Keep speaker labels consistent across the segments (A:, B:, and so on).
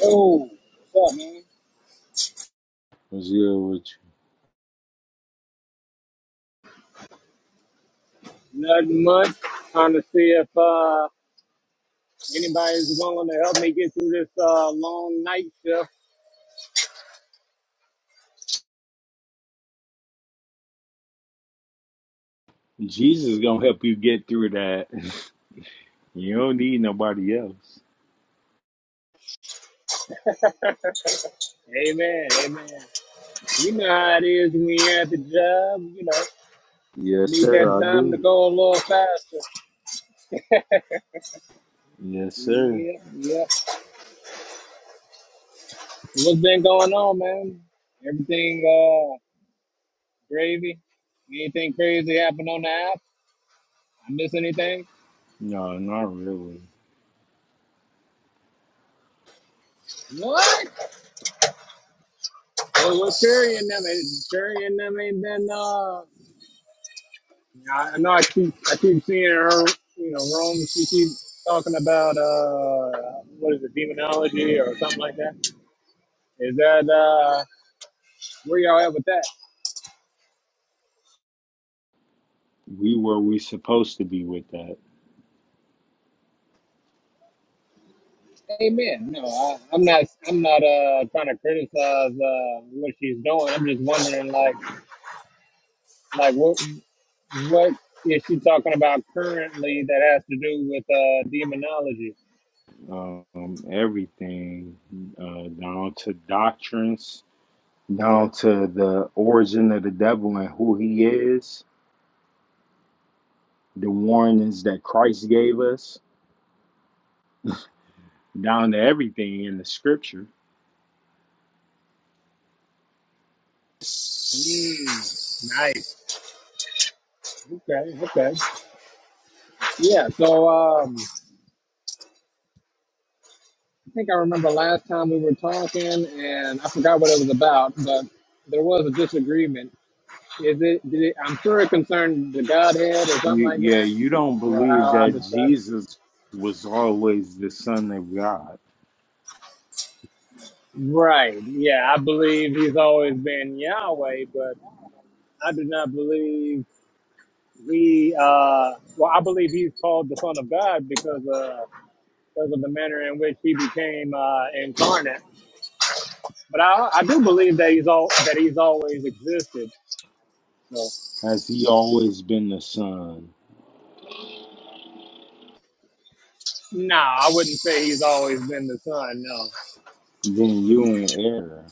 A: Oh, what's up, man?
B: What's good with
A: Nothing much. Trying to see if uh, anybody's willing to help me get through this uh, long night shift.
B: you? Jesus gonna help you get through that. You don't need nobody else.
A: Amen, amen. You know how it is when you're at the job, you know.
B: Yes,
A: Need
B: sir,
A: that
B: I
A: time to
B: do.
A: go a little faster.
B: Yes, sir.
A: Yeah, yeah. What's been going on, man? Everything uh, gravy? Anything crazy happened on the app? I miss anything?
B: No, not really.
A: What? Well, well, Curry and them, Curry and them ain't been. Uh, I I know I keep I keep seeing her, you know, Rome. She keeps talking about uh, what is it, demonology or something like that. Is that uh, where y'all at with that?
B: We where we supposed to be with that.
A: Amen. No, I, I'm not. I'm not uh trying to criticize uh what she's doing. I'm just wondering, like, like what what is she talking about currently that has to do with uh demonology?
B: Um, everything uh, down to doctrines, down to the origin of the devil and who he is, the warnings that Christ gave us, down to everything in the scripture.
A: Mm, nice. Okay. Okay. Yeah. So um. I think I remember last time we were talking, and I forgot what it was about, but there was a disagreement. Is it? Did it I'm sure it concerned the Godhead or something
B: You,
A: like
B: yeah,
A: that,
B: you don't
A: or
B: believe
A: how I
B: that
A: describe it.
B: Jesus was always the Son of God.
A: Right. Yeah, I believe he's always been Yahweh, but I do not believe he. Uh, well, I believe he's called the Son of God because uh, because of the manner in which he became uh, incarnate. But I, I do believe that he's all that he's always existed. So,
B: Has he always been the Son?
A: No, I wouldn't say he's always been the son. No,
B: Then you in error.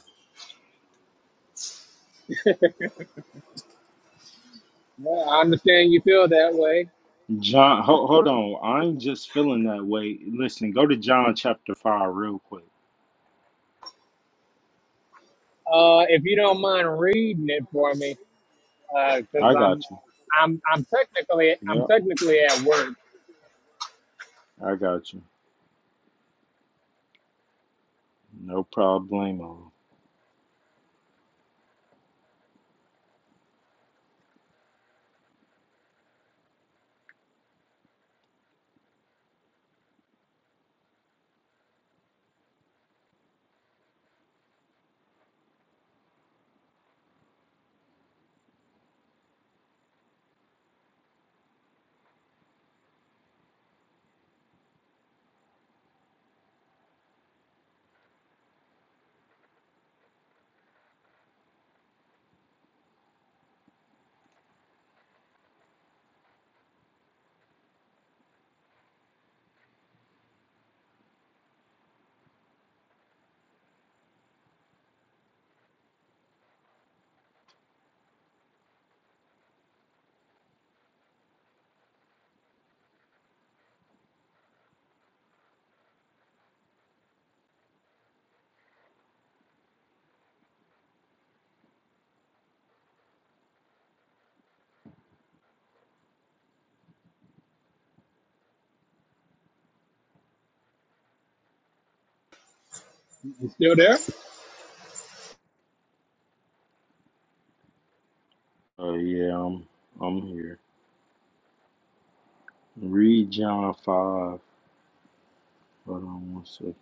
A: Well, I understand you feel that way.
B: John, ho- hold on. I'm just feeling that way. Listen, go to John chapter 5 real quick.
A: Uh, if you don't mind reading it for me, because
B: I got
A: I'm,
B: you.
A: I'm, I'm technically, I'm
B: Yep,
A: technically at work.
B: I got you. No problemo.
A: You still there?
B: Oh, yeah, I'm, I'm here. Read John 5. Hold on one second.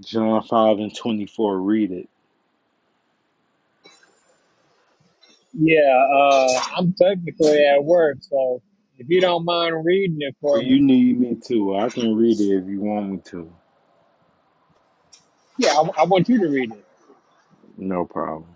B: John 5 and 24. Read it.
A: Yeah, uh, I'm technically at work. So if you don't mind reading it
B: Or
A: for
B: you
A: me,
B: need me to. I can read it if you want me to.
A: yeah, I, I want you to read it.
B: No problem.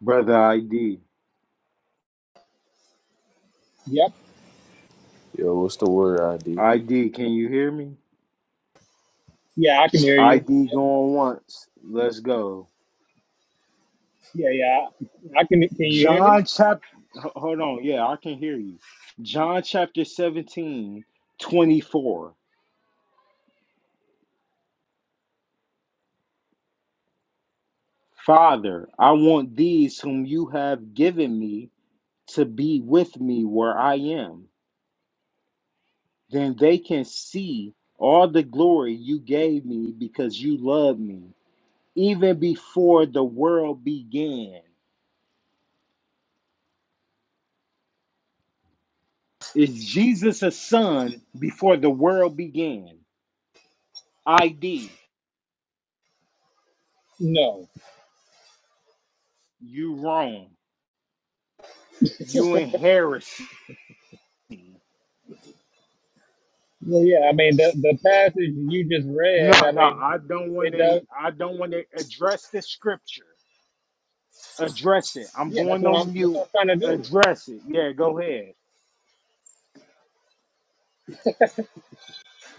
B: Brother ID.
A: Yep.
C: Yo, what's the word ID?
B: ID, can you hear me?
A: Yeah, I can hear you.
B: ID going once. Let's go.
A: Yeah, yeah, I can. Can you hear me?
B: John chapter. Hold on. Yeah, I can hear you. John chapter 17 24. Father, I want these whom you have given me to be with me where I am. Then they can see all the glory you gave me because you love me even before the world began. Is Jesus a son before the world began? ID,
A: No.
B: you wrong. You in heresy.
A: Well, yeah. I mean, the the passage you just
B: No,
A: read. I
B: no,
A: mean,
B: I don't want
A: it
B: to
A: does.
B: I don't want to address the scripture. Address it. I'm
A: Yeah, that's
B: going
A: what I'm.
B: on
A: That's
B: mute.
A: what I'm trying to do.
B: Address it. Yeah, go ahead.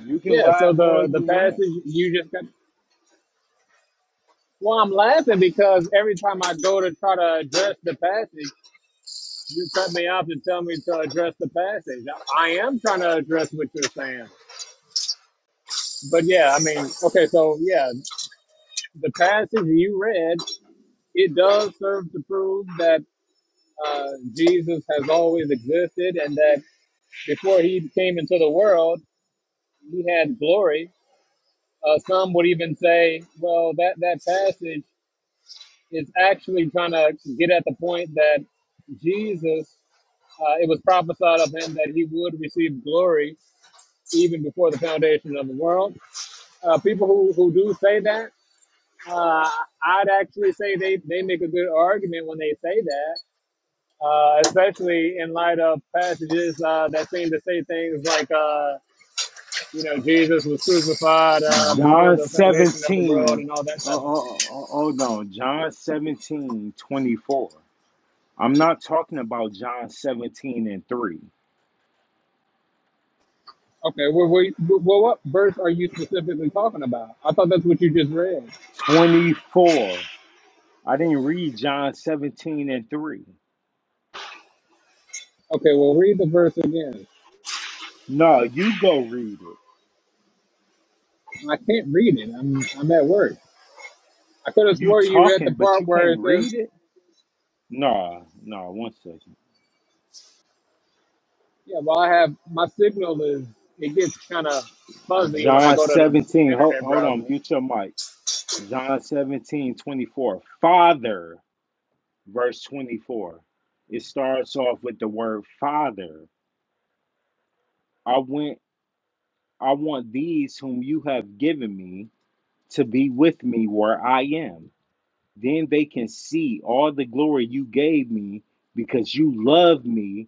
B: You can
A: Yeah. So
B: laugh all
A: the the
B: you want.
A: passage you just got. Well, I'm laughing because every time I go to try to address the passage, you cut me off and tell me to address the passage. I, I am trying to address what you're saying. But yeah, I mean, okay, so yeah, the passage you read, it does serve to prove that uh, Jesus has always existed and that before he came into the world, he had glory. Uh, some would even say, well, that, that passage is actually trying to get at the point that Jesus, uh, it was prophesied of him that he would receive glory even before the foundation of the world. Uh, people who, who do say that, uh, I'd actually say they, they make a good argument when they say that, uh, especially in light of passages uh, that seem to say things like, uh, you know, Jesus was crucified uh, before
B: John
A: the foundation of the world
B: 17.
A: and all that
B: Oh,
A: type
B: oh,
A: of thing.
B: oh, oh oh, no, John 17 24. I'm not talking about John 17 and 3.
A: Okay, well, wait, well, what verse are you specifically talking about? I thought that's what you just read.
B: 24. I didn't read John 17 and 3.
A: Okay, well, read the verse again.
B: No, you go read it.
A: I can't read it. I'm I'm at work. I could have
B: You
A: swore you read the
B: talking, but
A: part
B: you
A: where
B: can't
A: it says,
B: read it? No, no, one second.
A: "Yeah, well, I have my signal is it gets kind of fuzzy when I
B: John
A: go to the
B: 17. Hold,
A: internet
B: hold
A: browser."
B: on, mute your mic. John 17, 24. Father, verse 24. It starts off with the word Father. I went, I want these whom you have given me to be with me where I am Then they can see all the glory you gave me because you loved me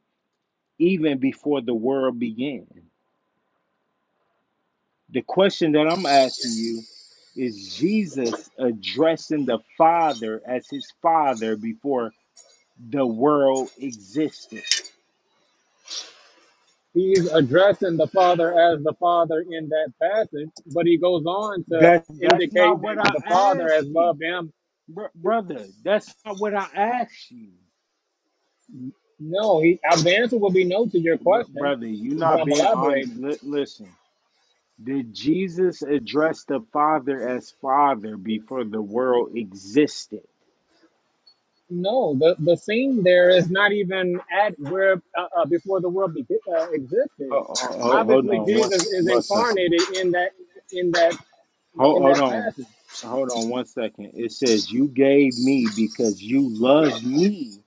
B: even before the world began. The question that I'm asking you is Jesus addressing the Father as his Father before the world existed?
A: He's addressing the Father as the Father in that passage, but he goes on to
B: That that's
A: indicate
B: not what
A: that the
B: I
A: Father has
B: asked you,
A: loved him.
B: Br- brother. That's not what I asked you,
A: No, he. I, The answer will be no to your
B: Br-
A: question,
B: brother. You're
A: but
B: not
A: I'm
B: being on.
A: elaborating.
B: li- listen, Did Jesus address the Father as Father before the world existed?
A: No, the, the scene there is not even at where uh, uh, before the world be- uh, existed.
B: Ho- ho- ho- Hold
A: Obviously,
B: on one,
A: Jesus
B: s-
A: is
B: one second.
A: incarnated in that in that you know
B: Ho-
A: in
B: Hold
A: that
B: on.
A: passage.
B: Hold on one second. It says, You gave me because you loved me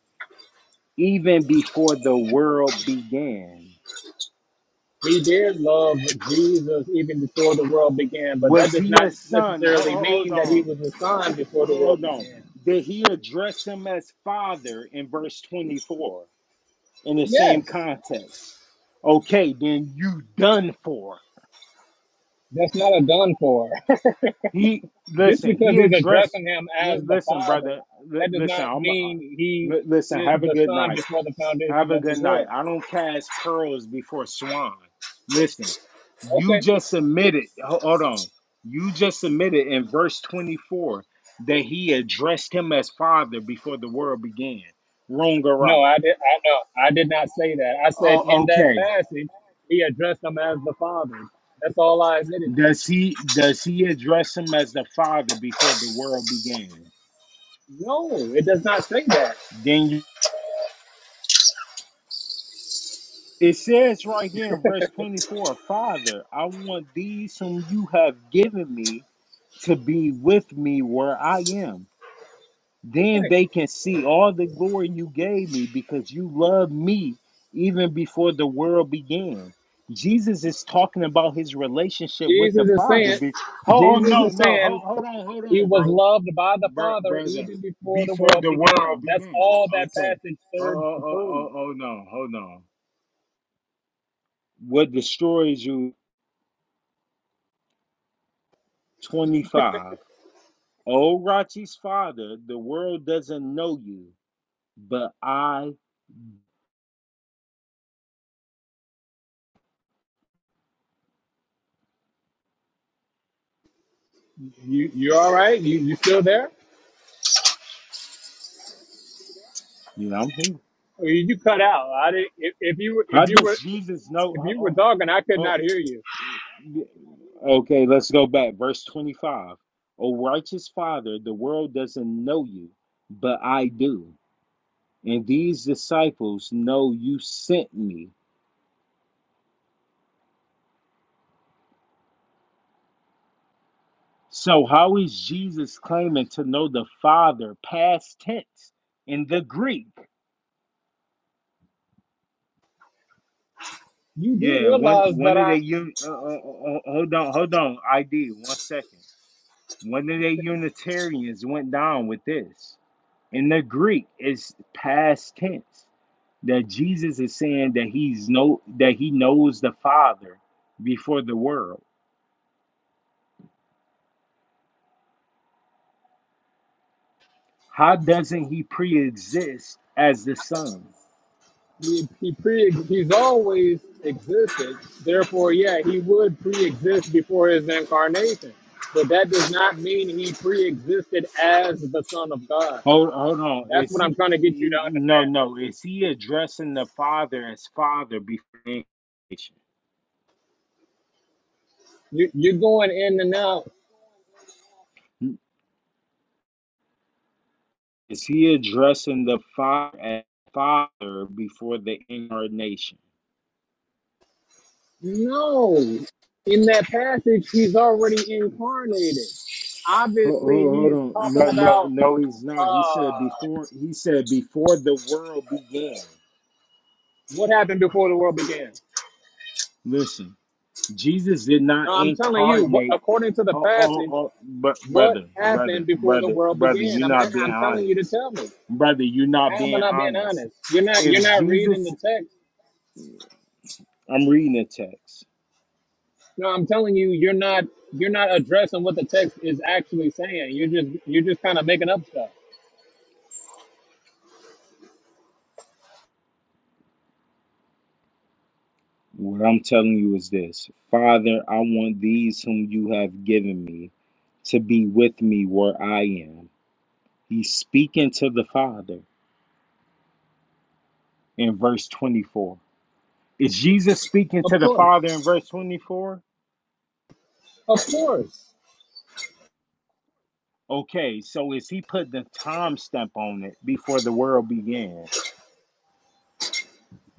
B: even before the world began.
A: He did love Jesus even before the world began, but that
B: Was
A: does
B: he
A: not
B: a son? Ho-
A: necessarily
B: ho- Hold
A: mean that he
B: on.
A: was the son before the world
B: Hold on.
A: began.
B: Did he address him as Father in verse 24 in the same
A: Yes,
B: context? Okay, then you done for.
A: that's not a done for.
B: He
A: Just
B: listen.
A: because
B: He
A: he's
B: addressed.
A: addressing him as
B: li-
A: the
B: listen,
A: father,
B: brother. li-
A: that does
B: listen,
A: not
B: I'm. Uh,
A: mean he
B: li- listen.
A: is
B: Have a
A: the
B: good
A: son
B: night.
A: before the
B: Have
A: foundation
B: a
A: of
B: good
A: the
B: night.
A: world.
B: I don't cast pearls before swine. Listen, you
A: Okay.
B: just admitted. ho- Hold on. You just admitted in verse 24 that he addressed him as father before the world began. Wrong or
A: No,
B: right?
A: I did. I know. I did not say that. I said
B: Oh,
A: in that
B: okay.
A: passage, he addressed them as the Father. That's all I admitted to.
B: Does he does he address him as the father before the world began?
A: No, it does not say that.
B: Then It says right here in verse 24, Father, I want these whom you have given me to be with me where I am. Then
A: Right.
B: they can see all the glory you gave me because you loved me even before the world began. Jesus is talking about his relationship with the
A: Jesus is
B: Father.
A: saying,
B: Be- oh, oh,
A: Jesus
B: no,
A: is
B: no.
A: saying
B: Hold, hold on, hold
A: he
B: on,
A: was
B: bro.
A: loved by the
B: bro.
A: Father
B: Brother,
A: even before the
B: before
A: world
B: the world
A: began. That's
B: began.
A: all that
B: Okay.
A: passage
B: Oh,
A: serves
B: oh,
A: to
B: oh,
A: prove.
B: oh, oh, no. Hold on. What destroys you 25. Oh, Rachi's father, the world doesn't know you, but I,
A: You, you all right? You, you still there?
B: you know, I'm here.
A: Or You, you cut out. I didn't. If, if you were,
B: How
A: if you were,
B: does Jesus know?
A: if you were
B: Oh,
A: talking, I could not
B: oh,
A: hear you.
B: oh. Okay, let's go back. Verse 25. O righteous father, the world doesn't know you, but I do. And these disciples know you sent me. So, how is Jesus claiming to know the Father, past tense, in the Greek?
A: You do
B: Yeah, one
A: realize
B: one
A: that
B: of the
A: I,
B: un- uh, uh, uh, uh, hold on, hold on, ID, one second. One of the Unitarians went down with this. In the Greek, it's past tense that Jesus is saying that he's no that he knows the Father before the world. How doesn't he pre-exist as the Son?
A: He, he pre he's always existed. Therefore, yeah, he would pre-exist before his incarnation. But that does not mean he pre-existed as the Son of God.
B: Hold hold on,
A: That's
B: is
A: what I'm
B: he?
A: trying to get you to
B: he-
A: understand.
B: No, no, is he addressing the Father as Father before creation?
A: You, you're going in and out.
B: Is he addressing the Father as Father before the incarnation?
A: No, in that passage, he's already incarnated.
B: Hold,
A: Obviously,
B: hold hold
A: he's
B: on.
A: talking
B: No, no,
A: about
B: no, he's not. He said
A: uh,
B: before he said before the world began.
A: what happened before the world began.
B: Listen, Jesus did not
A: Now, I'm telling you, what,
B: incarnate.
A: according to the
B: Oh, oh,
A: passage.
B: oh, but
A: What
B: brother, brother,
A: happened before the
B: brother,
A: world
B: brother,
A: began?
B: you're
A: I'm
B: not being
A: I'm telling you to
B: honest.
A: tell me.
B: Brother, you're not
A: How am I
B: being
A: not being
B: honest.
A: honest? You're not you're
B: If
A: not reading the
B: Jesus,
A: text.
B: I'm reading the text.
A: No, I'm telling you, you're not you're not addressing what the text is actually saying. You're just you're just kind of making up stuff.
B: What I'm telling you is this Father, I want these whom you have given me to be with me where I am. He's speaking to the Father in verse 24. Is Jesus speaking
A: Of
B: to the
A: course,
B: Father in verse 24?
A: of course.
B: Okay, so is he putting the time stamp on it before the world began?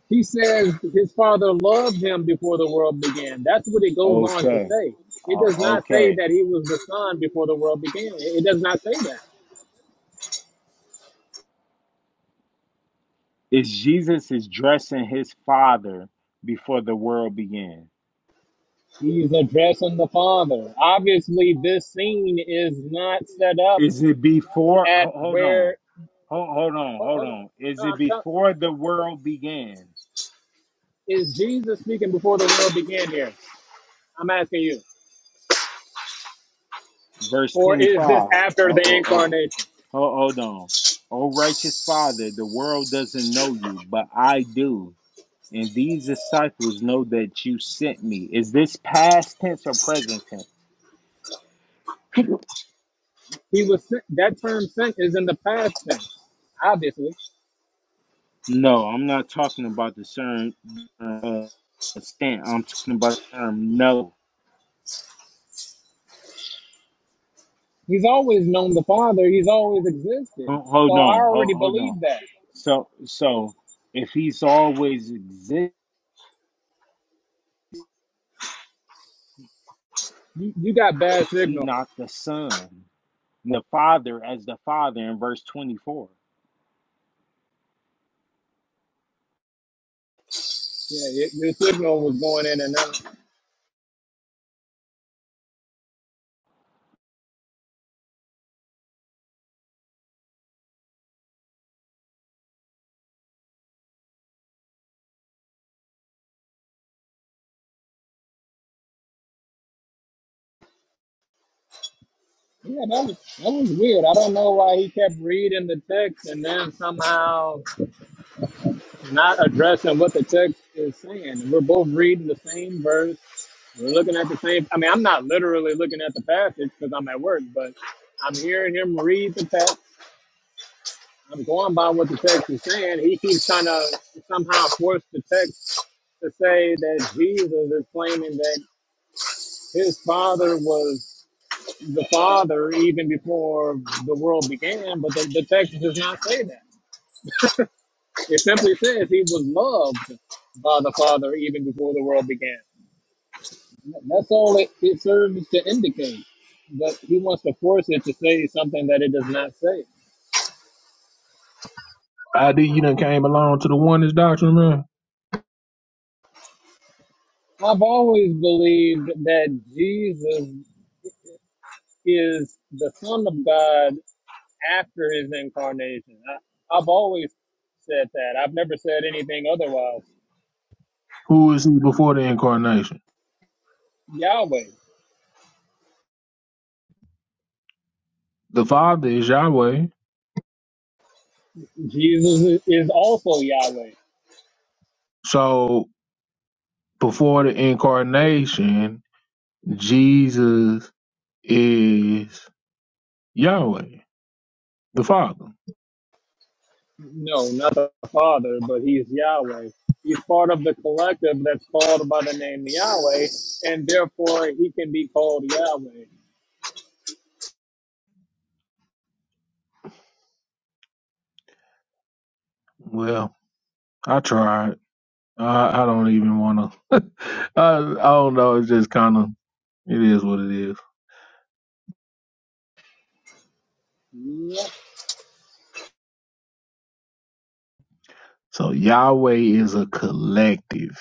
A: He says his father loved him before the world began. That's what it goes on to
B: Okay,
A: say. It
B: uh,
A: does not say
B: okay.
A: that he was the son before the world began. It it does not say that.
B: Is Jesus is addressing his Father before the world began?
A: He's addressing the father. Obviously, this scene is not set up
B: Is it before? ho-
A: at
B: Hold on.
A: where
B: Hold, hold on,
A: hold,
B: hold
A: hold on.
B: on. Is
A: No,
B: it
A: I'm telling
B: before the world began?
A: is Jesus speaking before the world began here? I'm asking you.
B: Verse
A: Or is this
B: 25. Uh, uh,
A: after
B: uh.
A: the
B: Ho-
A: incarnation?
B: Hold on. O righteous Father, the world doesn't know you, but I do. And these disciples know that you sent me. Is this past tense or present tense?
A: He was sent, that term sent is in the past tense, obviously.
B: No, I'm not talking about the term uh, stand. I'm talking about the term no.
A: He's always known the Father, he's always existed.
B: Ho- Hold
A: So I
B: on,
A: already
B: hold, hold on.
A: believe that.
B: So, so if he's always exists,
A: You, you got bad
B: he
A: signal.
B: not the son. the Father as the Father in verse 24.
A: Yeah, your, your signal was going in and out. Yeah, that was, that was weird. I don't know why he kept reading the text and then somehow not addressing what the text is saying. And we're both reading the same verse. We're looking at the same. I mean, I'm not literally looking at the passage because I'm at work, but I'm hearing him read the text. I'm going by what the text is saying. He keeps trying to somehow force the text to say that Jesus is claiming that his father was the father even before the world began, but the, the text does not say that. It simply says he was loved by the father even before the world began. That's all it, it serves to indicate. But he wants to force it to say something that it does not say.
D: ID, you done came along to the oneness doctrine, man.
A: I've always believed that Jesus is the Son of God after his incarnation. I, I've always said that. I've never said anything otherwise.
D: Who is he before the incarnation?
A: Yahweh.
D: The Father is Yahweh.
A: Jesus is is also Yahweh.
D: So before the incarnation, Jesus is Yahweh, the Father.
A: No, not the Father, but he's Yahweh. He's part of the collective that's called by the name Yahweh, and therefore he can be called Yahweh.
D: Well, I tried. I, I don't even want to. I, I don't know. It's just kind of, it is what it is.
A: Yeah.
D: So Yahweh is a collective,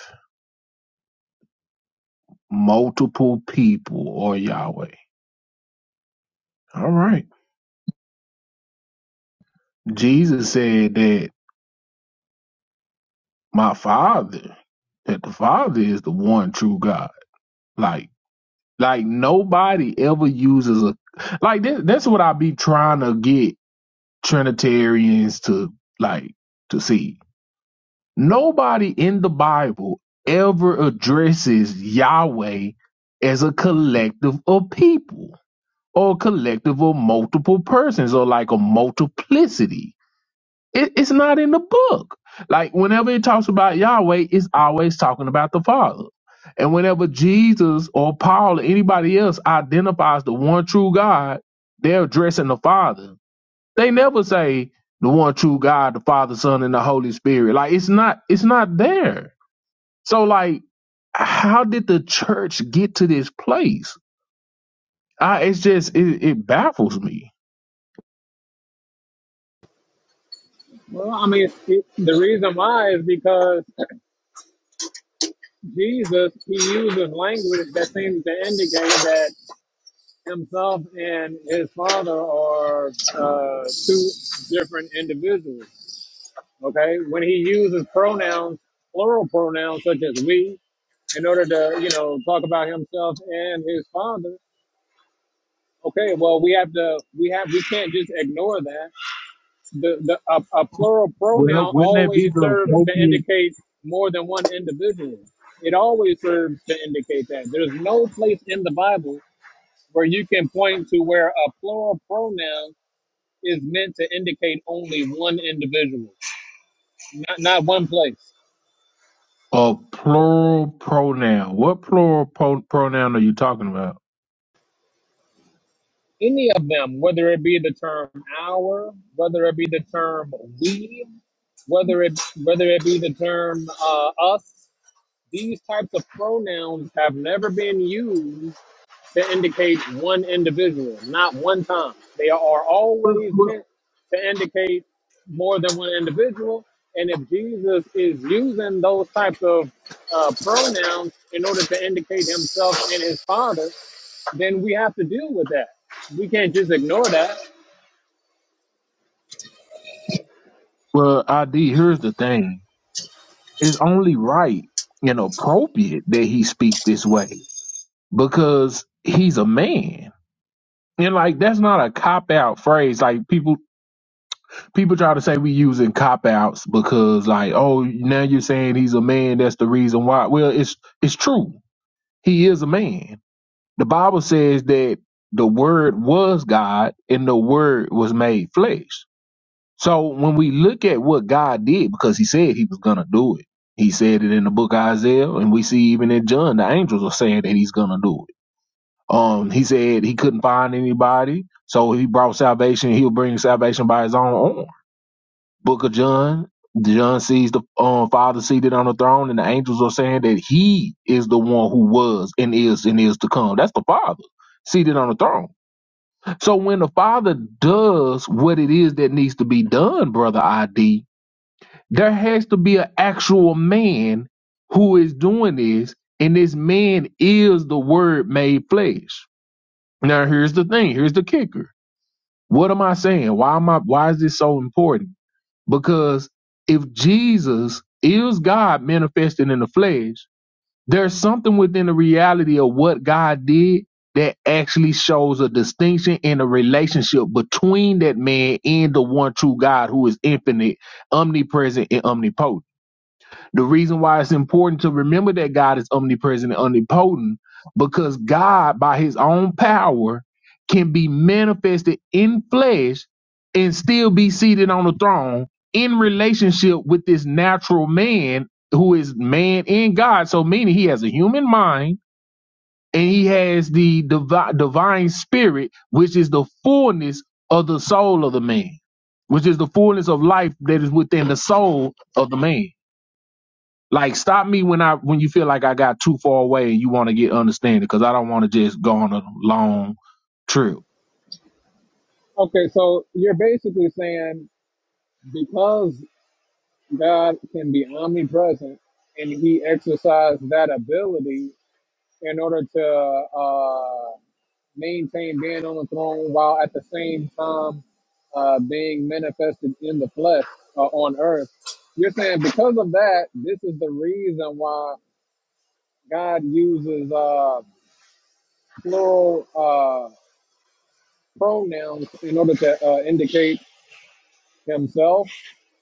D: multiple people or Yahweh. All right. Jesus said that my father that the father is the one true god like like nobody ever uses a like that, that's what i be trying to get trinitarians to like to see nobody in the bible ever addresses yahweh as a collective of people or a collective of multiple persons or like a multiplicity it, it's not in the book. Like whenever it talks about Yahweh, it's always talking about the Father. And whenever Jesus or Paul or anybody else identifies the one true God, they're addressing the Father. They never say the one true God, the Father, Son, and the Holy Spirit. Like it's not it's not there. So like how did the church get to this place? I, it's just it, it baffles me.
A: Well, I mean, it, the reason why is because Jesus, he uses language that seems to indicate that himself and his father are uh, two different individuals. Okay. When he uses pronouns, plural pronouns such as we, in order to, you know, talk about himself and his father. Okay. Well, we have to, we have, we can't just ignore that the, the a, a plural
D: Well,
A: pronoun
D: wouldn't that be
A: always
D: the
A: serves to
D: appropriate
A: indicate more than one individual. It always serves to indicate that. There's no place in the Bible where you can point to where a plural pronoun is meant to indicate only one individual, not, not one place.
D: uh, plural pronoun? What plural pro- pronoun are you talking about?
A: Any of them, whether it be the term our, whether it be the term we, whether it whether it be the term uh, us, these types of pronouns have never been used to indicate one individual, not one time. They are always
D: Well,
A: meant to indicate more than one individual. And if Jesus is using those types of uh, pronouns in order to indicate himself and his father, then we have to deal with that. We can't just ignore that.
D: well, ID, here's the thing. It's only right and appropriate that he speak this way because he's a man. And like that's not a cop out phrase. Like people people try to say we using cop outs because like oh now you're saying he's a man that's the reason why well it's it's true he is a man the bible says that the word was god and the word was made flesh so when we look at what god did because he said he was gonna do it he said it in the book of isaiah and we see even in john the angels are saying that he's gonna do it um he said he couldn't find anybody so he brought salvation he'll bring salvation by his own arm Book of John. John sees the um, Father seated on the throne, and the angels are saying that He is the one who was and is and is to come. That's the Father seated on the throne. So when the Father does what it is that needs to be done, brother ID, there has to be an actual man who is doing this, and this man is the Word made flesh. Now here's the thing. Here's the kicker. What am I saying? Why am I? Why is this so important? Because if Jesus is God manifested in the flesh, there's something within the reality of what God did that actually shows a distinction in a relationship between that man and the one true God who is infinite, omnipresent, and omnipotent. The reason why it's important to remember that God is omnipresent and omnipotent, because God, by his own power, can be manifested in flesh and still be seated on the throne in relationship with this natural man who is man in God. So, meaning he has a human mind and he has the divi- divine spirit, which is the fullness of the soul of the man, which is the fullness of life that is within the soul of the man. Like stop me when I when you feel like I got too far away and you want to get understanding because I don't want to just go on a long trip.
A: Okay, so you're basically saying because God can be omnipresent and he exercised that ability in order to uh, maintain being on the throne while at the same time uh, being manifested in the flesh uh, on earth. You're saying because of that, this is the reason why God uses uh, plural uh, pronouns in order to uh, indicate himself.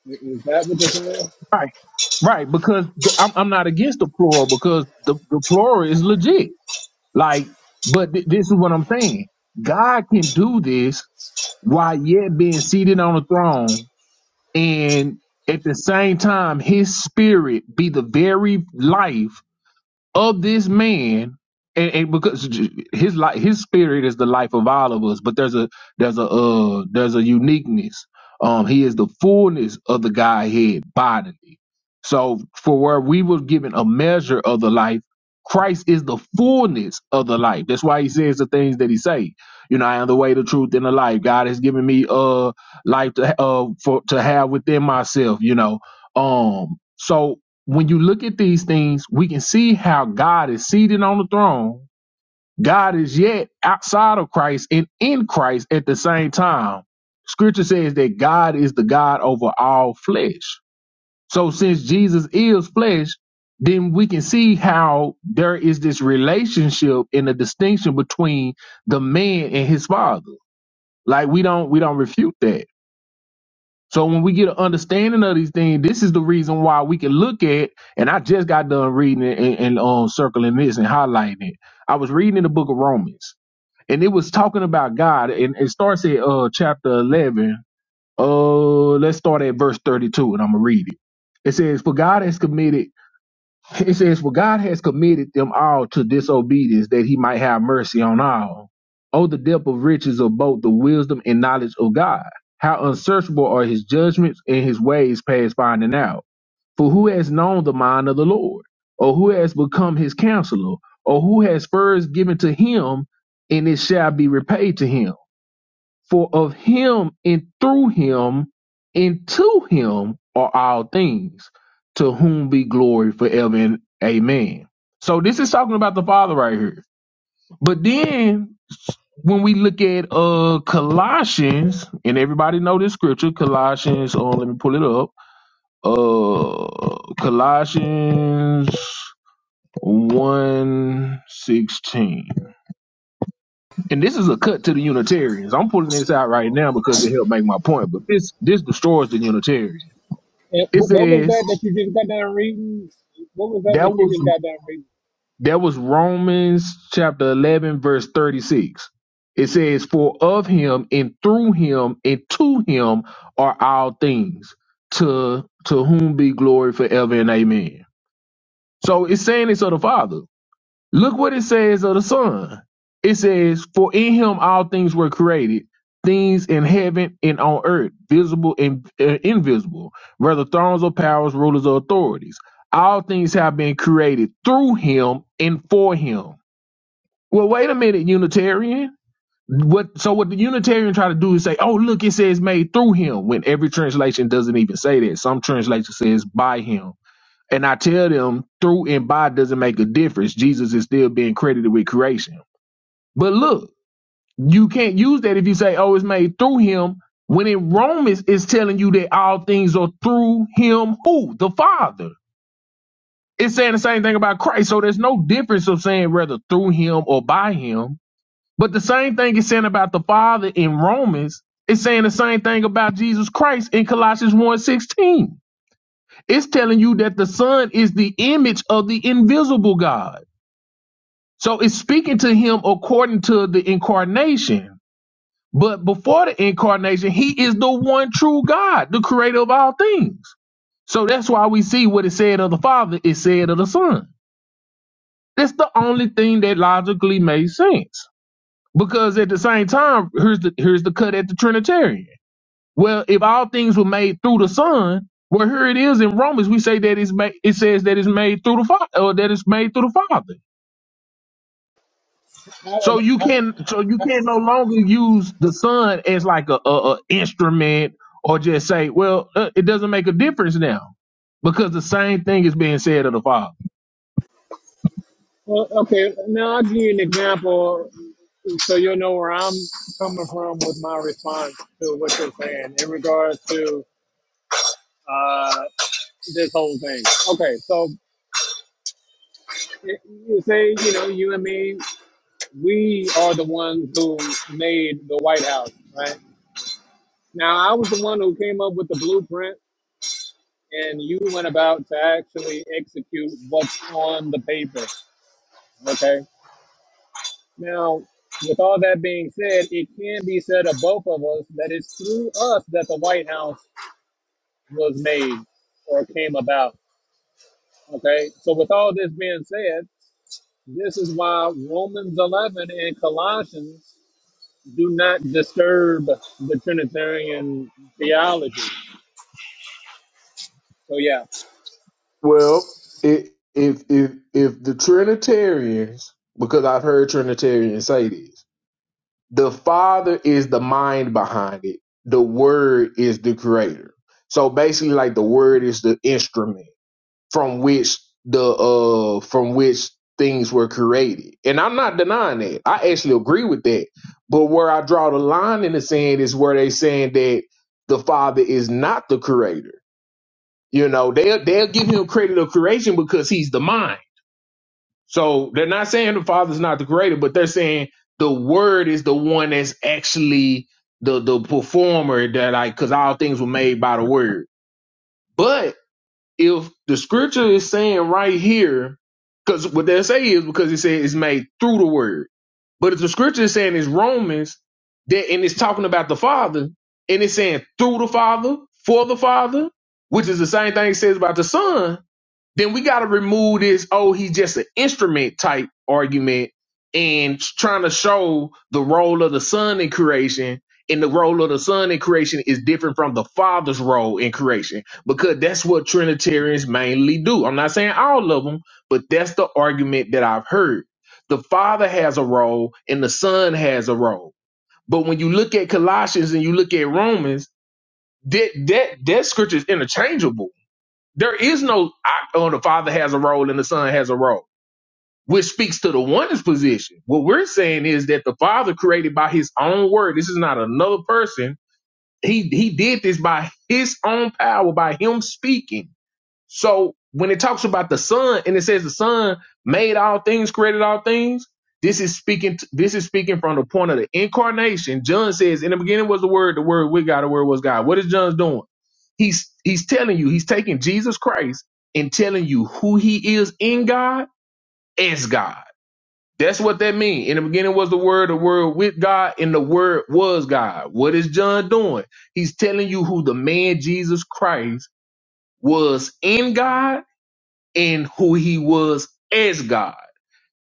A: Is that what you're saying?
D: Right. Right, because th- I'm I'm not against the plural because the, the plural is legit. Like, but th- this is what I'm saying. God can do this while yet being seated on the throne, and at the same time, His Spirit be the very life of this man and, and because his life his spirit is the life of all of us but there's a there's a uh there's a uniqueness um he is the fullness of the godhead bodily so for where we were given a measure of the life christ is the fullness of the life that's why he says the things that he say you know i am the way the truth and the life god has given me uh life to ha- uh for to have within myself you know um so when you look at these things, we can see how God is seated on the throne. God is yet outside of Christ and in Christ at the same time. Scripture says that God is the God over all flesh. So since Jesus is flesh, then we can see how there is this relationship and a distinction between the man and his father. Like we don't we don't refute that so when we get an understanding of these things, this is the reason why we can look at. And I just got done reading it and, and um circling this and highlighting it. I was reading in the book of Romans, and it was talking about God, and it starts at uh chapter eleven. Uh, let's start at verse thirty-two, and I'm gonna read it. It says, "For God has committed." It says, For God has committed them all to disobedience, that he might have mercy on all. Oh, the depth of riches of both the wisdom and knowledge of God. How unsearchable are his judgments and his ways past finding out. For who has known the mind of the Lord? Or who has become his counselor? Or who has first given to him, and it shall be repaid to him? For of him and through him and to him are all things, to whom be glory forever and amen. So this is talking about the Father right here. But then when we look at uh Colossians, and everybody know this scripture, Colossians, uh, let me pull it up. Uh Colossians one sixteen. and this is a cut to the Unitarians. I'm pulling this out right now because it helped make my point, but this this destroys the Unitarian.
A: And
D: It
A: wh- what was
D: says
A: that that you just got done reading? What was that
D: that
A: that you
D: was
A: just got done
D: that was Romans chapter eleven verse thirty six. It says, "For of him and through him and to him are all things. To to whom be glory forever and amen." So it's saying it's of the Father. Look what it says of the Son. It says, For in him all things were created, things in heaven and on earth, visible and uh, invisible, whether thrones or powers, rulers or authorities. All things have been created through him and for him. Well, wait a minute, Unitarian. What so what the Unitarian try to do is say, oh look, it says made through him, when every translation doesn't even say that. Some translation says by him and I tell them through and by doesn't make a difference. Jesus is still being credited with creation. But look, you can't use that if you say, oh, it's made through him. When in Romans, it's telling you that all things are through him, who? The Father. It's saying the same thing about Christ. So there's no difference of saying whether through him or by him. But the same thing is saying about the Father in Romans. It's saying the same thing about Jesus Christ in Colossians one sixteen. It's telling you that the Son is the image of the invisible God. So it's speaking to him according to the incarnation. But before the incarnation, he is the one true God, the creator of all things. So that's why we see what it said of the Father, it said of the Son. That's the only thing that logically makes sense. Because at the same time, here's the here's the cut at the Trinitarian. Well, if all things were made through the Son, well, here it is in Romans. We say that it's made. It says that it's made through the Father, or that it's made through the Father. So
A: reading?
D: you can, so you can no longer use the Son as like a, a, a instrument, or just say, well, uh, it doesn't make a difference now, because the same thing is being said of the Father.
A: Well, okay, now I'll give you an example so you'll know where I'm coming from with my response to what you're saying in regards to uh, this whole thing. Okay, so y- you say, you know, you and me, we are the ones who made the White House, right? Now, I was the one who came up with the blueprint, and you went about to actually execute what's on the paper, okay? Now, with all that being said, it can be said of both of us that it's through us that the White House was made or came about. Okay, so with all this being said, this is why Romans 11 and Colossians do not disturb the Trinitarian theology. So, yeah,
D: Well, i if if if the Trinitarians, because I've heard Trinitarians say this. The Father is the mind behind it. The Word is the creator. So basically, like the Word is the instrument from which the uh from which things were created. And I'm not denying that. I actually agree with that. But where I draw the line in the sand is where they saying that the Father is not the creator. You know, they'll they'll give him credit of creation because he's the mind. So they're not saying the Father's not the creator, but they're saying the Word is the one that's actually the the performer that like because all things were made by the Word. But if the Scripture is saying right here, because what they say is because it says it's made through the Word. But if the Scripture is saying it's Romans that and it's talking about the Father and it's saying through the Father for the Father, which is the same thing it says about the Son then we got to remove this oh he's just an instrument type argument and trying to show the role of the son in creation and the role of the son in creation is different from the father's role in creation because that's what trinitarians mainly do i'm not saying all of them but that's the argument that i've heard the father has a role and the son has a role but when you look at colossians and you look at romans that that that scripture is interchangeable there is no I, oh, the father has a role and the son has a role, which speaks to the oneness position. What we're saying is that the father created by his own word. This is not another person. He he did this by his own power, by him speaking. So when it talks about the Son and it says the Son made all things, created all things, this is speaking. t- this is speaking from the point of the incarnation. John says, "In the beginning was the Word. The Word with God. The Word was God." What is John's doing? He's he's telling you. He's taking Jesus Christ and telling you who He is in God as God. That's what that means. In the beginning was the Word. The Word with God, and the Word was God. What is John doing? He's telling you who the man Jesus Christ was in God in who he was as God.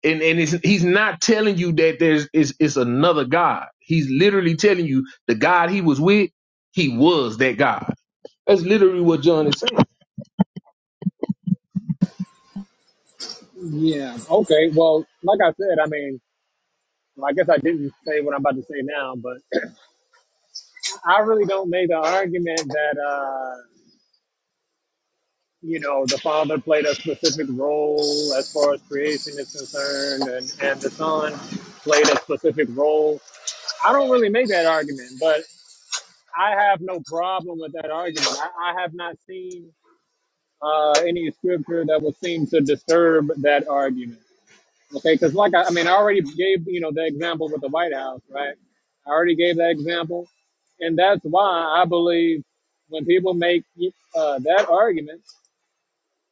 D: And and it's, he's not telling you that there's is it's another God. He's literally telling you the God he was with, he was that God. That's literally what John is saying.
A: yeah, okay. Well, like I said, I mean, well, I guess I didn't say what I'm about to say now, but I really don't make the argument that. uh you know, the Father played a specific role as far as creation is concerned, and, and the Son played a specific role. I don't really make that argument, but I have no problem with that argument. I, I have not seen uh, any scripture that would seem to disturb that argument. Okay, because like I, I mean, I already gave you know the example with the White House, right? I already gave that example, and that's why I believe when people make uh, that argument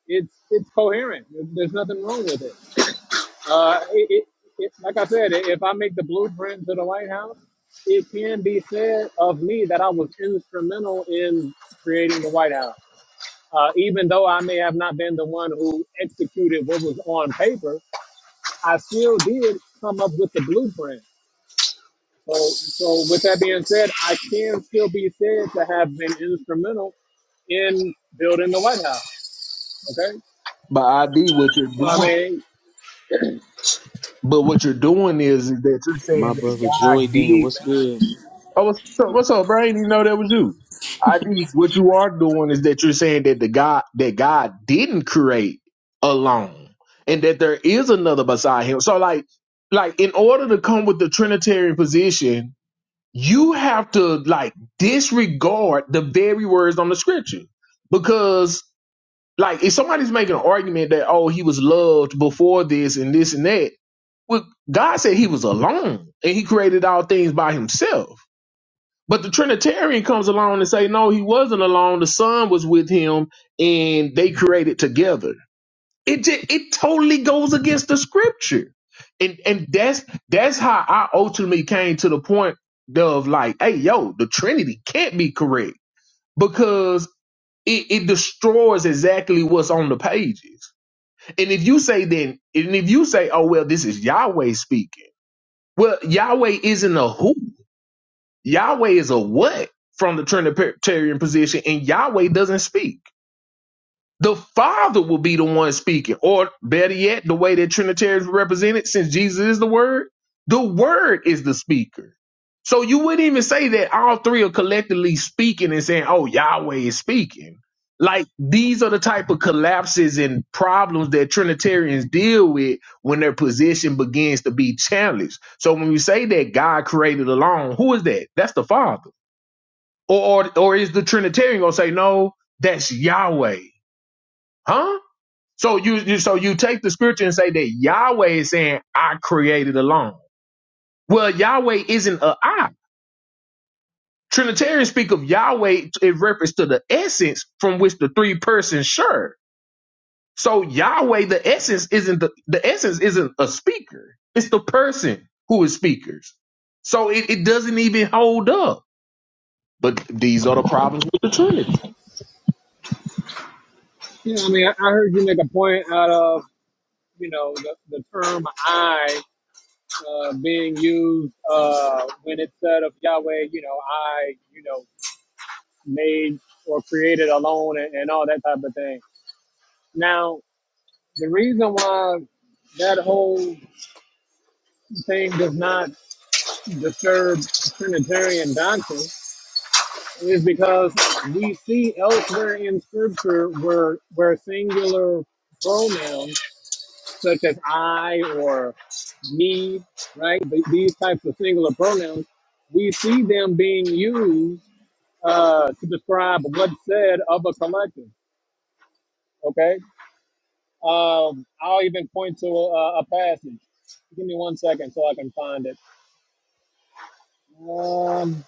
A: it's it's coherent. There's nothing wrong with it. Uh, it, it, it like I said, if I make the blueprint to the White House, it can be said of me that I was instrumental in creating the White House. Uh, even though I may have not been the one who executed what was on paper, I still did come up with the blueprint. So, so with that being said, I can still be said to have been instrumental in building the White House. Okay,
D: By ID, what you're
A: so I
D: doing.
A: mean,
D: But what you're doing is, is that you're
C: My
D: saying that
C: brother Joy
D: God did.
C: Dan, what's good?
D: Oh, what's up? What's up, bro? I didn't even know that was you. I think what you are doing is that you're saying that the God that God didn't create alone, and that there is another beside Him. So, like, like in order to come with the Trinitarian position, you have to like disregard the very words on the Scripture, because like if somebody's making an argument that oh He was loved before this and this and that, well, God said He was alone and He created all things by Himself. But the Trinitarian comes along and say, no, he wasn't alone. The son was with him and they created together. It just, it totally goes against the scripture. And and that's that's how I ultimately came to the point of like, hey, yo, the Trinity can't be correct because it, it destroys exactly what's on the pages. And if you say then, and if you say, oh, well, this is Yahweh speaking, well, Yahweh isn't a who. Yahweh is a what from the Trinitarian position, and Yahweh doesn't speak. The Father will be the one speaking, or better yet, the way that Trinitarians represented, since Jesus is the Word, the Word is the speaker. So you wouldn't even say that all three are collectively speaking and saying, "Oh, Yahweh is speaking." Like these are the type of collapses and problems that Trinitarians deal with when their position begins to be challenged. So when you say that God created alone, who is that? That's the Father or or, or is the Trinitarian gonna say no? That's Yahweh, huh? So you, you so you take the scripture and say that Yahweh is saying I created alone. Well, Yahweh isn't a I. Trinitarians speak of Yahweh in reference to the essence from which the three persons share. So Yahweh, the essence isn't the, the essence isn't a speaker. It's the person who is speakers. So it, it doesn't even hold up. But these are the problems with the Trinity.
A: Yeah, I mean, I I heard you make a point out of you know the, the term "I" uh, being used uh, when it said of Yahweh, you know, I, you know, made or created alone and, and all that type of thing. Now, the reason why that whole thing does not disturb Trinitarian doctrine is because we see elsewhere in Scripture where where singular pronouns such as I or me, right? These types of singular pronouns, we see them being used uh, to describe what's said of a collective. Okay, um, I'll even point to a, a passage. Give me one second so I can find it. Um,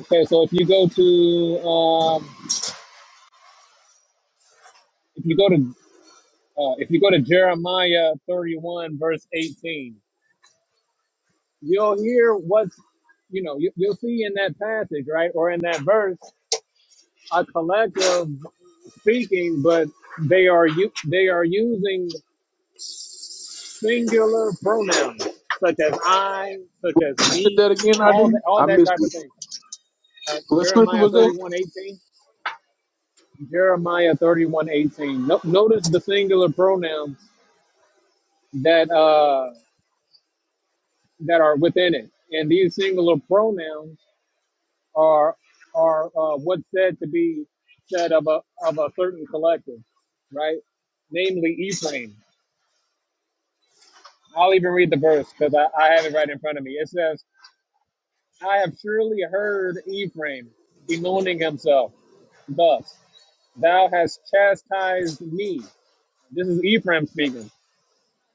A: okay, so if you go to um, if you go to uh, if you go to Jeremiah 31 verse 18, you'll hear what's you know you, you'll see in that passage right or in that verse a collective speaking, but they are u- they are using singular pronouns such as I, such as
D: Did that
A: me,
D: again, I
A: all
D: did.
A: that all
D: I
A: that
D: missed
A: type
D: it.
A: of thing. Uh,
D: What scripture
A: Jeremiah
D: was that?
A: thirty one eighteen. Jeremiah thirty one eighteen. No, notice the singular pronouns that uh, that are within it, and these singular pronouns are are uh, what's said to be said of a of a certain collective, right? Namely, Ephraim. I'll even read the verse because I, I have it right in front of me. It says, I have surely heard Ephraim bemoaning himself thus, Thou hast chastised me. This is Ephraim speaking.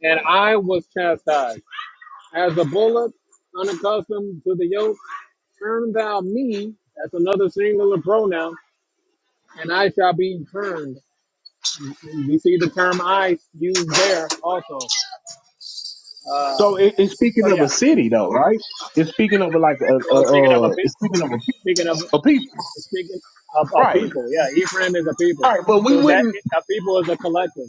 A: And I was chastised. As a bullock, unaccustomed to the yoke, turn thou me. That's another singular pronoun. And I shall be turned. You see the term I used there also. Uh,
D: So it, it's
A: so,
D: speaking of
A: yeah.
D: a city, though, right? It's speaking of like a, a,
A: Well, speaking of a,
D: a
A: pe-
D: it's speaking of a,
A: speaking of
D: a people,
A: Speaking of a
D: Right.
A: people, yeah, Ephraim is a people.
D: Right. But we
A: So that
D: wouldn't
A: a people is a collective,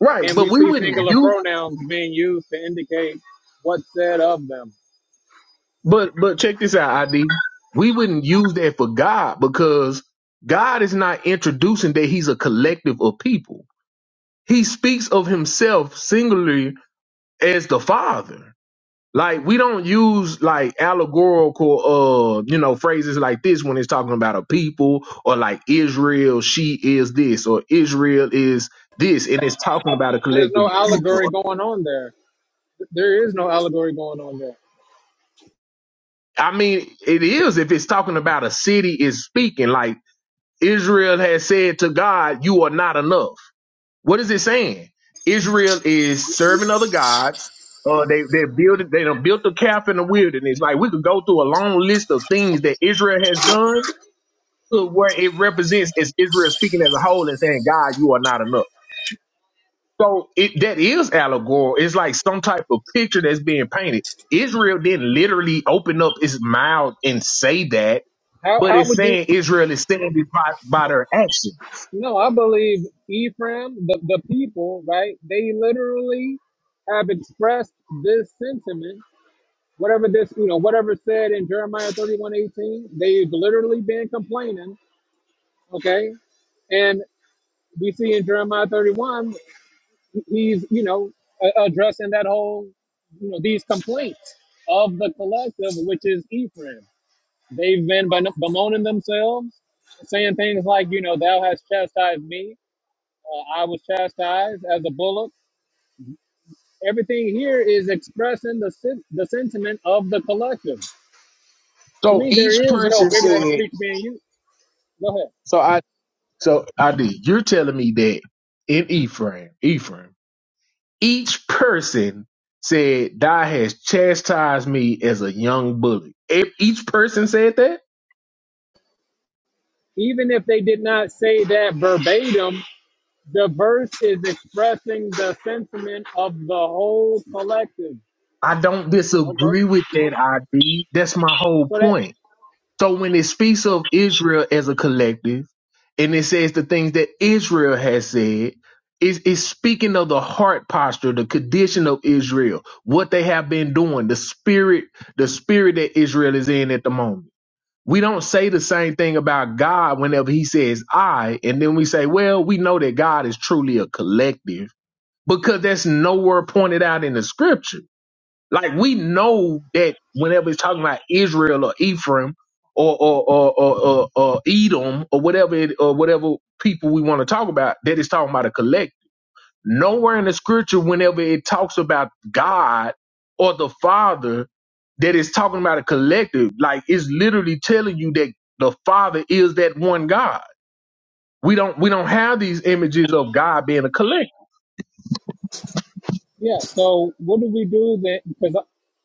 D: right,
A: and
D: but
A: we
D: we
A: see
D: wouldn't
A: singular
D: use
A: pronouns being used to indicate what's said of them.
D: but but check this out, ID. We wouldn't use that for God because God is not introducing that he's a collective of people. He speaks of himself singularly as the Father. Like we don't use like allegorical uh you know phrases like this when it's talking about a people or like Israel she is this or Israel is this and it's talking about a
A: There's
D: collective
A: no allegory going on there. There is no allegory going on there.
D: I mean it is if it's talking about a city is speaking like Israel has said to God you are not enough. What is it saying? Israel is serving other gods. Uh, they they built they done built a calf in the wilderness. Like we could go through a long list of things that Israel has done where it represents is Israel speaking as a whole and saying, God, you are not enough. So it, that is allegorical. It's like some type of picture that's being painted. Israel didn't literally open up its mouth and say that,
A: How
D: but
A: how
D: it's
A: would you?
D: saying Israel is saying this by, by their action.
A: No, I believe Ephraim, the the people, right? They literally have expressed this sentiment. Whatever this, you know, whatever said in Jeremiah 31:18, they've literally been complaining. Okay, and we see in Jeremiah 31, he's, you know, a- addressing that whole, you know, these complaints of the collective, which is Ephraim. They've been ben- bemoaning themselves, saying things like, you know, thou hast chastised me, uh, I was chastised as a bullock. Everything here is expressing the, sen- the sentiment of the collective. To
D: So
A: me, there
D: each
A: is no
D: person
A: figure of
D: said,
A: speech being used. Go ahead.
D: so I, so I did. You're telling me that in Ephraim, Ephraim, each person said, Thou has chastised me as a young bully. E- Each person said that?
A: Even if they did not say that verbatim, The verse is expressing the sentiment of the whole collective.
D: I don't
A: Okay.
D: disagree with that idea. That's my whole
A: So that,
D: point. So when it speaks of Israel as a collective and it says the things that Israel has said, it's, it's speaking of the heart posture, the condition of Israel, what they have been doing, the spirit, the spirit that Israel is in at the moment. We don't say the same thing about God whenever he says I, and then we say, well, we know that God is truly a collective because that's nowhere pointed out in the scripture like we know that whenever it's talking about Israel or Ephraim or or or or, or, or Edom or whatever it, or whatever people we want to talk about, that it's talking about a collective. Nowhere in the scripture, whenever it talks about God or the Father, that it's talking about a collective. Like it's literally telling you that the Father is that one God. We don't we don't have these images of God being a collective.
A: yeah. So what do we do then? Because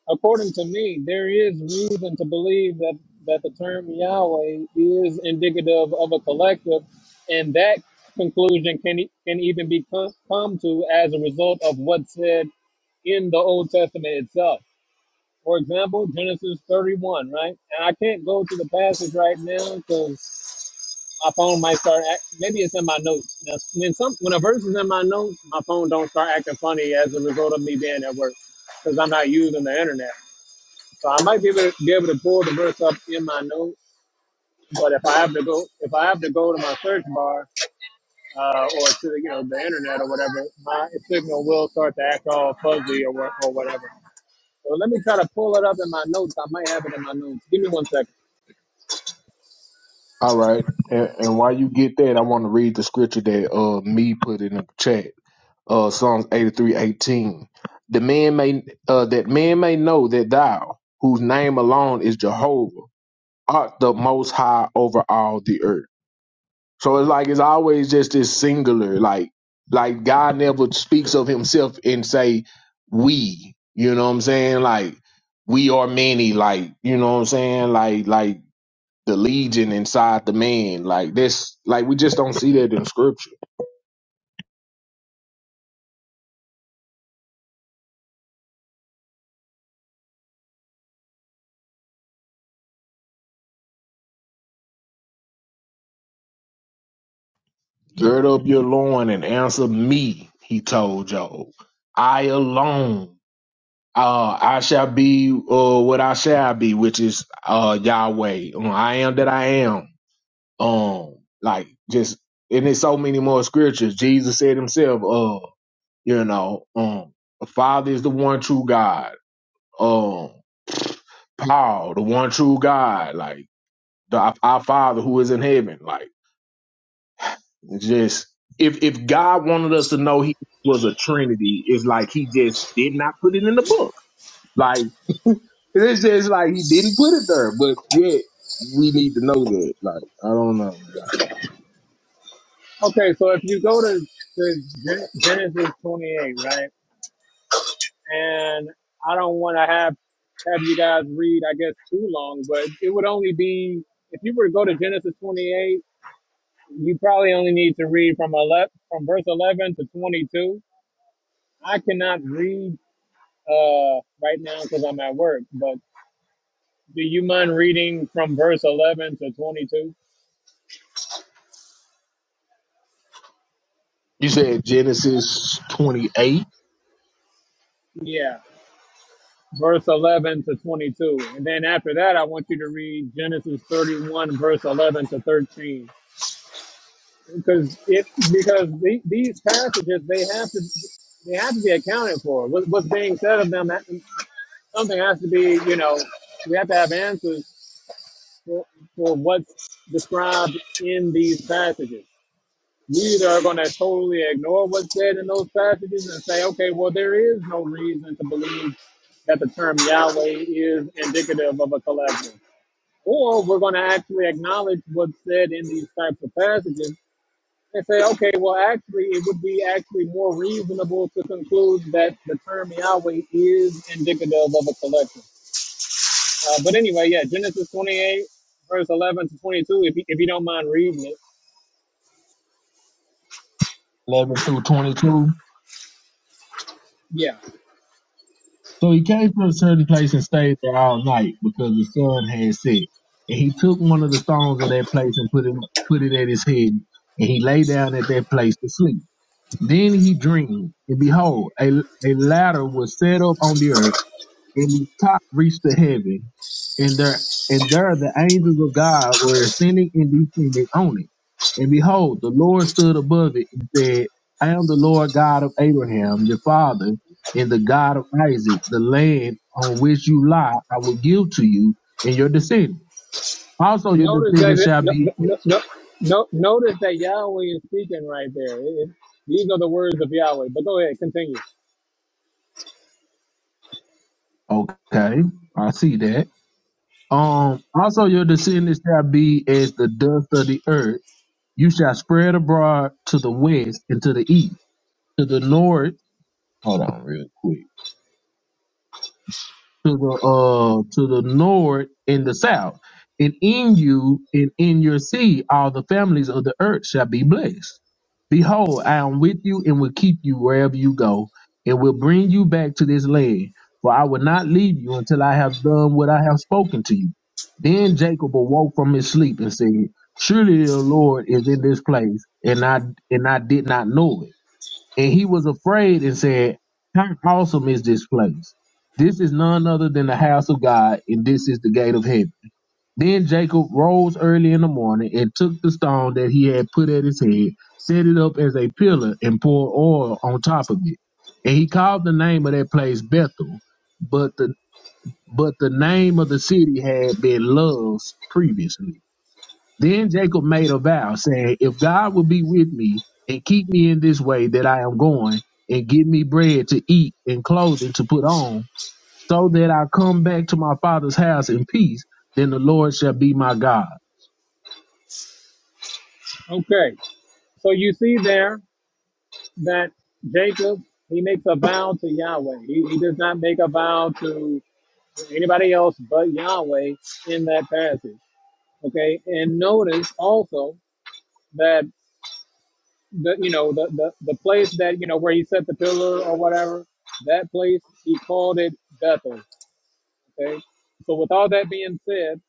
A: according to me, there is reason to believe that, that the term Yahweh is indicative of a collective. And that conclusion can, e- can even be co- come to as a result of what's said in the Old Testament itself. For example, Genesis 31, right? And I can't go to the passage right now because my phone might start act, maybe it's in my notes. Now, when some when a verse is in my notes, my phone don't start acting funny as a result of me being at work because I'm not using the internet. So I might be able to be able to pull the verse up in my notes. But if I have to go, if I have to go to my search bar uh, or to the, you know the internet or whatever, my signal will start to act all fuzzy or what- or whatever. So let me try to pull it up in my notes. I might have it in my notes. Give me one second.
D: All right. And, and while you get that, I want to read the scripture that uh me put in the chat. uh, Psalms 83, 18. The man may, uh, that man may know that thou, whose name alone is Jehovah, art the most high over all the earth. So it's like, it's always just this singular, like, like God never speaks of himself and say, we, you know what I'm saying? Like, we are many, like, you know what I'm saying? Like, like the legion inside the man, like this, like we just don't see that in scripture. Gird up your loin and answer me, he told Job. I alone, uh, I shall be uh, what I shall be, which is uh, Yahweh. Um, I am that I am. Um, like just and there's so many more scriptures. Jesus said himself, uh, you know, um, the Father is the one true God. um Paul, the one true God, like the our our Father who is in heaven, like just if if God wanted us to know He was a Trinity, it's like He just did not put it in the book. Like it's just like He didn't put it there, but yet we need to know that. Like I don't know. Man.
A: Okay, so if you go to, to Gen- Genesis 28, right? and I don't want to have have you guys read, I guess, too long, but it would only be if you were to go to Genesis 28, you probably only need to read from 11, from verse 11 to 22. I cannot read uh, right now because I'm at work, but do you mind reading from verse 11 to 22?
D: You said Genesis twenty eight
A: Yeah, verse 11 to 22. And then after that, I want you to read Genesis 31, verse 11 to 13. because it because the, these passages they have to they have to be accounted for. What, what's being said of them, something has to be you know we have to have answers for, for what's described in these passages. We either are going to totally ignore what's said in those passages and say, okay, well there is no reason to believe that the term Yahweh is indicative of a collective. Or we're going to actually acknowledge what's said in these types of passages and say, okay, well, actually, it would be actually more reasonable to conclude that the term Yahweh is indicative of a collective. Uh, but anyway, yeah, Genesis 28, verse 11 to 22, if you, if you don't mind reading it.
D: eleven through 22.
A: Yeah.
D: So he came to a certain place and stayed there all night because the sun had set. And he took one of the stones of that place and put it put it at his head, and he lay down at that place to sleep. Then he dreamed, and behold, a, a ladder was set up on the earth and his top reached to heaven, and there and there the angels of God were ascending and descending on it. And behold, the Lord stood above it and said, I am the Lord God of Abraham, your father, and the God of Isaac, the land on which you lie, I will give to you and your descendants. Also your
A: Notice that
D: descendants
A: it,
D: shall
A: no,
D: be
A: no, no, no, no, notice that Yahweh is speaking right there. It- it- these are the words of Yahweh. But go ahead, continue.
D: okay, I see that. Um, also your descendants shall be as the dust of the earth. You shall spread abroad to the west and to the east to the north. Hold on, real quick. To the uh, to the north and the south, and in you and in your seed, all the families of the earth shall be blessed. Behold, I am with you and will keep you wherever you go, and will bring you back to this land. For I will not leave you until I have done what I have spoken to you. Then Jacob awoke from his sleep and said, Surely the Lord is in this place, and I and I did not know it. And he was afraid and said, How awesome is this place? This is none other than the house of God, and this is the gate of heaven. Then Jacob rose early in the morning and took the stone that he had put at his head, set it up as a pillar, and poured oil on top of it. And he called the name of that place Bethel, but the but the name of the city had been Luz previously. Then Jacob made a vow, saying, If God will be with me and keep me in this way that I am going, and give me bread to eat and clothing to put on, so that I come back to my father's house in peace, then the Lord shall be my God.
A: Okay. So you see there that Jacob, he makes a vow to Yahweh. He, he does not make a vow to anybody else but Yahweh in that passage. Okay, and notice also that the you know the the, the place that you know where he set the pillar or whatever that place he called it Bethel. Okay, so with all that being said,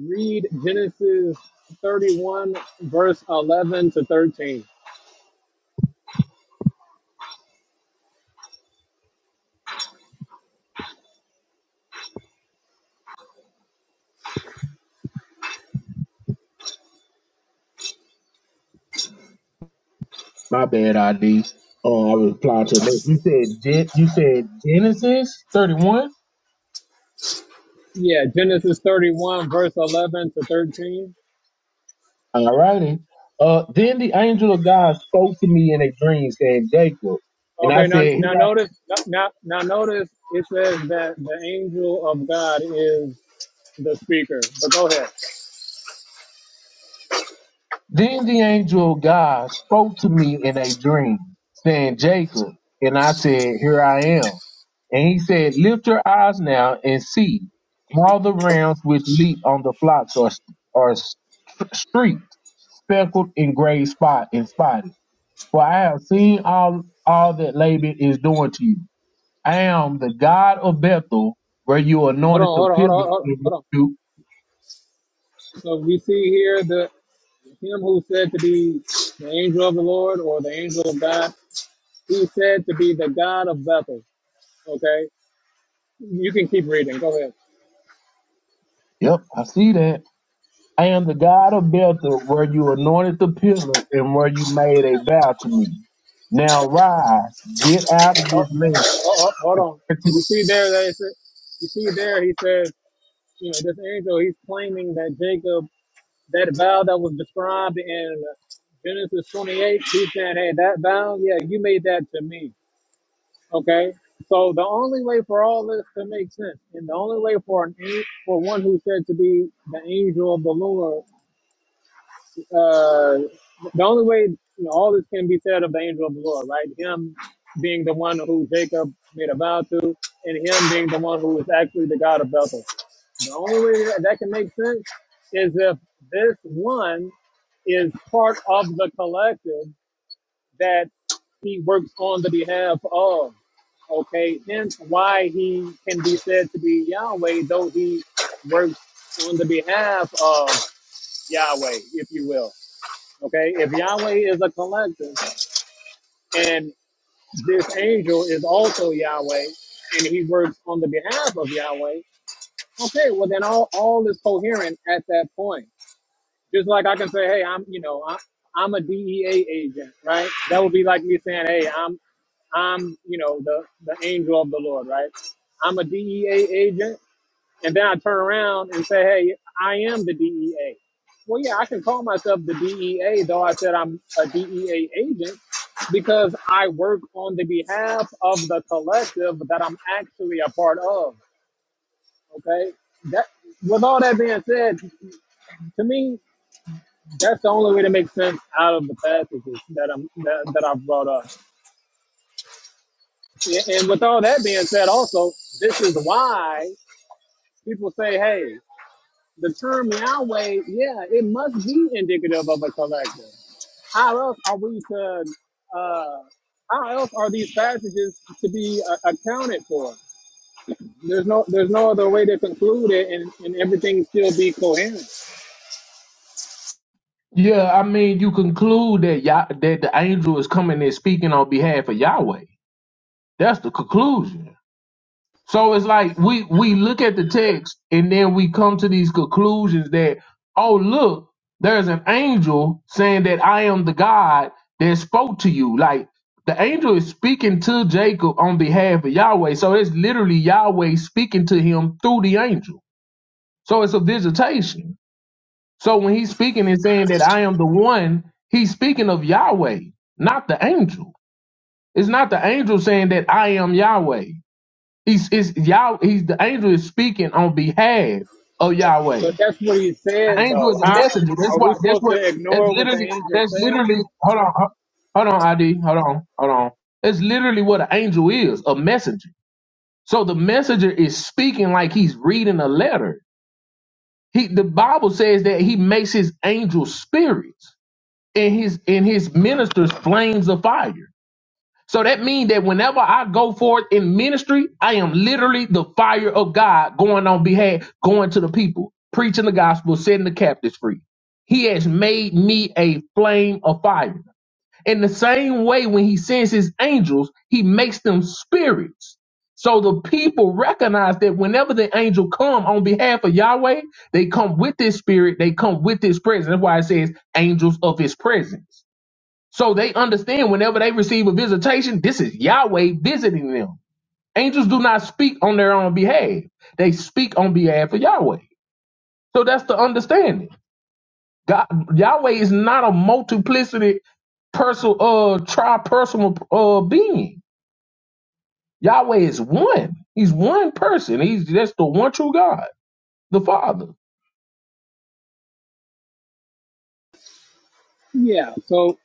A: read Genesis 31 verse 11 to 13.
D: My bad, ID. Oh, I replied to that. You said Gen- you said Genesis thirty one.
A: Yeah, Genesis 31 verse 11 to 13.
D: All righty. Uh, then the angel of God spoke to me in a dream, saying, Jacob. And I
A: Okay, now
D: said, "Here
A: now notice now now notice it says that the angel of God is the speaker. But go ahead.
D: Then the angel of God spoke to me in a dream, saying, Jacob. And I said, Here I am. And he said, Lift your eyes now and see. All the rams which leap on the flocks are, are st- streaked, speckled, and gray spot and spotted. For I have seen all, all that Laban is doing to you. I am the God of Bethel, where you
A: Hold on,
D: anointed the
A: hold on, hold
D: pillar.
A: on, hold on. Hold on. So we see here the him who said to be the angel of the Lord or the angel of God, he said to be the God of Bethel. Okay, you can keep reading. Go ahead.
D: Yep, I see that. I am the God of Bethel, where you anointed the pillar and where you made a vow to me. Now rise, get out of
A: Oh, oh,
D: this land.
A: oh, hold on. You see there that it's, you see there he says, you know, this angel he's claiming that Jacob, that vow that was described in Genesis 28, he's saying, hey, that vow, yeah, you made that to me. Okay, so the only way for all this to make sense, and the only way for an an- for one who's said to be the angel of the Lord, uh, the only way you know, all this can be said of the angel of the Lord, right? Him being the one who Jacob made a vow to, and him being the one who is actually the God of Bethel. The only way that, that can make sense is if this one is part of the collective that he works on the behalf of. Okay, hence why he can be said to be Yahweh, though he works on the behalf of Yahweh, if you will. Okay, if Yahweh is a collector and this angel is also Yahweh and he works on the behalf of Yahweh, okay, well then all, all is coherent at that point. Just like I can say, hey, I'm, you know, I'm, I'm a DEA agent, right? That would be like me saying, hey, I'm I'm, you know, the, the angel of the Lord, right? I'm a DEA agent. And then I turn around and say, hey, I am the DEA. Well, yeah, I can call myself the DEA, though I said I'm a DEA agent because I work on the behalf of the collective that I'm actually a part of. Okay. That, with all that being said, to me, that's the only way to make sense out of the passages that I'm that, that I've brought up. And, and with all that being said, also, this is why people say, hey, the term Yahweh, yeah, it must be indicative of a collector. How else are we to, uh, how else are these passages to be uh, accounted for? There's no, there's no other way to conclude it and, and everything still be coherent.
D: Yeah, I mean, you conclude that Yah- that the angel is coming and speaking on behalf of Yahweh. That's the conclusion. So it's like we we look at the text and then we come to these conclusions that oh look, there's an angel saying that I am the God that spoke to you. Like the angel is speaking to Jacob on behalf of Yahweh. So it's literally Yahweh speaking to him through the angel. So it's a visitation. So when he's speaking and saying that I am the one, he's speaking of Yahweh, not the angel. It's not the angel saying that I am Yahweh. He's is Yah. He's the angel is speaking on behalf of Yahweh.
A: But that's what he
D: The
A: said
D: angel
A: though.
D: is a
A: How
D: messenger. That's
A: are
D: why.
A: we
D: That's
A: supposed
D: what.
A: to
D: That's
A: ignore what the
D: literally.
A: angel
D: That's
A: said?
D: literally. Hold on. hu- Hold on. ID. Hold on. Hold on. That's literally what an angel is. A messenger. So the messenger is speaking like he's reading a letter. He. The Bible says that he makes his angel spirits and his and his ministers flames of fire. So that means that whenever I go forth in ministry, I am literally the fire of God going on behalf, going to the people, preaching the gospel, setting the captives free. He has made me a flame of fire. In the same way, when he sends his angels, he makes them spirits. So the people recognize that whenever the angel come on behalf of Yahweh, they come with this spirit, they come with his presence. That's why it says angels of his presence. So they understand whenever they receive a visitation, this is Yahweh visiting them. Angels do not speak on their own behalf. They speak on behalf of Yahweh. So that's the understanding. God, Yahweh is not a multiplicity personal uh tri-personal uh being. Yahweh is one. He's one person. He's that's the one true God, the Father.
A: Yeah. So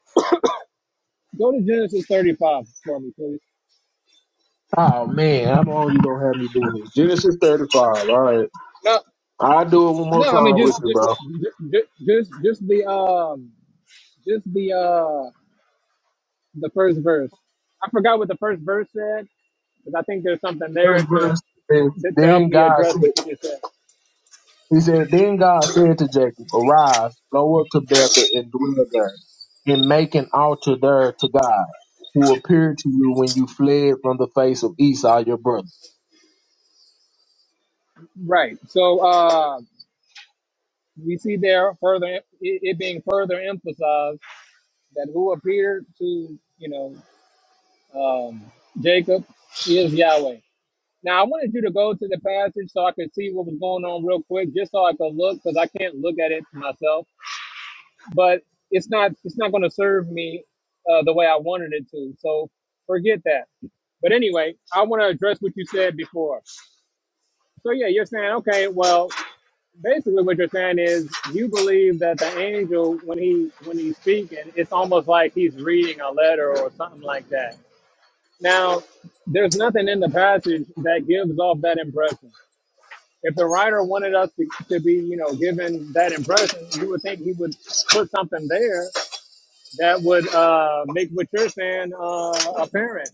A: go to Genesis 35 for me, please.
D: Oh man, I know you gonna have me doing this. Genesis 35. All right.
A: No,
D: I'll do it one more
A: no, I mean,
D: time with
A: just,
D: you,
A: just,
D: bro.
A: just, just, just the, um, Just the uh the first verse. I forgot what the first verse said, because I think there's something there
D: Third
A: to
D: verse says,
A: that to help
D: Then
A: me
D: God
A: address
D: said,
A: what you just said.
D: He said, Then God said to Jacob, Arise, go up to Bethel and dwell there, and make an altar there to God, who appeared to you when you fled from the face of Esau your brother.
A: Right. So uh we see there further it, it being further emphasized that who appeared to you know um, Jacob is Yahweh. Now I wanted you to go to the passage so I could see what was going on real quick, just so I could look because I can't look at it myself. but it's not it's not going to serve me uh, the way I wanted it to. So forget that. But anyway, I want to address what you said before. So yeah, you're saying okay. Well, basically, what you're saying is you believe that the angel, when he when he's speaking, it's almost like he's reading a letter or something like that. Now, there's nothing in the passage that gives off that impression. If the writer wanted us to, to be, you know, given that impression, you would think he would put something there that would uh, make what you're saying uh, apparent.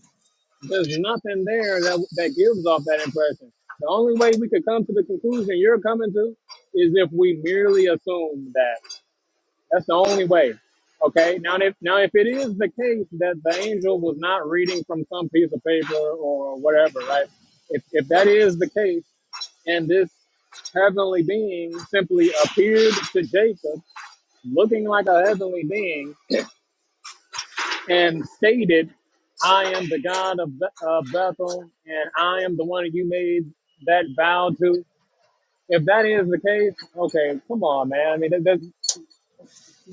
A: There's nothing there that that gives off that impression. The only way we could come to the conclusion you're coming to is if we merely assume that. That's the only way. Okay. Now, if now if it is the case that the angel was not reading from some piece of paper or whatever, right? If if that is the case, and this heavenly being simply appeared to Jacob looking like a heavenly being and stated, I am the God of Be- of Bethel, and I am the one you made that vow to. If that is the case, okay, come on, man. I mean, that, that,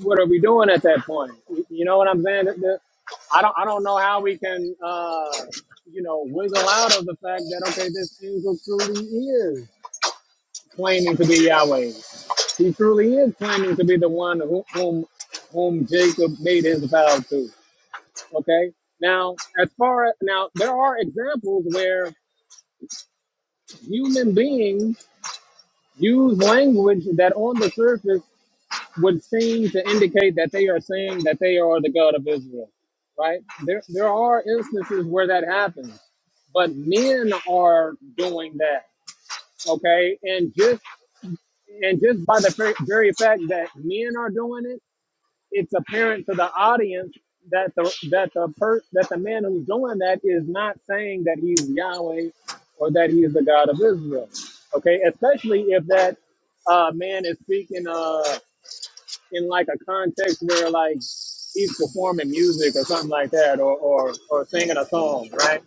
A: what are we doing at that point? You you know what I'm saying? That- that- I don't, I don't know how we can, uh, you know, wiggle out of the fact that okay, this angel truly is claiming to be Yahweh. He truly is claiming to be the one who, whom, whom Jacob made his vow to. Okay. Now, as far as now, there are examples where human beings use language that on the surface would seem to indicate that they are saying that they are the God of Israel, right? There, there are instances where that happens, but men are doing that, okay? And just and just by the very very fact that men are doing it it's apparent to the audience that the that the per, that the man who's doing that is not saying that he's Yahweh or that he's the God of Israel. Okay, especially if that uh, man is speaking uh, in like a context where like he's performing music or something like that, or or, or singing a song, right?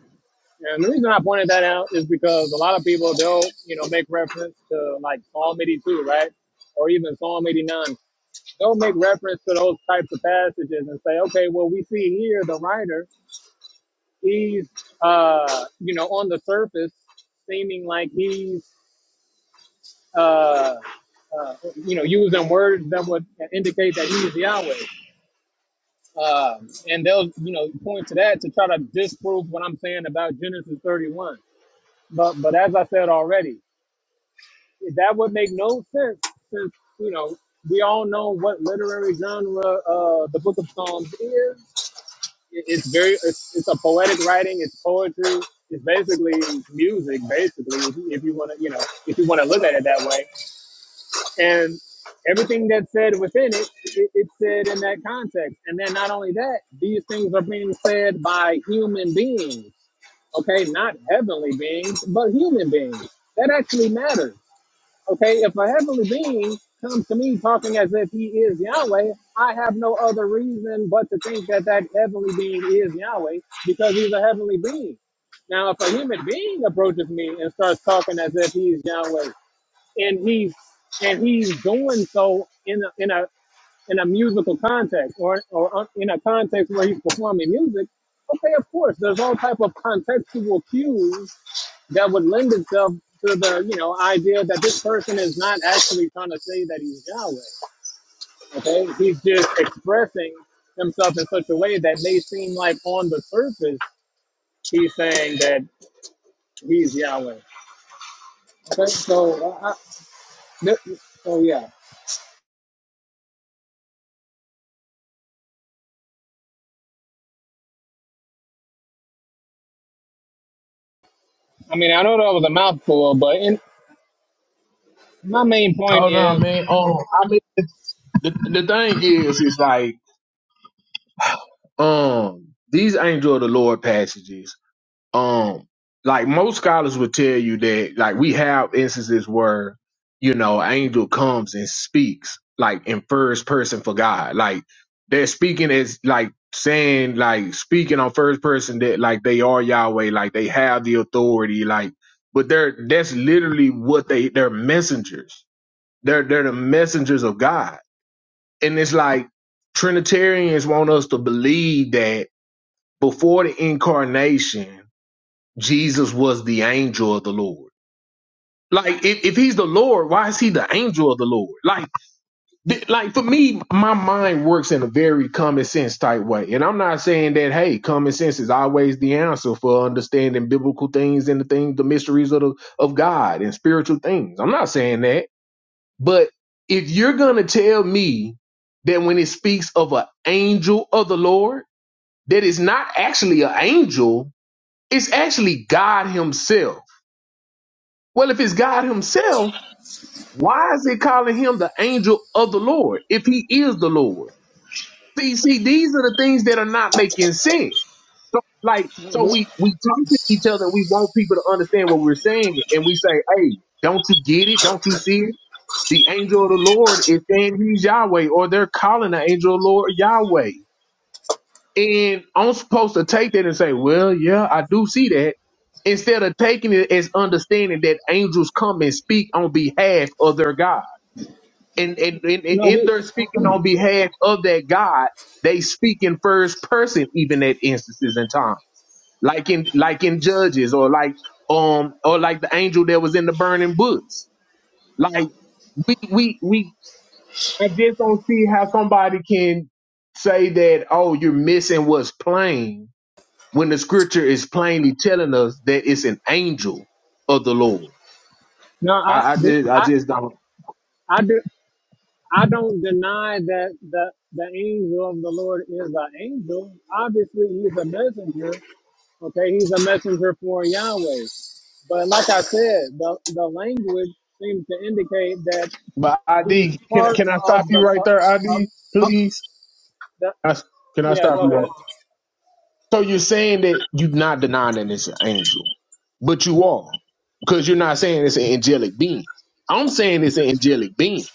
A: And the reason I pointed that out is because a lot of people they'll you know make reference to like Psalm 82, right, or even Psalm 89. They'll make reference to those types of passages and say, okay, well, we see here the writer, he's, uh, you know, on the surface seeming like he's, uh, uh, you know, using words that would indicate that he is Yahweh. Um, and they'll, you know, point to that to try to disprove what I'm saying about Genesis 31. But, but as I said already, that would make no sense since, you know, we all know what literary genre uh, the Book of Psalms is It- It's very, it's, it's a poetic writing. It's poetry. It's basically music, basically, if you, if you want to, you know, if you want to look at it that way. And everything that's said within it, it, it's said in that context. And then not only that, these things are being said by human beings, okay? Not heavenly beings, but human beings. That actually matters Okay, if a heavenly being comes to me talking as if he is Yahweh, I have no other reason but to think that that heavenly being is Yahweh because he's a heavenly being. Now, if a human being approaches me and starts talking as if he's Yahweh, and he's and he's doing so in a, in a in a musical context or, or un- in a context where he's performing music, okay, of course, there's all type of contextual cues that would lend itself to the you know idea that this person is not actually trying to say that he's Yahweh. Okay, he's just expressing himself in such a way that may seem like on the surface he's saying that he's Yahweh. Okay, so uh, I, th- so yeah, I mean I know that was a mouthful, but in, my main point
D: Oh no,
A: is
D: man. Um, I mean, the, the thing is, is like, um, these angel of the Lord passages. um like most scholars would tell you that like we have instances where you know an angel comes and speaks like in first person for god like they're speaking as like saying like speaking on first person that like they are yahweh like they have the authority like but they're that's literally what they they're messengers they're they're the messengers of god and it's like trinitarians want us to believe that before the incarnation Jesus was the angel of the Lord. Like if, if he's the Lord, why is he the angel of the Lord? Like th- like for me, my mind works in a very common sense type way. And I'm not saying that hey, common sense is always the answer for understanding biblical things and the things, the mysteries of the, of God and spiritual things. I'm not saying that. But if you're gonna tell me that when it speaks of an angel of the Lord, that it's not actually an angel, it's actually God Himself Well, if it's God Himself, why is He calling Him the angel of the Lord if He is the Lord? See, see, these are the things that are not making sense. So, like, so
A: we-
D: we we talk to each other. and We want people to understand what we're saying, and we say, "Hey, don't you get it? Don't you see it? The angel of the Lord is saying He's Yahweh, or they're calling the angel of the Lord Yahweh." And I'm supposed to take that and say, well, yeah, I do see that. Instead of taking it as understanding that angels come and speak on behalf of their God. And, and, and, and
A: no,
D: in
A: we,
D: their speaking on behalf of that God, they speak in first person, even at instances and time, like in, like in Judges or like, um, or like the angel that was in the burning books. Like we, we, we, I just don't see how somebody can say that, oh, you're missing what's plain when the scripture is plainly telling us that it's an angel of the Lord.
A: no, I,
D: I, I
A: we,
D: just I
A: I,
D: just don't
A: I do. I don't deny that the, the angel of the Lord is an angel. Obviously, he's a messenger, Okay, he's a messenger for Yahweh. But like I said, the, the language seems to indicate that
D: But
A: he's
D: ID, can
A: part
D: can I stop
A: of
D: you
A: the
D: right there,
A: co- of,
D: ID?
A: of
D: Please,
A: the,
D: I, can I
A: yeah.
D: stop
A: Go
D: you? Right
A: ahead.
D: so you're saying that you're not denying that it's an angel, but you are because you're not saying it's an angelic being. I'm saying it's an angelic being,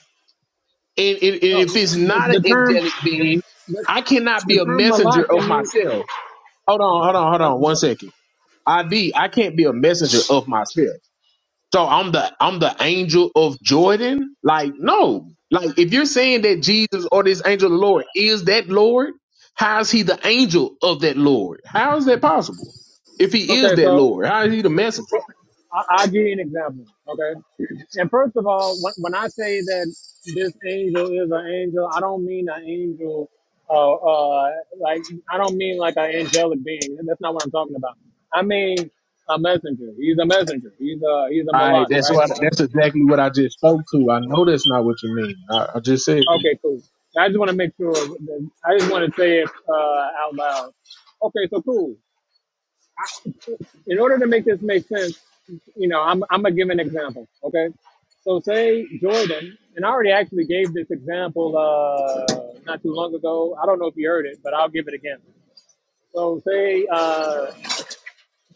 D: and, and, and
A: No,
D: if it's
A: the,
D: not an
A: the term
D: angelic being,
A: the,
D: I cannot be
A: the
D: a
A: term
D: messenger
A: malak
D: of
A: can mean
D: myself. Hold on, hold on, hold
A: the,
D: on, one
A: the-
D: second. ID, I can't be a messenger of myself. So I'm the I'm the angel of Jordan? Like, no. Like if you're saying that Jesus or this angel of the Lord is that Lord, how is he the angel of that Lord? How is that possible? If he is
A: okay.
D: that
A: So
D: Lord, how is he the messenger?
A: So I, I'll give you an example, okay? And first of all, when, when I say that this angel is an angel, I don't mean an angel, uh, uh, like, I don't mean like an angelic being. That's not what I'm talking about. I mean a messenger. He's a messenger. He's a, he's a
D: All right,
A: malak,
D: that's
A: right?
D: what
A: Uh,
D: that's exactly what I just
A: so,
D: spoke to. I know that's not what you mean. I, I just said it's
A: okay, cool. I just want to make sure, that, I just want to say it uh, out loud. Okay, so cool. in order to make this make sense, you know, I'm, I'm gonna give an example. Okay. So say Jordan, and I already actually gave this example uh, not too long ago. I don't know if you heard it, but I'll give it again. So say uh,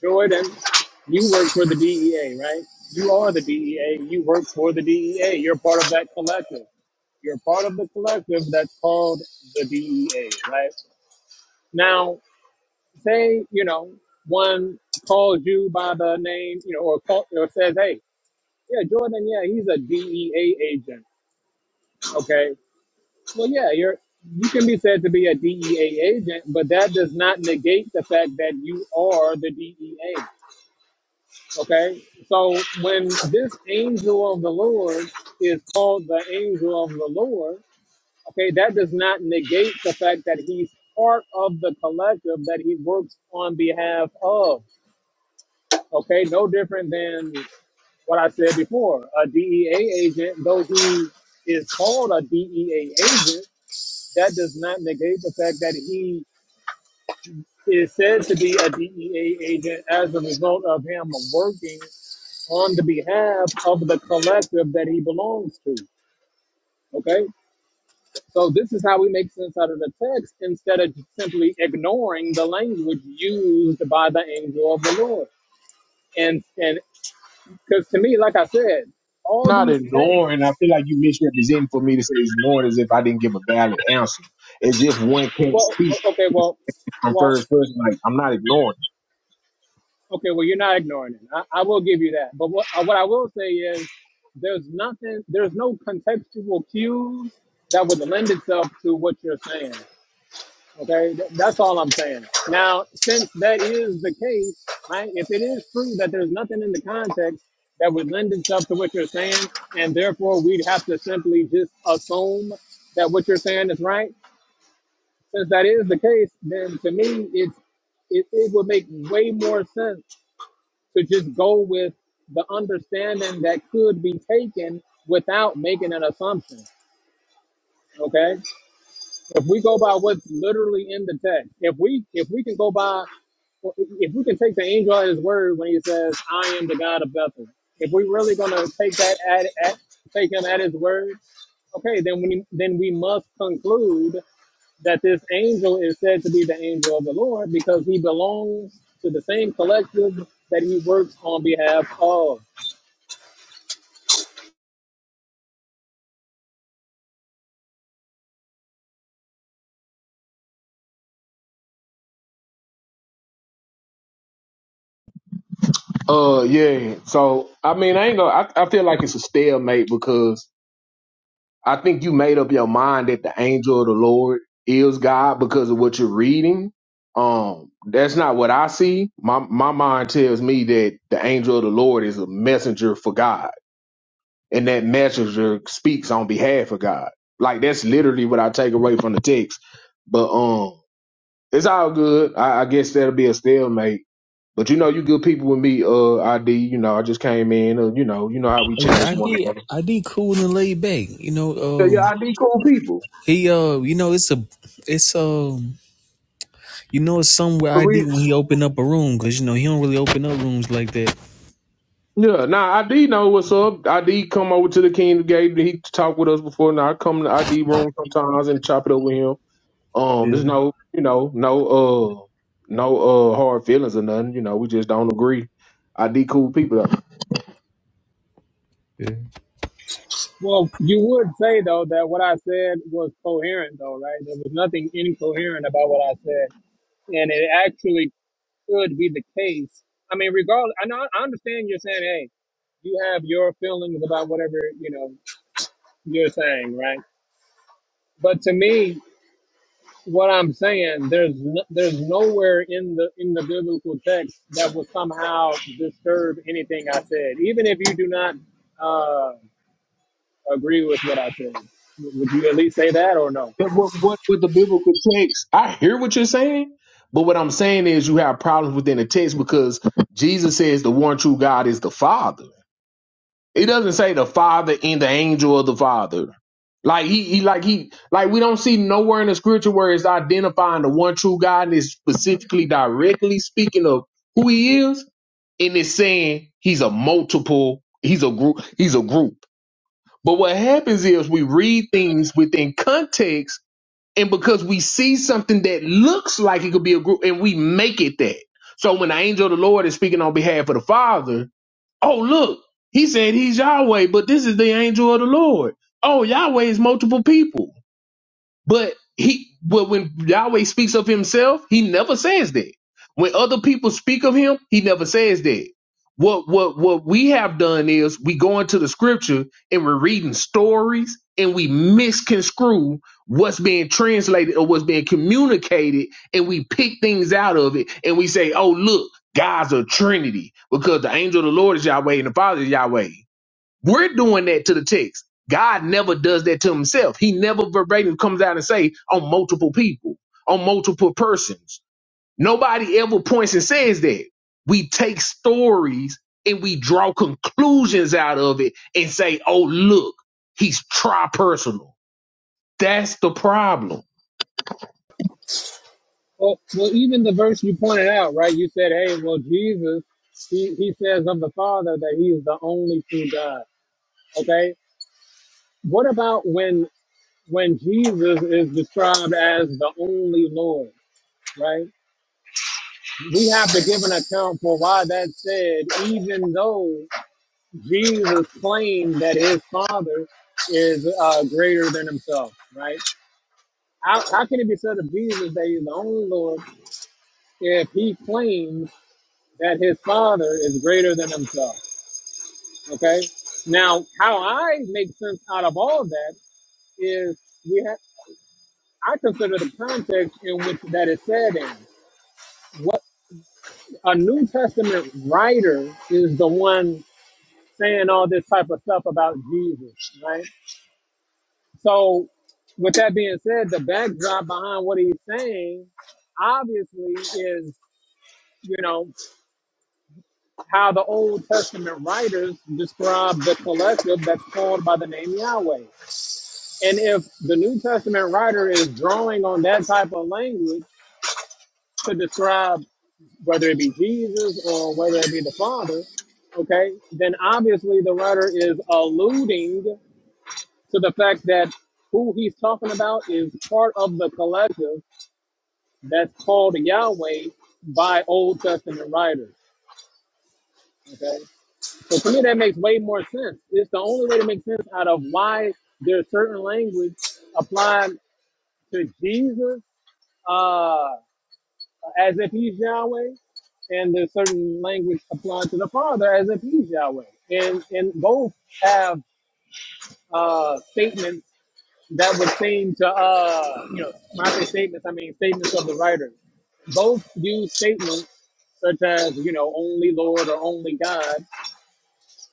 A: Jordan, you work for the DEA, right? You are the DEA. You work for the DEA. You're part of that collective. You're part of the collective that's called the DEA, right? Now, say, you know, one calls you by the name, you know, or, call, or says, hey, yeah, Jordan, yeah, he's a DEA agent. Okay. Well, yeah, you're, you can be said to be a DEA agent, but that does not negate the fact that you are the DEA. Okay. So when this angel of the Lord is called the angel of the Lord, okay, that does not negate the fact that he's part of the collective that he works on behalf of. okay? No different than what I said before. A DEA agent, though he is called a DEA agent, that does not negate the fact that he is said to be a DEA agent as a result of him working on the behalf of the collective that he belongs to. Okay, so this is how we make sense out of the text instead of simply ignoring the language used by the angel of the Lord. And and because to me, like I said, all
D: not
A: these texts
D: ignoring. I feel like you misrepresenting for me to say ignoring as if I didn't give a valid answer, as if one can't
A: Well,
D: speak
A: o- okay, well,
D: from
A: well,
D: first person. Like I'm not ignoring.
A: okay, well, you're not ignoring it. I, I will give you that. But what, what I will say is there's nothing, there's no contextual cues that would lend itself to what you're saying. Okay, Th- that's all I'm saying. Now, since that is the case, right, if it is true that there's nothing in the context that would lend itself to what you're saying, and therefore we'd have to simply just assume that what you're saying is right, Since that is the case, then to me, it's it, it would make way more sense to just go with the understanding that could be taken without making an assumption. Okay. If we go by what's literally in the text, if we if we can go by, if we can take the angel at his word when he says, "I am the God of Bethel," if we're really gonna take that at, at take him at his word, okay, then we then we must conclude that this angel is said to be the angel of the Lord because he belongs to the same collective that he works on behalf of.
D: Uh, yeah. So I mean, I ain't gonna. I, I feel like it's a stalemate because I think you made up your mind that the angel of the Lord is God because of what you're reading. Um, that's not what I see. My my mind tells me that the angel of the Lord is a messenger for God, and that messenger speaks on behalf of God. Like that's literally what I take away from the text. But um, it's all good. I, I guess that'll be a stalemate. But you know, you good people with me, uh, ID. You know, I just came in. Uh, you know, you know how we
C: Yeah,
D: challenge
C: I
D: one
C: D,
D: another.
C: I D cool and laid back. You know,
D: Yeah, yeah,
C: uh,
D: ID cool people.
C: he uh, you know, it's a, it's um, you know, it's somewhere
D: But
C: ID
D: we,
C: when he open up a room because you know he don't really open up rooms like that.
D: yeah, nah, ID know what's up. ID come over to the Kingdom Gate. He talked with us before. Now I come to ID room sometimes and chop it over him. Um,
C: Yeah.
D: there's no, you know, no, uh, no, uh, hard feelings or nothing. You know, we just don't agree. ID cool people.
C: Yeah.
A: Well, you would say though that what I said was coherent though, right? There was nothing incoherent about what I said. and it actually could be the case. I mean, regardless, I know I understand you're saying, hey, you have your feelings about whatever you know you're saying, right? But to me, what I'm saying, there's no, there's nowhere in the in the biblical text that will somehow disturb anything I said, even if you do not uh, agree with what I said. Would you at least say that or no?
D: But what, what with the biblical text? I hear what you're saying, but what I'm saying is you have problems within the text because Jesus says the one true God is the Father. It doesn't say the Father and the angel of the Father. Like he, he like he like we don't see nowhere in the scripture where it's identifying the one true God and it's specifically directly speaking of who he is, and it's saying he's a multiple, he's a group, he's a group. But what happens is we read things within context and because we see something that looks like it could be a group and we make it that so when the angel of the lord is speaking on behalf of the father oh look he said he's yahweh but this is the angel of the lord oh yahweh is multiple people but he, but when Yahweh speaks of himself, he never says that. When other people speak of him, he never says that. What what what we have done is we go into the scripture and we're reading stories and we misconstrue what's being translated or what's being communicated and we pick things out of it and we say, oh look, God's a Trinity because the angel of the Lord is Yahweh and the Father is Yahweh. We're doing that to the text. God never does that to himself. He never verbatim comes out and say on multiple people, on multiple persons. Nobody ever points and says that. We take stories and we draw conclusions out of it and say, oh, look, he's tri-personal. That's the problem.
A: Well, well, even the verse you pointed out, right? You said, "Hey, well, Jesus, he, he says of the Father that He is the only true God." Okay. What about when when Jesus is described as the only Lord? Right. We have to give an account for why that's said, even though Jesus claimed that His Father is uh, greater than Himself. Right. How, how can it be said of Jesus that He's the only Lord if He claims? that his father is greater than himself. Okay. Now, how I make sense out of all of that is we have I consider the context in which that is said in. What a New Testament writer is the one saying all this type of stuff about Jesus, right? So, with that being said, the backdrop behind what he's saying obviously is, you know, how the Old Testament writers describe the collective that's called by the name Yahweh. And if the New Testament writer is drawing on that type of language to describe whether it be Jesus or whether it be the Father, okay, then obviously the writer is alluding to the fact that who he's talking about is part of the collective that's called Yahweh by Old Testament writers. Okay. So to me that makes way more sense. It's the only way to make sense out of why there's certain language applied to Jesus. Uh as if he's Yahweh, and there's certain language applied to the Father as if he's Yahweh. And and both have uh, statements that would seem to uh, you know, when I say statements, I mean statements of the writer. Both use statements such as, you know, only Lord or only God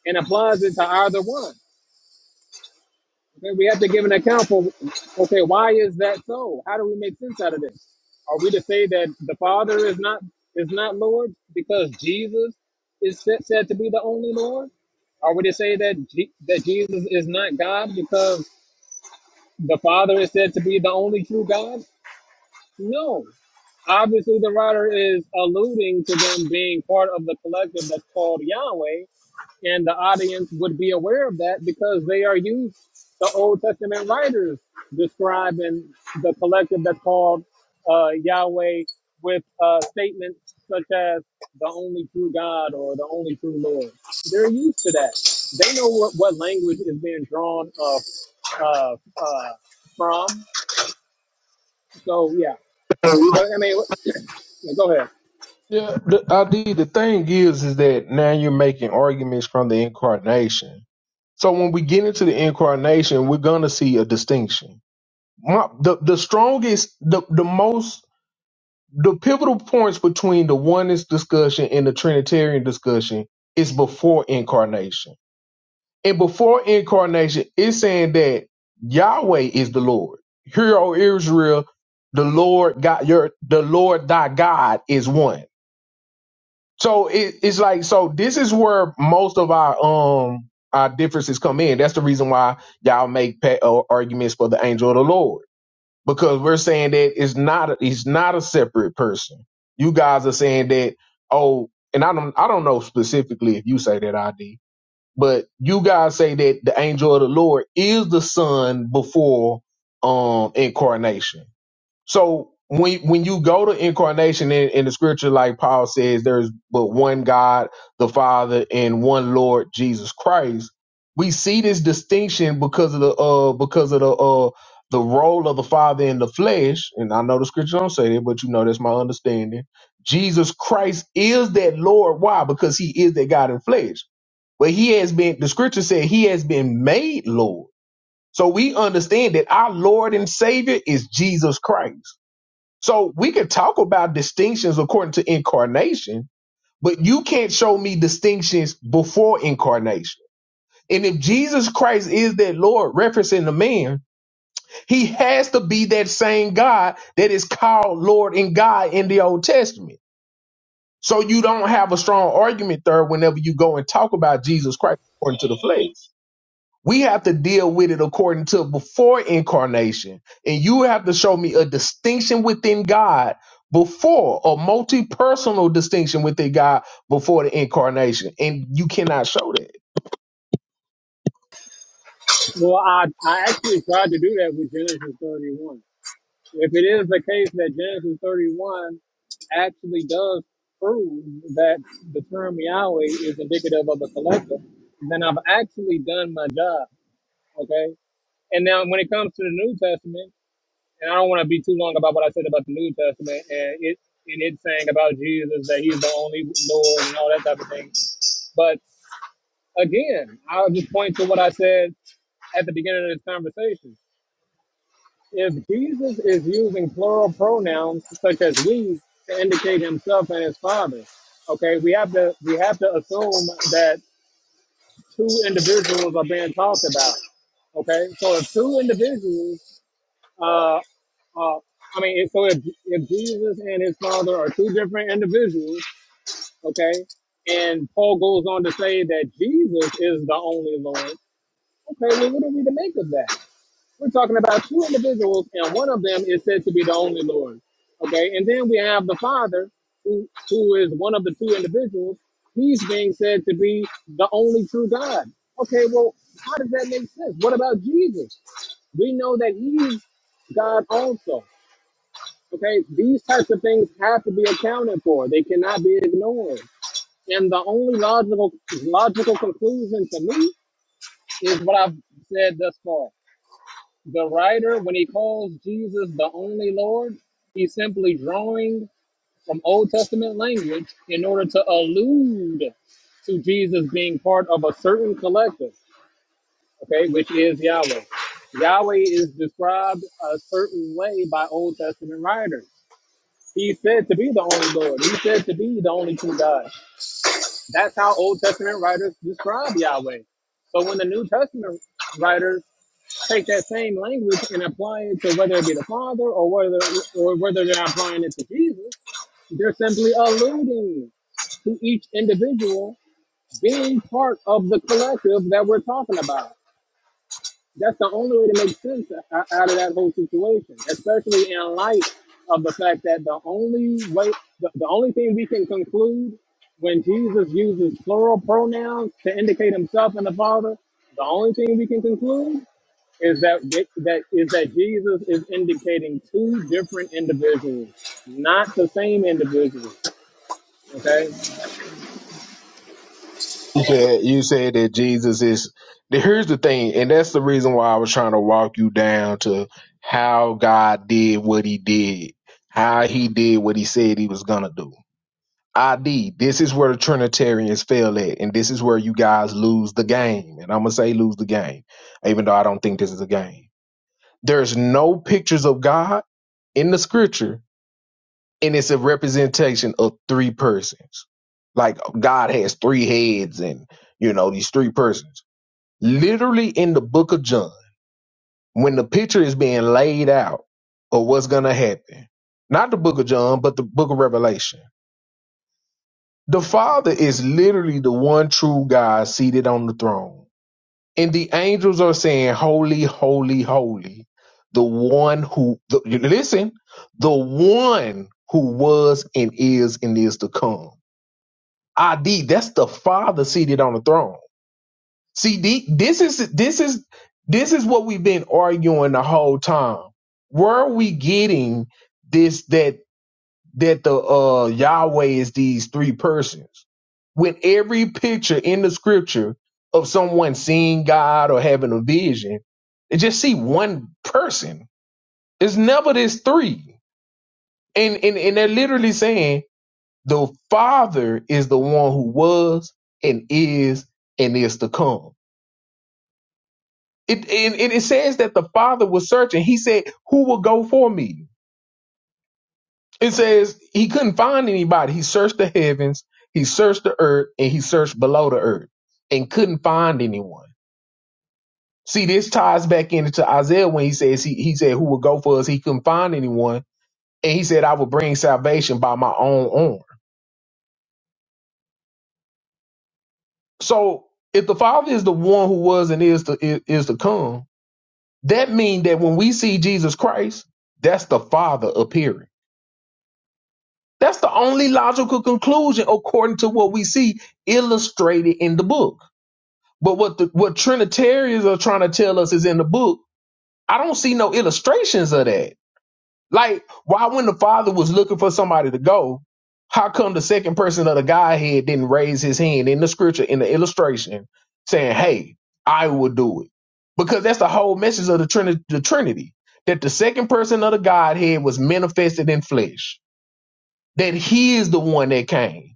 A: and applies it to either one. Okay, we have to give an account for, okay, why is that so? How do we make sense out of this? Are we to say that the Father is not is not Lord because Jesus is said, said to be the only Lord? Are we to say that Je- that Jesus is not God because the Father is said to be the only true God? No. Obviously, the writer is alluding to them being part of the collective that's called Yahweh, and the audience would be aware of that because they are used the Old Testament writers describing the collective that's called uh, Yahweh with uh, statements such as the only true God or the only true Lord. They're used to that. They know what, what language is being drawn of, uh, uh, from. So yeah, but I mean, go ahead.
D: Yeah, the idea, the thing is, is that now you're making arguments from the incarnation. So when we get into the incarnation, we're going to see a distinction. my, the the strongest the the most the pivotal points between the oneness discussion and the trinitarian discussion is before incarnation and before incarnation it's saying that yahweh is the lord hear o israel the lord god your the lord thy god is one so it, it's like so this is where most of our um our differences come in that's the reason why y'all make pa- uh, arguments for the angel of the lord because we're saying that it's not a, it's not a separate person. You guys are saying that oh, and I don't I don't know specifically if you say that ID, but you guys say that the angel of the Lord is the Son before um incarnation. So when when you go to incarnation in, in the scripture, like Paul says, there's but one God, the Father, and one Lord Jesus Christ. We see this distinction because of the uh because of the uh the role of the Father in the flesh, and I know the scripture don't say that, but you know that's my understanding. Jesus Christ is that Lord. Why? Because he is that God in flesh. But he has been the scripture said he has been made Lord. So we understand that our Lord and Savior is Jesus Christ. So we can talk about distinctions according to incarnation, but you can't show me distinctions before incarnation. And if Jesus Christ is that Lord referencing the man, he has to be that same God that is called Lord and God in the Old Testament. So you don't have a strong argument there whenever you go and talk about Jesus Christ according to the flesh. We have to deal with it according to before incarnation. And you have to show me a distinction within God before, a multi personal distinction within God before the incarnation. And you cannot show that.
A: Well, I, I actually tried to do that with Genesis 31. if it is the case that Genesis 31 actually does prove that the term Yahweh is indicative of a collector, then I've actually done my job. Okay. And now when it comes to the New Testament, and I don't want to be too long about what I said about the New Testament and it and it saying about Jesus that he's the only Lord and all that type of thing. But again, I'll just point to what I said at the beginning of this conversation If Jesus is using plural pronouns such as we to indicate himself and his father, okay, we have to we have to assume that two individuals are being talked about. Okay, so if two individuals, uh, uh, I mean, if- so if, if Jesus and his father are two different individuals, okay, and Paul goes on to say that Jesus is the only Lord, okay, well, what are we to make of that? We're talking about two individuals, and one of them is said to be the only Lord. Okay, and then we have the Father, who who is one of the two individuals. He's being said to be the only true God. Okay, well, how does that make sense? What about Jesus? We know that he's God also. Okay, these types of things have to be accounted for. They cannot be ignored. And the only logical logical conclusion to me is what I've said thus far the writer, when he calls Jesus the only Lord, he's simply drawing from Old Testament language in order to allude to Jesus being part of a certain collective, okay, which is Yahweh. Yahweh is described a certain way by Old Testament writers. He's said to be the only Lord. He's said to be the only true God. That's how Old Testament writers describe Yahweh. So when the New Testament writers take that same language and apply it to whether it be the Father or whether or whether they're applying it to Jesus. They're simply alluding to each individual being part of the collective that we're talking about. That's the only way to make sense o- out of that whole situation, especially in light of the fact that the only way, the, the only thing we can conclude when Jesus uses plural pronouns to indicate himself and the Father, the only thing we can conclude is that that is that Jesus is indicating two different individuals, not the same individual. Okay,
D: You said, you said that Jesus is. Here's the thing, and that's the reason why I was trying to walk you down to how God did what he did, how he did what he said he was going to do. ID, this is where the Trinitarians fail at, and this is where you guys lose the game. And I'm gonna say lose the game, even though I don't think this is a game. There's no pictures of God in the scripture, and it's a representation of three persons. Like God has three heads, and you know, these three persons. Literally in the book of John, when the picture is being laid out of what's gonna happen, not the book of John, but the book of Revelation The Father is literally the one true God seated on the throne. And the angels are saying, Holy, holy, holy. The one who, the, listen, the one who was and is and is to come. ID, that's the Father seated on the throne. See, the- this is, this is, this is what we've been arguing the whole time. Where are we getting this, that that the uh Yahweh is these three persons. With every picture in the scripture of someone seeing God or having a vision, they just see one person. It's never this three. And and, and they're literally saying the Father is the one who was and is and is to come. It and, and it says that the Father was searching. He said, Who will go for me? It says he couldn't find anybody. He searched the heavens, he searched the earth, and he searched below the earth and couldn't find anyone. See, this ties back into Isaiah when he says he, he said, Who will go for us? He couldn't find anyone. And he said, I will bring salvation by my own arm. So if the Father is the one who was and is to is, is to come, that means that when we see Jesus Christ, that's the Father appearing. That's the only logical conclusion according to what we see illustrated in the book. But what the, what Trinitarians are trying to tell us is in the book. I don't see no illustrations of that. Like, why when the father was looking for somebody to go, how come the second person of the Godhead didn't raise his hand in the scripture in the illustration saying, "Hey, I will do it"? Because that's the whole message of the Trinity, the Trinity, that the second person of the Godhead was manifested in flesh, that He is the one that came.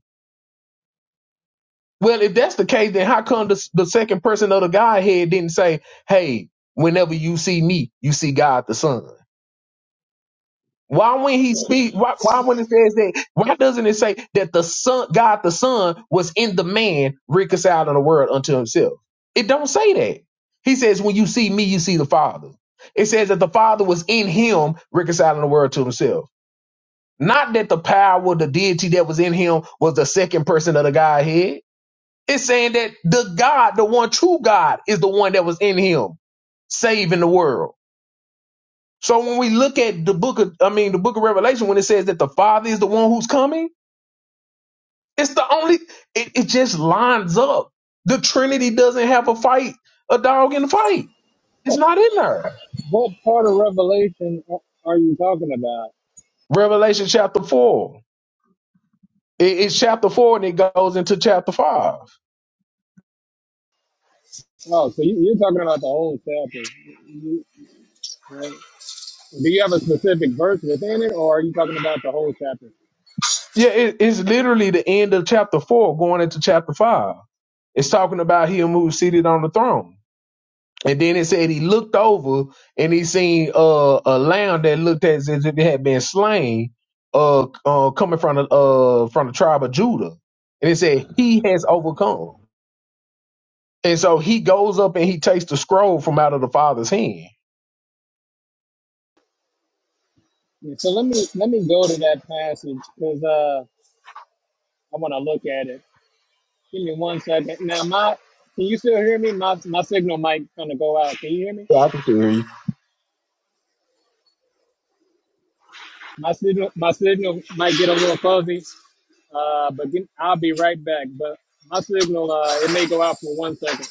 D: Well, if that's the case, then how come the, the second person of the Godhead didn't say, "Hey, whenever you see me, you see God the Son"? Why when he speak? Why, why when it says that? Why doesn't it say that the Son, God the Son, was in the man reconciled in the world unto Himself? It don't say that. He says, "When you see me, you see the Father." It says that the Father was in Him reconciling the world to Himself. Not that the power, the deity that was in Him, was the second person of the Godhead. It's saying that the God, the one true God, is the one that was in him, saving the world. So when we look at the book of, I mean, the book of Revelation, when it says that the Father is the one who's coming, it's the only, it, it just lines up. The Trinity doesn't have a fight, a dog in the fight. It's
A: what,
D: not in there.
A: what part of Revelation are you talking about?
D: Revelation chapter four. It- it's chapter four and it goes into chapter five.
A: Oh, so you, you're talking about the whole chapter, right? Do you have a specific verse within it, or are you talking about the whole chapter?
D: Yeah, it, it's literally the end of chapter four going into chapter five. It's talking about him who's seated on the throne. And then it said he looked over and he seen uh, a lamb that looked as if it had been slain, uh, uh coming from the uh from the tribe of Judah. And it said he has overcome. And so he goes up and he takes the scroll from out of the father's hand.
A: Yeah, So let me let me go to that passage because uh, I want to look at it. Give me one second. Now, my can you still hear me? My my signal might kind of go out. Can you hear me?
D: Yeah, I can still hear you.
A: My signal, my signal might get a little fuzzy, uh, but give, I'll be right back. But my signal, uh, it may go out for one second.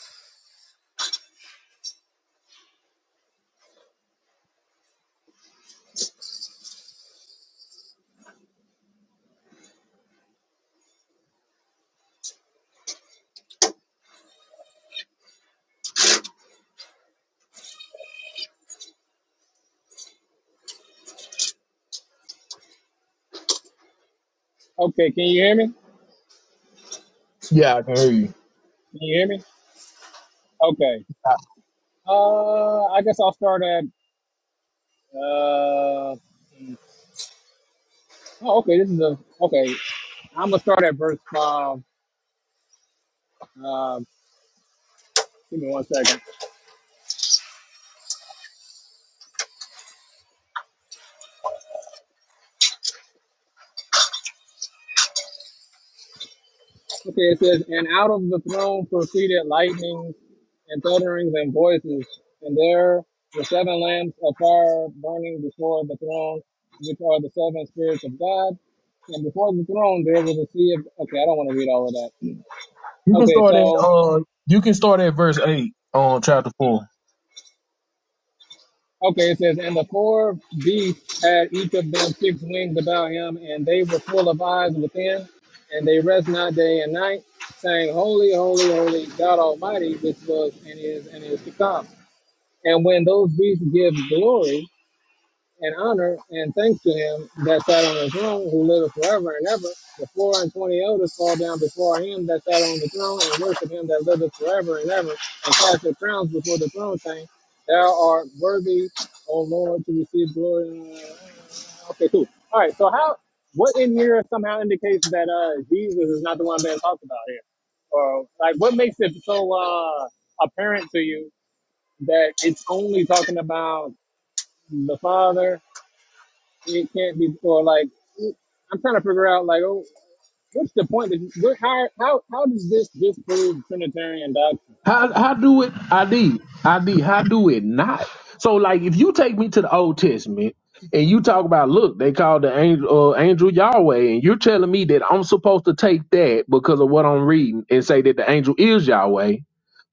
A: Okay, can you hear me? Can
D: Yeah, I can hear you.
A: you hear me? Okay. Uh, I guess I'll start at. Uh, oh, okay. This is a okay. I'm gonna start at verse five. Um, give me one second. Okay, it says, and out of the throne proceeded lightnings and thunderings and voices, and there were seven lamps of fire burning before the throne, which are the seven spirits of God. And before the throne there was a sea of okay, I don't want to read all of that.
D: You can
A: Okay,
D: start at
A: so
D: uh, you can start at verse eight on chapter four.
A: okay, it says, and the four beasts had each of them six wings about him, and they were full of eyes within, and they rest not day and night, saying, Holy, holy, holy, God Almighty, which was and is and is to come. And when those beasts give glory and honor and thanks to him that sat on the throne, who liveth forever and ever, the four and twenty elders fall down before him that sat on the throne and worship him that liveth forever and ever, and cast their crowns before the throne, saying, Thou art worthy, O Lord, to receive glory. and honor." Okay, cool. All right, so how, what in here somehow indicates that uh, Jesus is not the one being talked about here? Or, like, what makes it so uh, apparent to you that it's only talking about the father. It can't be or like I'm trying to figure out like oh what's the point? That, what, how how how does this disprove Trinitarian doctrine?
D: How how do it ID ID how do it not? So like if you take me to the Old Testament and you talk about look they called the angel uh, angel Yahweh and you're telling me that I'm supposed to take that because of what I'm reading and say that the angel is Yahweh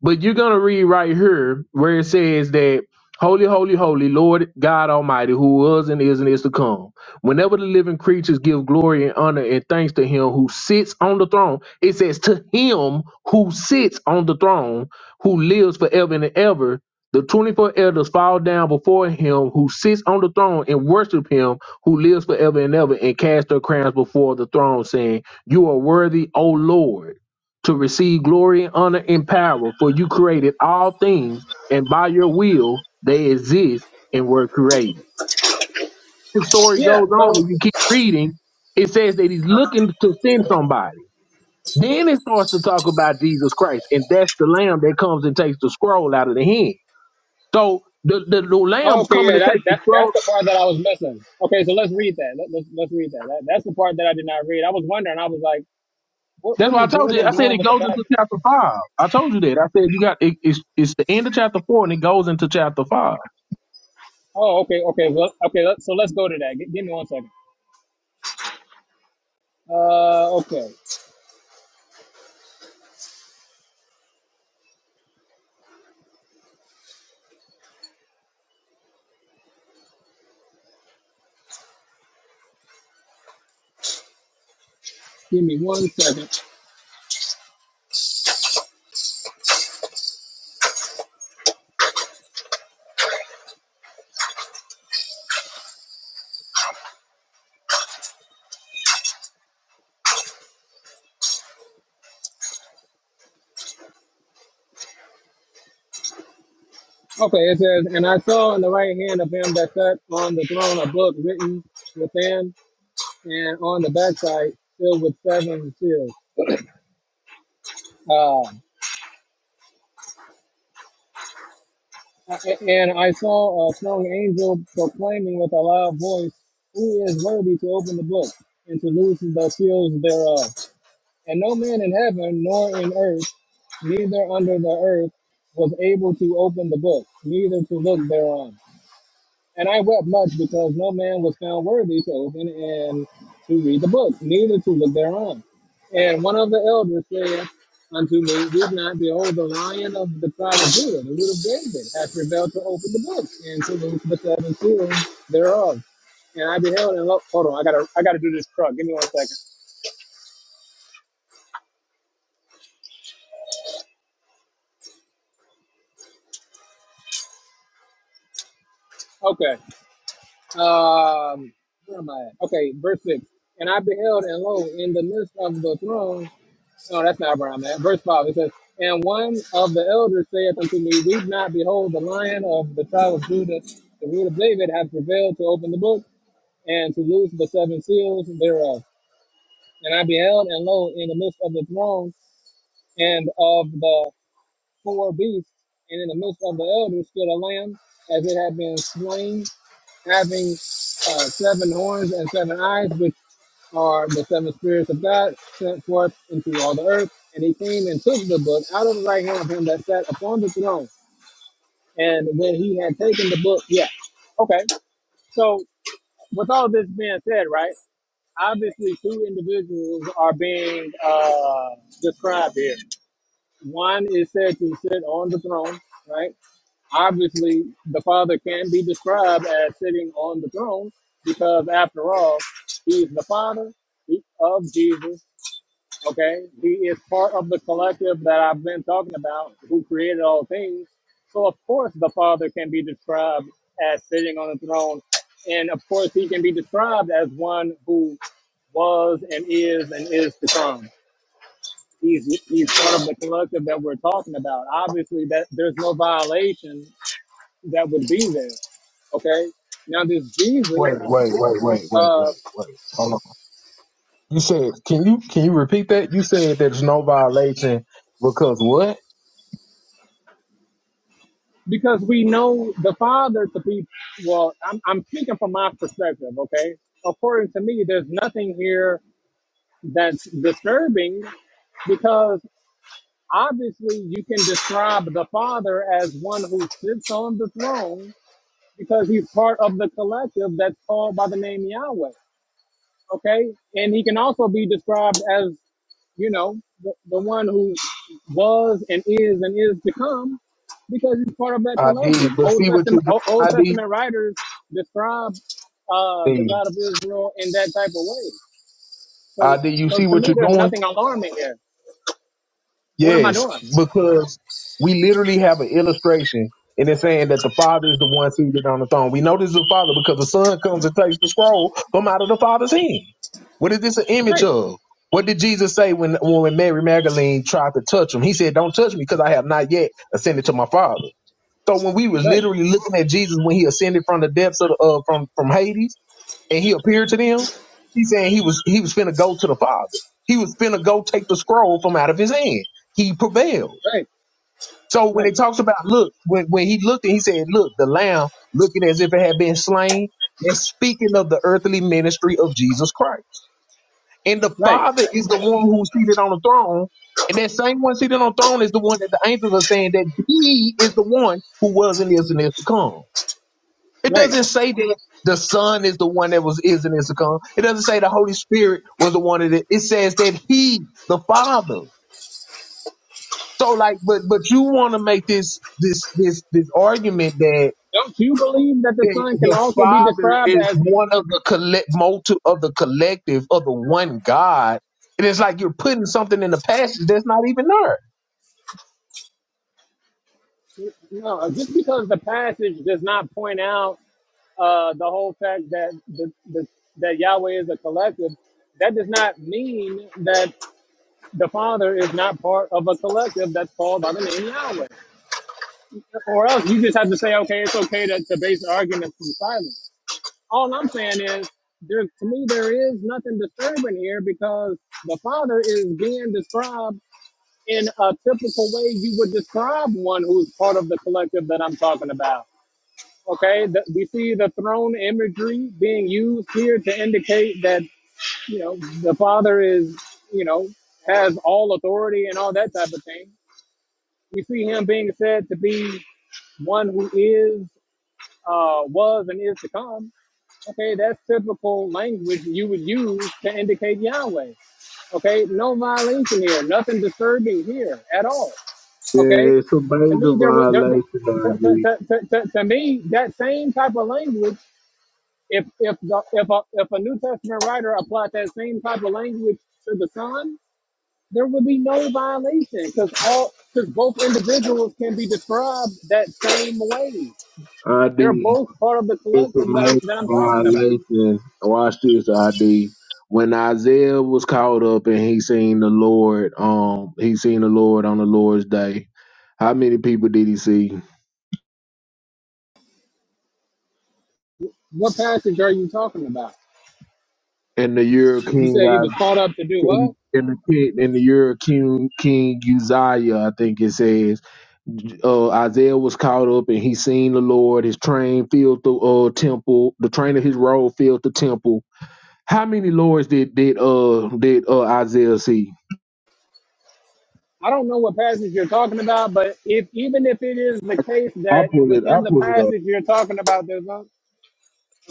D: but you're gonna read right here where it says that Holy, holy, holy, Lord God Almighty, who was and is and is to come. Whenever the living creatures give glory and honor and thanks to him who sits on the throne, it says to him who sits on the throne, who lives forever and ever, the 24 elders fall down before him who sits on the throne and worship him who lives forever and ever and cast their crowns before the throne, saying, You are worthy, O Lord to receive glory, honor, and power, for you created all things, and by your will they exist and were created. The story
A: Yeah.
D: goes
A: So
D: on, and you keep reading, it says that he's
A: uh,
D: looking to send somebody. Then it starts to talk about Jesus Christ, and that's the lamb that comes and takes the scroll out of the hand. So the, the, the lamb
A: okay,
D: coming
A: yeah,
D: and
A: that,
D: takes the
A: that
D: scroll.
A: that's the part that I was missing. Okay, so let's read that. Let, let's let's read that. that. That's the part that I did not read. I was wondering. I was like, what
D: That's
A: what
D: why I
A: is
D: told you. I
A: Jordan
D: said
A: doing
D: it
A: with
D: goes
A: the
D: into
A: passage?
D: chapter five. I told you that. I said you got it, it's it's the end of chapter four and it goes into chapter five.
A: Oh, okay, okay, well, okay. Let, so let's go to that. G- give me one second. Uh, okay. Give me one second. Okay, it says, And I saw in the right hand of him that sat on the throne a book written within and on the backside, filled with seven seals. Uh, and I saw a strong angel proclaiming with a loud voice, Who is worthy to open the book and to loosen the seals thereof? And no man in heaven, nor in earth, neither under the earth, was able to open the book, neither to look thereon. And I wept much because no man was found worthy to open and to read the book, neither to look thereon. And one of the elders said unto me, Weep not, behold, the lion of the tribe of Judah, the root of David, hath prevailed to open the book and to loose the seven seals thereof. And I beheld and look, hold on, I gotta, I gotta do this truck. Give me one second. Okay. Um, where am I at? Okay, verse six. And I beheld and lo, in the midst of the throne No, that's not where I'm at. Verse 5, it says, And one of the elders saith unto me, Weep not, behold, the lion of the tribe of Judah, the root of David, hath prevailed to open the book and to loose the seven seals thereof. And I beheld, and lo, in the midst of the throne and of the four beasts, and in the midst of the elders stood a lamb, as it had been slain, having uh, seven horns and seven eyes, are the seven spirits of God sent forth into all the earth. And he came and took the book out of the right hand of him that sat upon the throne. And when he had taken the book, yeah. Okay. So with all this being said, right? Obviously, two individuals are being uh, described here. One is said to sit on the throne, right? Obviously, the Father can be described as sitting on the throne because, after all, he's the Father of Jesus Okay, he is part of the collective that I've been talking about, who created all things. So of course the Father can be described as sitting on the throne, and of course he can be described as one who was and is and is to come. He's he's part of the collective that we're talking about. Obviously, that there's no violation that would be there. Okay, now this Jesus.
D: Wait, wait, wait, wait, wait,
A: uh,
D: wait, wait. Hold on. You said, can you can you repeat that? You said there's no violation because what?
A: because we know the father to be well I'm, I'm speaking from my perspective okay according to me there's nothing here that's disturbing because obviously you can describe the father as one who sits on the throne because he's part of the collective that's called by the name yahweh okay and he can also be described as you know, the, the one who was and is and is to come, because he's part of that
D: ID,
A: collective.
D: but
A: Old
D: see what you're
A: Testament, O- Old
D: doing.
A: Testament writers describe uh, the
D: ID,
A: God of Israel in that type of way. So,
D: ID. You
A: so
D: see
A: to
D: what
A: me,
D: you're
A: there's
D: doing.
A: nothing alarming here. What am I
D: Yes,
A: doing?
D: because we literally have an illustration and it's saying that the Father is the one seated on the throne. We know this is the Father because the Son comes and takes the scroll from out of the Father's hand. What is this an image
A: Right,
D: of? What did Jesus say when, when Mary Magdalene tried to touch him? He said, Don't touch me because I have not yet ascended to my Father. So when we was
A: right,
D: literally looking at Jesus when he ascended from the depths of, the- uh, from, from Hades, and he appeared to them, he saying he was he was finna go to the Father. He was finna go take the scroll from out of his hand. He prevailed.
A: right,
D: So when
A: right,
D: it talks about look, when when he looked and he said, Look, the lamb looking as if it had been slain, that's speaking of the earthly ministry of Jesus Christ. And the
A: right,
D: Father is the one who's seated on the throne. And that same one seated on the throne is the one that the angels are saying that he is the one who was and is and is to come. It doesn't
A: right.
D: say that the Son is the one that was is and is to come. It doesn't say the Holy Spirit was the one that it It says that He, the Father. So like, but but you want to make this this this this argument that.
A: Don't you believe that the
D: that
A: Son can
D: The
A: also be
D: Father
A: described
D: is
A: as
D: one of the collect multi of the collective of the one God, and it's like you're putting something in the passage that's not even there.
A: no? Just because the passage does not point out uh, the whole fact that the, the that Yahweh is a collective, that does not mean that the Father is not part of a collective that's called by the name Yahweh. Or else you just have to say, okay, it's okay to, to base arguments from silence. All I'm saying is, there to me there is nothing disturbing here because the Father is being described in a typical way you would describe one who's part of the collective that I'm talking about. Okay, th- we see the throne imagery being used here to indicate that you know the Father is you know has all authority and all that type of thing. We see him being said to be one who is, uh, was, and is to come. Okay, that's typical language you would use to indicate Yahweh. Okay, no violation here, nothing disturbing here at all. Okay,
D: Yeah, it's a
A: to
D: major
A: me there was there, to, to,
D: violation,
A: to, to, to to me that same type of language if if the, if a if a New Testament writer applied that same type of language to the Son, there would be no violation because all because both individuals can be described that same way. They're
D: ID.
A: both part of the
D: It's a
A: collective that
D: major
A: I'm that I'm talking about.
D: violation. Watch this, ID. When Isaiah was caught up and he seen the Lord, um, he seen the Lord on the Lord's day. How many people did he see?
A: What passage are you talking about?
D: In the year of
A: You
D: King,
A: said he was
D: I-
A: called up to do what?
D: in, in the kid- in the year of King King Uzziah, I think it says, uh, Isaiah was caught up and he seen the Lord. His train filled the uh, temple. The train of his robe filled the temple. How many lords did did uh did uh Isaiah see?
A: I don't know what passage you're talking about, but if even if it is the case
D: I
A: that
D: pulled it. I
A: within the
D: pulled it up.
A: passage you're talking about, there's not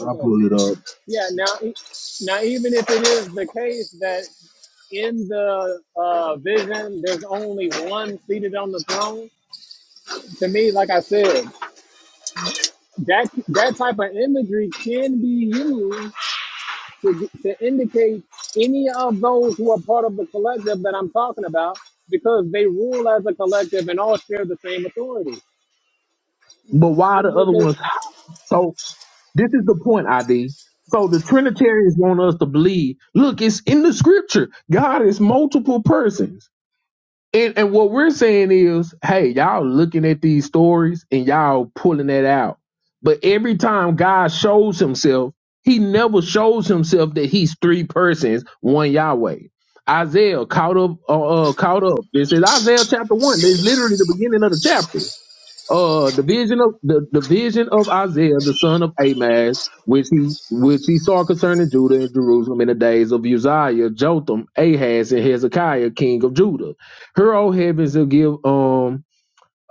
D: I pulled it up.
A: Yeah, now e- now even if it is the case that in the uh, vision, there's only one seated on the throne. To me, like I said, that that type of imagery can be used to, to indicate any of those who are part of the collective that I'm talking about, because they rule as a collective and all share the same authority.
D: But why the other ones? So this is the point, ID. So the Trinitarians want us to believe. Look, it's in the scripture. God is multiple persons. And, and what we're saying is, hey, y'all looking at these stories and y'all pulling that out. But every time God shows himself, he never shows himself that he's three persons, one Yahweh. Isaiah caught up, uh, uh, caught up. This is Isaiah chapter one. This is literally the beginning of the chapter uh the vision of the, the vision of Isaiah the son of Amaz, which he which he saw concerning Judah and Jerusalem in the days of Uzziah, Jotham, Ahaz, and Hezekiah, king of Judah. Her O heavens will give um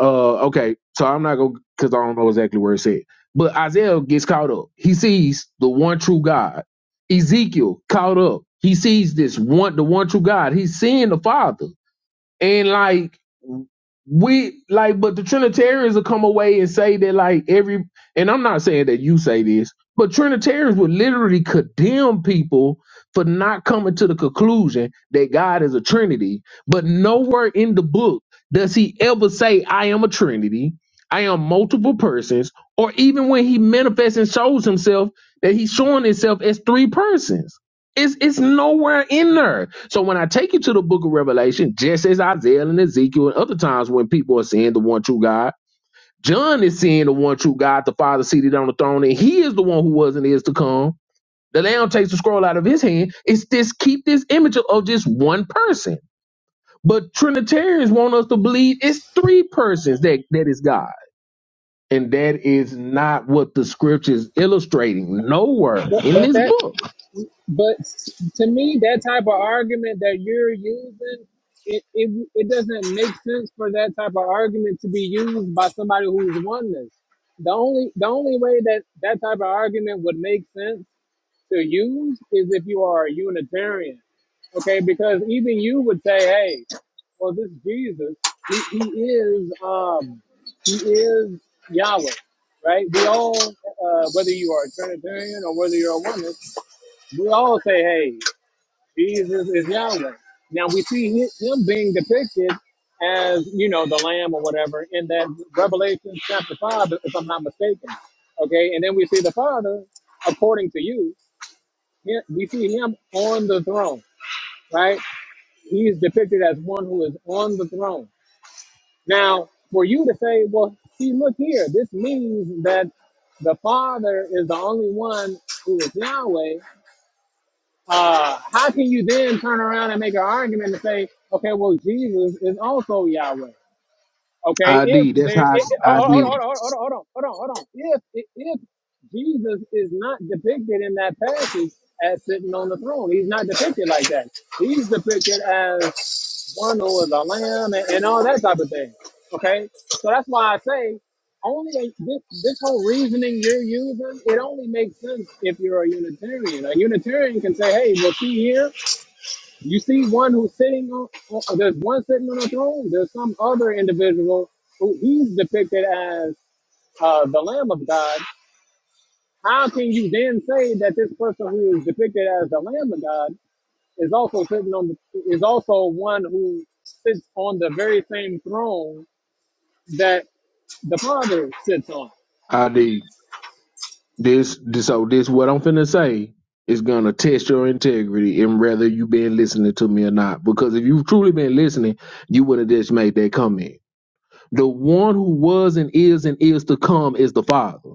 D: uh okay, so I'm not gonna because I don't know exactly where it said. But Isaiah gets caught up. He sees the one true God. Ezekiel caught up. He sees this one the one true God. He's seeing the Father and like we like but the trinitarians will come away and say that like every and i'm not saying that you say this but trinitarians would literally condemn people for not coming to the conclusion that god is a trinity but nowhere in the book does he ever say i am a trinity i am multiple persons or even when he manifests and shows himself that he's showing himself as three persons it's, it's nowhere in there. So when I take you to the book of Revelation, just as Isaiah and Ezekiel and other times when people are seeing the one true God, John is seeing the one true God, the Father seated on the throne, and he is the one who was and is to come. The Lamb takes the scroll out of his hand. It's this keep this image of, of just one person. But Trinitarians want us to believe it's three persons that, that is God. And that is not what the scripture is illustrating. Nowhere in
A: But
D: this
A: that
D: book.
A: But to me, that type of argument that you're using, it, it, it doesn't make sense for that type of argument to be used by somebody who's oneness. The only the only way that that type of argument would make sense to use is if you are a Unitarian, okay? Because even you would say, "Hey, well, this Jesus, he, he is um, he is Yahweh, right? We all, uh, whether you are a Trinitarian or whether you're a oneness, we all say, hey, Jesus is Yahweh. Now we see hi- him being depicted as, you know, the lamb or whatever in that Revelation chapter 5, if I'm not mistaken. Okay, and then we see the Father, according to you, he- we see him on the throne, right? He's depicted as one who is on the throne. Now, for you to say, well, see, look here, this means that the Father is the only one who is Yahweh uh, how can you then turn around and make an argument and say, okay, well, Jesus is also Yahweh? Okay, if
D: ID. That's
A: there, it,
D: how
A: it-
D: I
A: hold
D: D.
A: on, hold on, hold on, hold on, hold on, hold on. If if Jesus is not depicted in that passage as sitting on the throne, he's not depicted like that. He's depicted as one who is a lamb and, and all that type of thing. Okay, so that's why I say only a, this this whole reasoning you're using it only makes sense if you're a Unitarian. A Unitarian can say, "Hey, well, see here." You see one who's sitting on, on- there's one sitting on a throne. There's some other individual who he's depicted as uh, the Lamb of God. How can you then say that this person who is depicted as the Lamb of God is also sitting on the, is also one who sits on the very same throne that the Father sits on?
D: I D. This, this so this what I'm finna say is gonna test your integrity and whether you been listening to me or not. Because if you've truly been listening, you would have just made that comment. The one who was and is and is to come is the Father.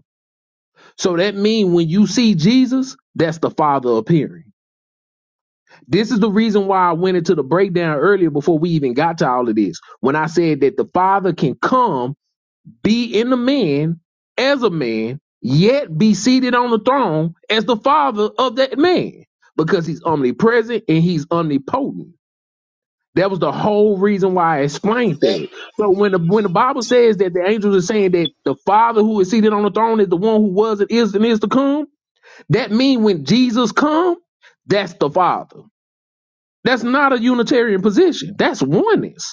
D: So that means when you see Jesus, that's the Father appearing. This is the reason why I went into the breakdown earlier before we even got to all of this. When I said that the Father can come be in the man as a man, yet be seated on the throne as the father of that man, because he's omnipresent and he's omnipotent. That was the whole reason why I explained that. So when the when the Bible says that the angels are saying that the Father who is seated on the throne is the one who was and is and is to come, that means when Jesus come, that's the Father. That's not a Unitarian position. That's oneness.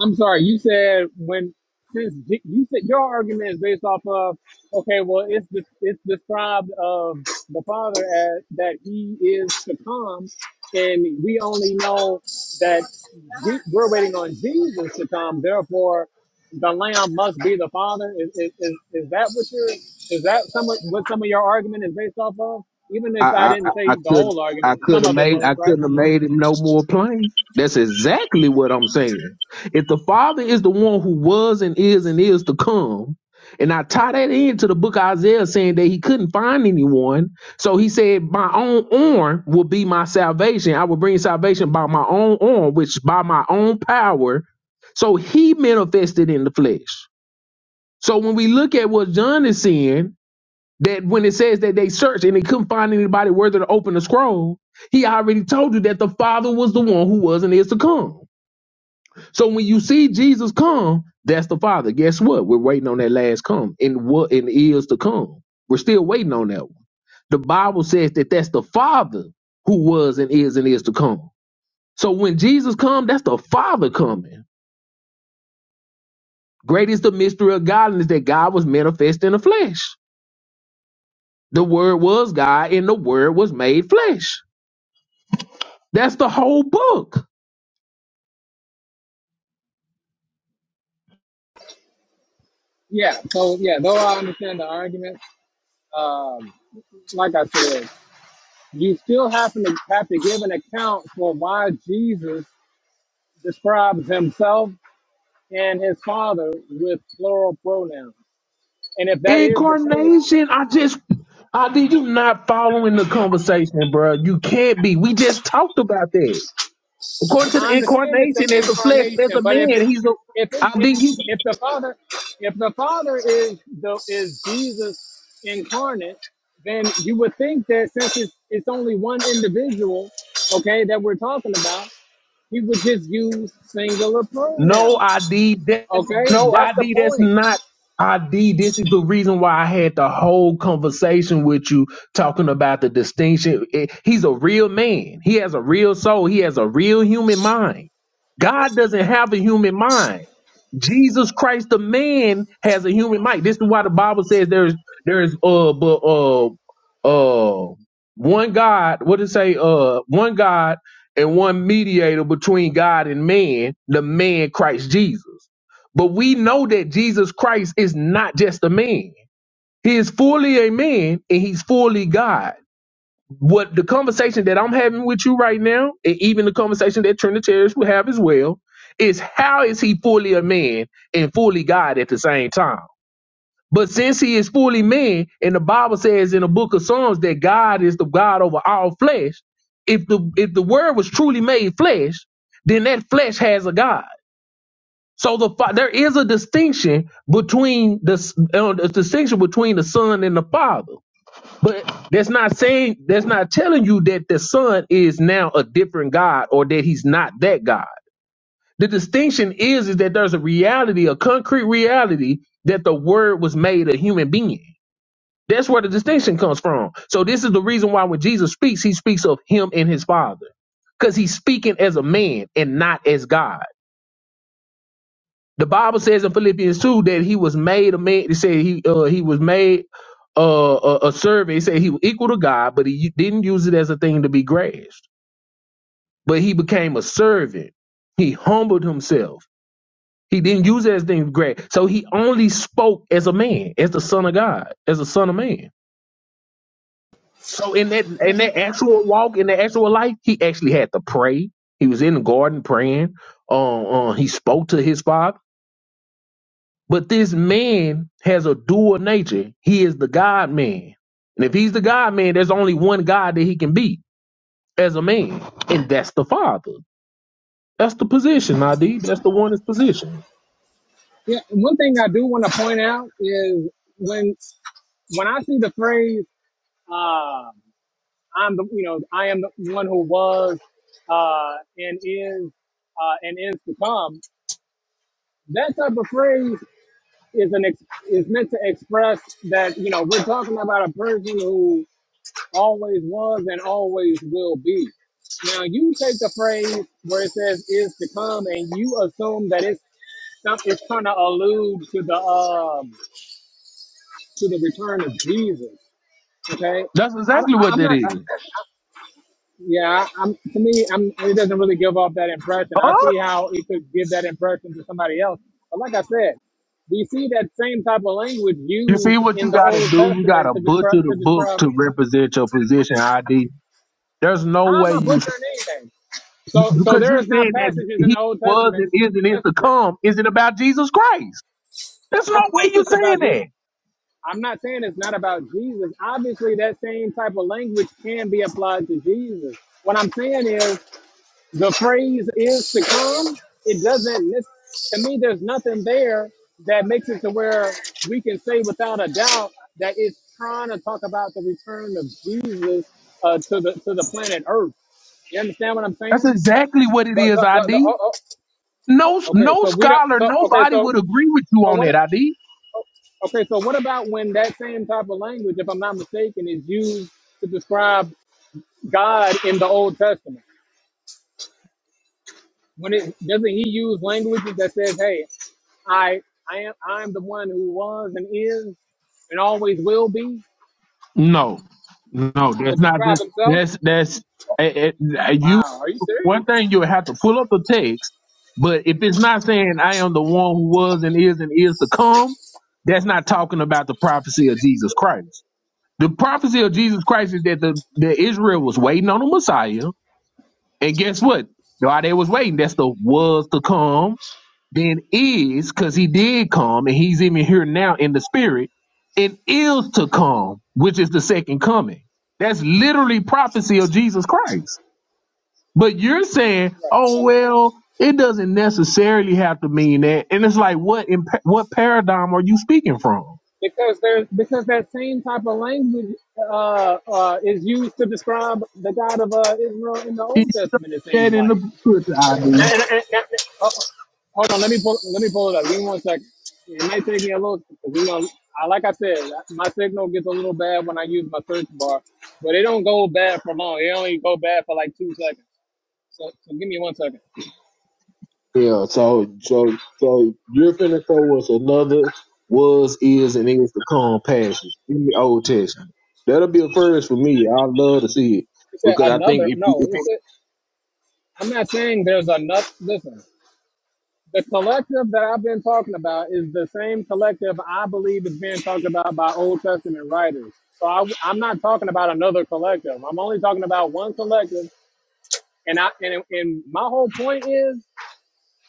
A: I'm sorry, you said when since Je- you said your argument is based off of okay, well it's de- it's described of the father as that he is to come, and we only know that Je- we're waiting on Jesus to come. Therefore, the Lamb must be the Father. Is is, is, is that what your is that some of, what some of your argument is based off of? Even if I
D: I, I,
A: didn't
D: I
A: say the
D: could
A: whole
D: I
A: argument,
D: could
A: some
D: have
A: of it
D: made
A: was
D: I
A: right.
D: couldn't have made it no more plain. That's exactly what I'm saying. If the Father is the one who was and is and is to come, and I tie that into the book of Isaiah saying that he couldn't find anyone, so he said, "My own arm will be my salvation. I will bring salvation by my own arm, which by my own power." So he manifested in the flesh. So when we look at what John is saying, that when it says that they searched and they couldn't find anybody worthy to open the scroll, he already told you that the Father was the one who was and is to come. So when you see Jesus come, that's the Father. Guess what? We're waiting on that last come and what and is to come. We're still waiting on that one. The Bible says that that's the Father who was and is and is to come. So when Jesus come, that's the Father coming. Great is the mystery of godliness that God was manifest in the flesh. The Word was God, and the Word was made flesh. That's the whole book.
A: Yeah. So yeah, though I understand the argument. Um, like I said, you still have to have to give an account for why Jesus describes himself and his father with plural pronouns. And if that is the case,
D: Incarnation. I just, I did you not following the conversation, bro? You can't be. We just talked about that. According to
A: I
D: the
A: understand it's
D: incarnation,
A: the
D: there's a flesh, there's
A: incarnation,
D: a
A: but if it
D: man. He's a.
A: if it,
D: I
A: it
D: did you.
A: if the father if the father is the is Jesus incarnate, then you would think that since it's, it's only one individual, okay, that we're talking about, he would just use singular
D: No
A: pronouns
D: ID. That's
A: Okay,
D: no
A: that's the
D: ID. That's
A: point.
D: not ID. This is the reason why I had the whole conversation with you talking about the distinction. Eh, He's a real man. He has a real soul. He has a real human mind. God doesn't have a human mind. Jesus Christ, the man, has a human mind. This is why the Bible says there's there's uh but uh uh one God. What did it say? Uh, one God and one mediator between God and man, the man Christ Jesus. But we know that Jesus Christ is not just a man. He is fully a man and he's fully God. What the conversation that I'm having with you right now, and even the conversation that Trinitarians will have as well, is how is he fully a man and fully God at the same time? But since he is fully man, and the Bible says in the book of Psalms that God is the God over all flesh, if the if the word was truly made flesh, then that flesh has a God. So the fa- there is a distinction between the s- uh, a distinction between the Son and the Father. But that's not saying that's not telling you that the son is now a different God or that he's not that God. The distinction is is that there's a reality, a concrete reality that the word was made a human being. That's where the distinction comes from. So this is the reason why when Jesus speaks, he speaks of him and his father. Because he's speaking as a man and not as God. The Bible says in Philippians two that he was made a man. It said he uh, he was made uh, a, a servant. It said he was equal to God, but he u- didn't use it as a thing to be grasped. But he became a servant. He humbled himself. He didn't use it as a thing to grasp. So he only spoke as a man, as the Son of God, as a Son of Man. So in that in that actual walk, in the actual life, he actually had to pray. He was in the garden praying. Um, uh, he spoke to his father But this man has a dual nature. He is the God man. And if he's the God man, there's only one God that he can be as a man. And that's the Father. That's the position, ID. That's the one is position.
A: Yeah, and one thing I do want to point out is when when I see the phrase um, "I'm the you know I am the one who was uh, and is uh, and is to come," that type of phrase is an ex- is meant to express that you know we're talking about a person who. always was and always will be. Now you take the phrase where it says is to come and you assume that it's some- it's trying to allude to the um to the return of Jesus. Okay,
D: That's
A: I, I-
D: exactly what
A: I'm
D: that
A: not.
D: is.
A: I- Yeah, I- I'm. To me, I'm. It doesn't really give off that impression. I
D: Huh?
A: see how it could give that impression to somebody else. But like I said, we see that same type of language
D: You see
A: used
D: what
A: in
D: you
A: the
D: gotta
A: Old
D: do? You
A: Testament
D: gotta
A: to describe
D: butcher the
A: to
D: book
A: describe.
D: to represent your position, ID. There's no
A: How am
D: way
A: I
D: you
A: butchering anything? So, so
D: because
A: there
D: you're
A: is not
D: saying that
A: passages in
D: he
A: the Old
D: was
A: Testament.
D: and is and is
A: That's,
D: to
A: that,
D: come isn't about Jesus Christ. There's no
A: of
D: way
A: course,
D: you're
A: it's
D: saying
A: about Jesus.
D: that.
A: I'm not saying it's not about Jesus. Obviously, that same type of language can be applied to Jesus. What I'm saying is the phrase "is to come." It doesn't. nec- To me, there's nothing there that makes it to where we can say without a doubt that it's trying to talk about the return of Jesus uh, to the to the planet Earth. You understand what I'm saying?
D: That's exactly what it
A: The,
D: is,
A: the, the, the,
D: ID.
A: uh, uh,
D: No,
A: Okay,
D: no
A: so we don't.
D: scholar,
A: So okay,
D: nobody
A: so
D: would agree with you
A: so
D: on that.
A: what?
D: ID.
A: Okay, so what about when that same type of language, if I'm not mistaken, is used to describe God in the Old Testament? When it doesn't he use languages that says, "Hey, I I am I am the one who was and is and always will be"
D: No, no,
A: to
D: that's not.
A: describe himself?
D: That's that's eh, eh, you.
A: Wow, are you
D: One
A: serious?
D: thing you would have to pull up the text, but if it's not saying I am the one who was and is and is to come, that's not talking about the prophecy of Jesus Christ. The prophecy of Jesus Christ is that the that Israel was waiting on the Messiah, and guess what? While they was waiting, that's the was to come then is because he did come and he's even here now in the spirit and is to come which is the second coming that's literally prophecy of jesus christ but you're saying
A: Right.
D: oh
A: So,
D: well it doesn't necessarily have to mean that and it's like what in what paradigm are you speaking from
A: because there's because that same type of language uh, uh, is used to describe the God of uh, Israel in the
D: did
A: Old Testament. It
D: you say
A: seems
D: that in
A: like.
D: the scripture id
A: And, and, and, oh, hold on, let me pull let me pull it up. Give me one second. It may take me a little, 'cause, you know, I, like I said, my signal gets a little bad when I use my search bar, but it don't go bad for long. It only go bad for like two seconds. So, so give me one second.
D: Yeah, so so so you're finna show us another was, is, and is to come passage in the Old Testament. That'll be a first for me. I'd love to see it
A: You said
D: because I think
A: another?
D: if you,
A: No,
D: if
A: it's a, I'm not saying there's another. Listen, the collective that I've been talking about is the same collective I believe is being talked about by Old Testament writers. So I, I'm not talking about another collective. I'm only talking about one collective And I and, and my whole point is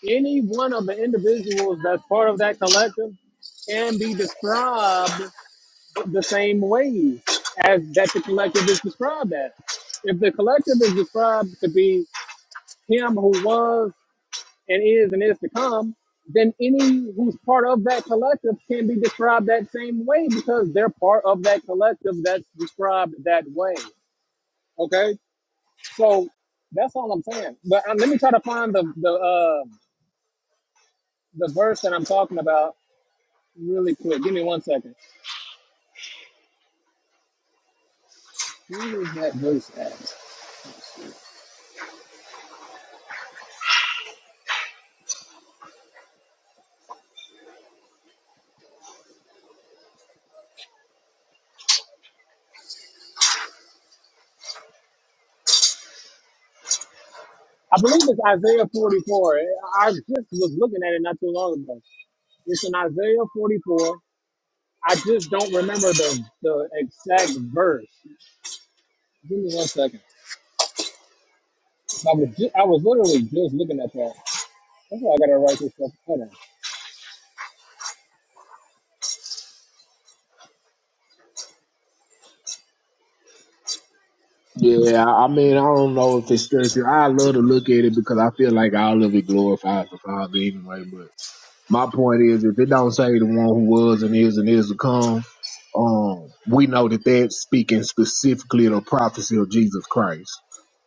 A: any one of the individuals that's part of that collective can be described the same way as that the collective is described as. If the collective is described to be him who was and is and is to come, then any who's part of that collective can be described that same way because they're part of that collective that's described that way. Okay, so that's all I'm saying. But um, let me try to find the the. uh, the verse that I'm talking about really quick. Give me one second. Who is that verse at? I believe it's Isaiah 44. I just was looking at it not too long ago. It's in Isaiah 44. I just don't remember the, the exact verse. Give me one second. I was just, I was literally just looking at that. That's why I gotta write this stuff. Hold on.
D: yeah, I I mean I don't know if it's straight I love to look at it because I feel like all of it glorifies the Father anyway. But my point is, if it don't say the one who was and is and is to come, um, we know that that's speaking specifically of prophecy of Jesus Christ.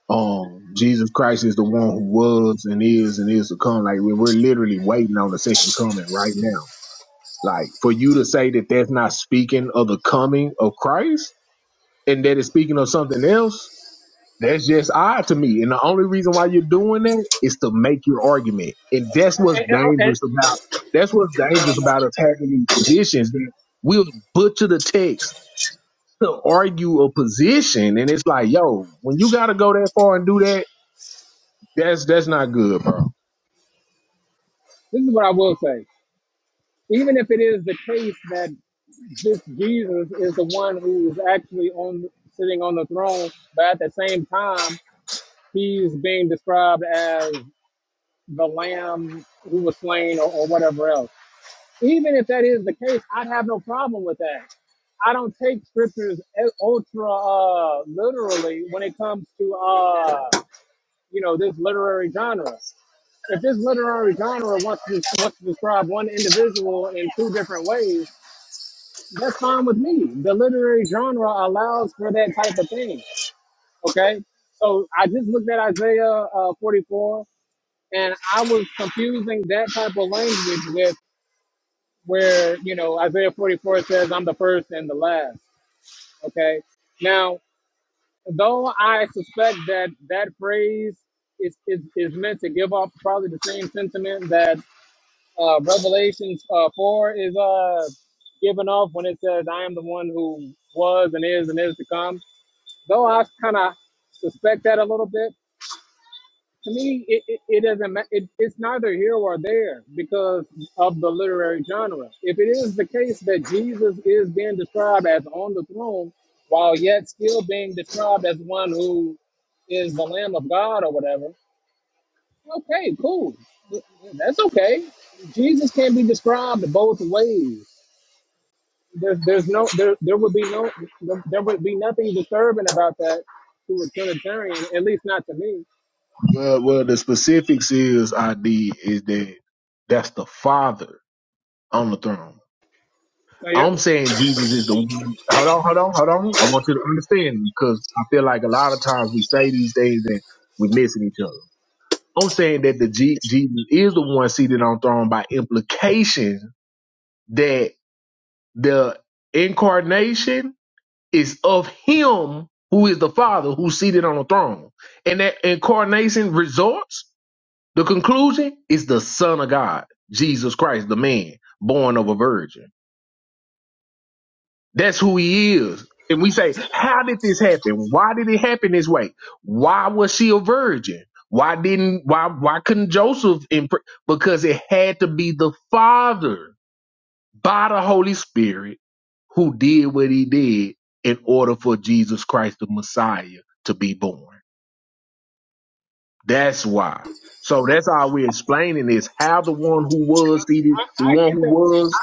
D: Um, Jesus Christ is the one who was and is and is to come. Like we- we're literally waiting on the second coming right now. Like for you to say that that's not speaking of the coming of Christ and that it's speaking of something else, that's just odd to me. And the only reason why you're doing that is to make your argument. And that's what's
A: And- and- and-
D: dangerous about. That's what's
A: no,
D: dangerous
A: no.
D: about attacking these positions. That we'll butcher the text to argue a position, and it's like, yo, when you got to go that far and do that That's that's not good, bro.
A: This is what I will say. Even if it is the case that this Jesus is the one who is actually on sitting on the throne, but at the same time, he's being described as the lamb who was slain or, or whatever else. Even if that is the case, I'd have no problem with that. I don't take scriptures e- ultra uh, literally when it comes to uh, you know this literary genre. If this literary genre wants to wants to describe one individual in two different ways, that's fine with me. The literary genre allows for that type of thing. Okay. So I just looked at Isaiah uh, 44 and I was confusing that type of language with where, you know, Isaiah 44 says, I'm the first and the last. Okay. Now, though I suspect that that phrase is, is, is meant to give off probably the same sentiment that uh, Revelations uh, 4 is uh, giving off when it says, I am the one who was and is and is to come though I kind of suspect that a little bit, to me, it, it, it doesn't ma- it, it's neither here or there because of the literary genre. If it is the case that Jesus is being described as on the throne, while yet still being described as one who is the Lamb of God or whatever, okay, cool, that's okay. Jesus can be described both ways. there's there's no there there would be no there would be nothing disturbing about that to a Trinitarian, at least not to me.
D: Well, well, the specifics is I did is that that's the Father on the throne.
A: So you're,
D: I'm saying Jesus is the one. Hold on, hold on, hold on. I want you to understand because I feel like a lot of times we say these things and we're missing each other. I'm saying that the G- Jesus is the one seated on throne by implication that the incarnation is of Him who is the Father who's seated on the throne, and that incarnation results The conclusion is the Son of God, Jesus Christ, the man born of a virgin. That's who he is. And we say, how did this happen? Why did it happen this way? Why was she a virgin? Why didn't why why couldn't Joseph impre- because it had to be the Father by the Holy Spirit who did what he did in order for Jesus Christ the Messiah to be born. That's why. So that's how we're explaining is how the one who was seated,
A: I,
D: the
A: I
D: one
A: get
D: who
A: that.
D: was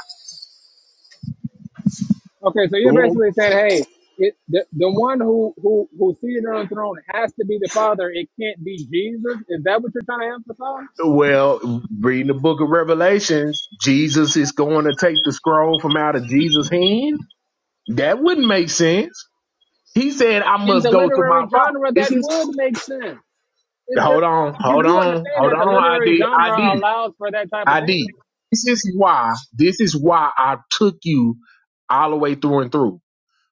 A: Okay, so
D: the
A: you're
D: one.
A: basically saying, hey, it, the the one who who who's seated on the throne has to be the Father. It can't be Jesus. Is that what you're trying to emphasize?
D: Well, reading the book of Revelations, Jesus is going to take the scroll from out of Jesus' hand. That wouldn't make sense. He said, "I
A: In
D: must
A: the
D: go to my
A: literary
D: father."
A: genre,
D: This
A: that
D: is
A: would make sense. It's the
D: hold on,
A: you
D: hold
A: do
D: on,
A: understand
D: hold
A: that the
D: on.
A: literary
D: ID,
A: genre
D: ID,
A: allows for that type of
D: ID.
A: thing.
D: This is why. This is why I took you all the way through and through.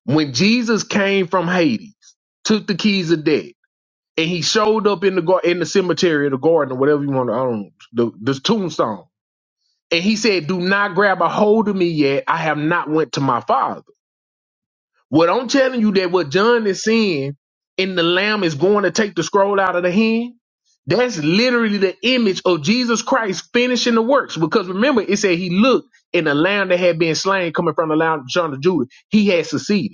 D: When Jesus came from Hades, took the keys of death and he showed up in the gar- in the cemetery or the garden or whatever you want to I don't the the tombstone. And he said, "Do not grab a hold of me yet. I have not went to my father." What I'm telling you that what John is seeing in the Lamb is going to take the scroll out of the hand. That's literally the image of Jesus Christ finishing the works. Because remember, it said he looked and the Lamb that had been slain coming from the Lamb of John of Judah. He had succeeded.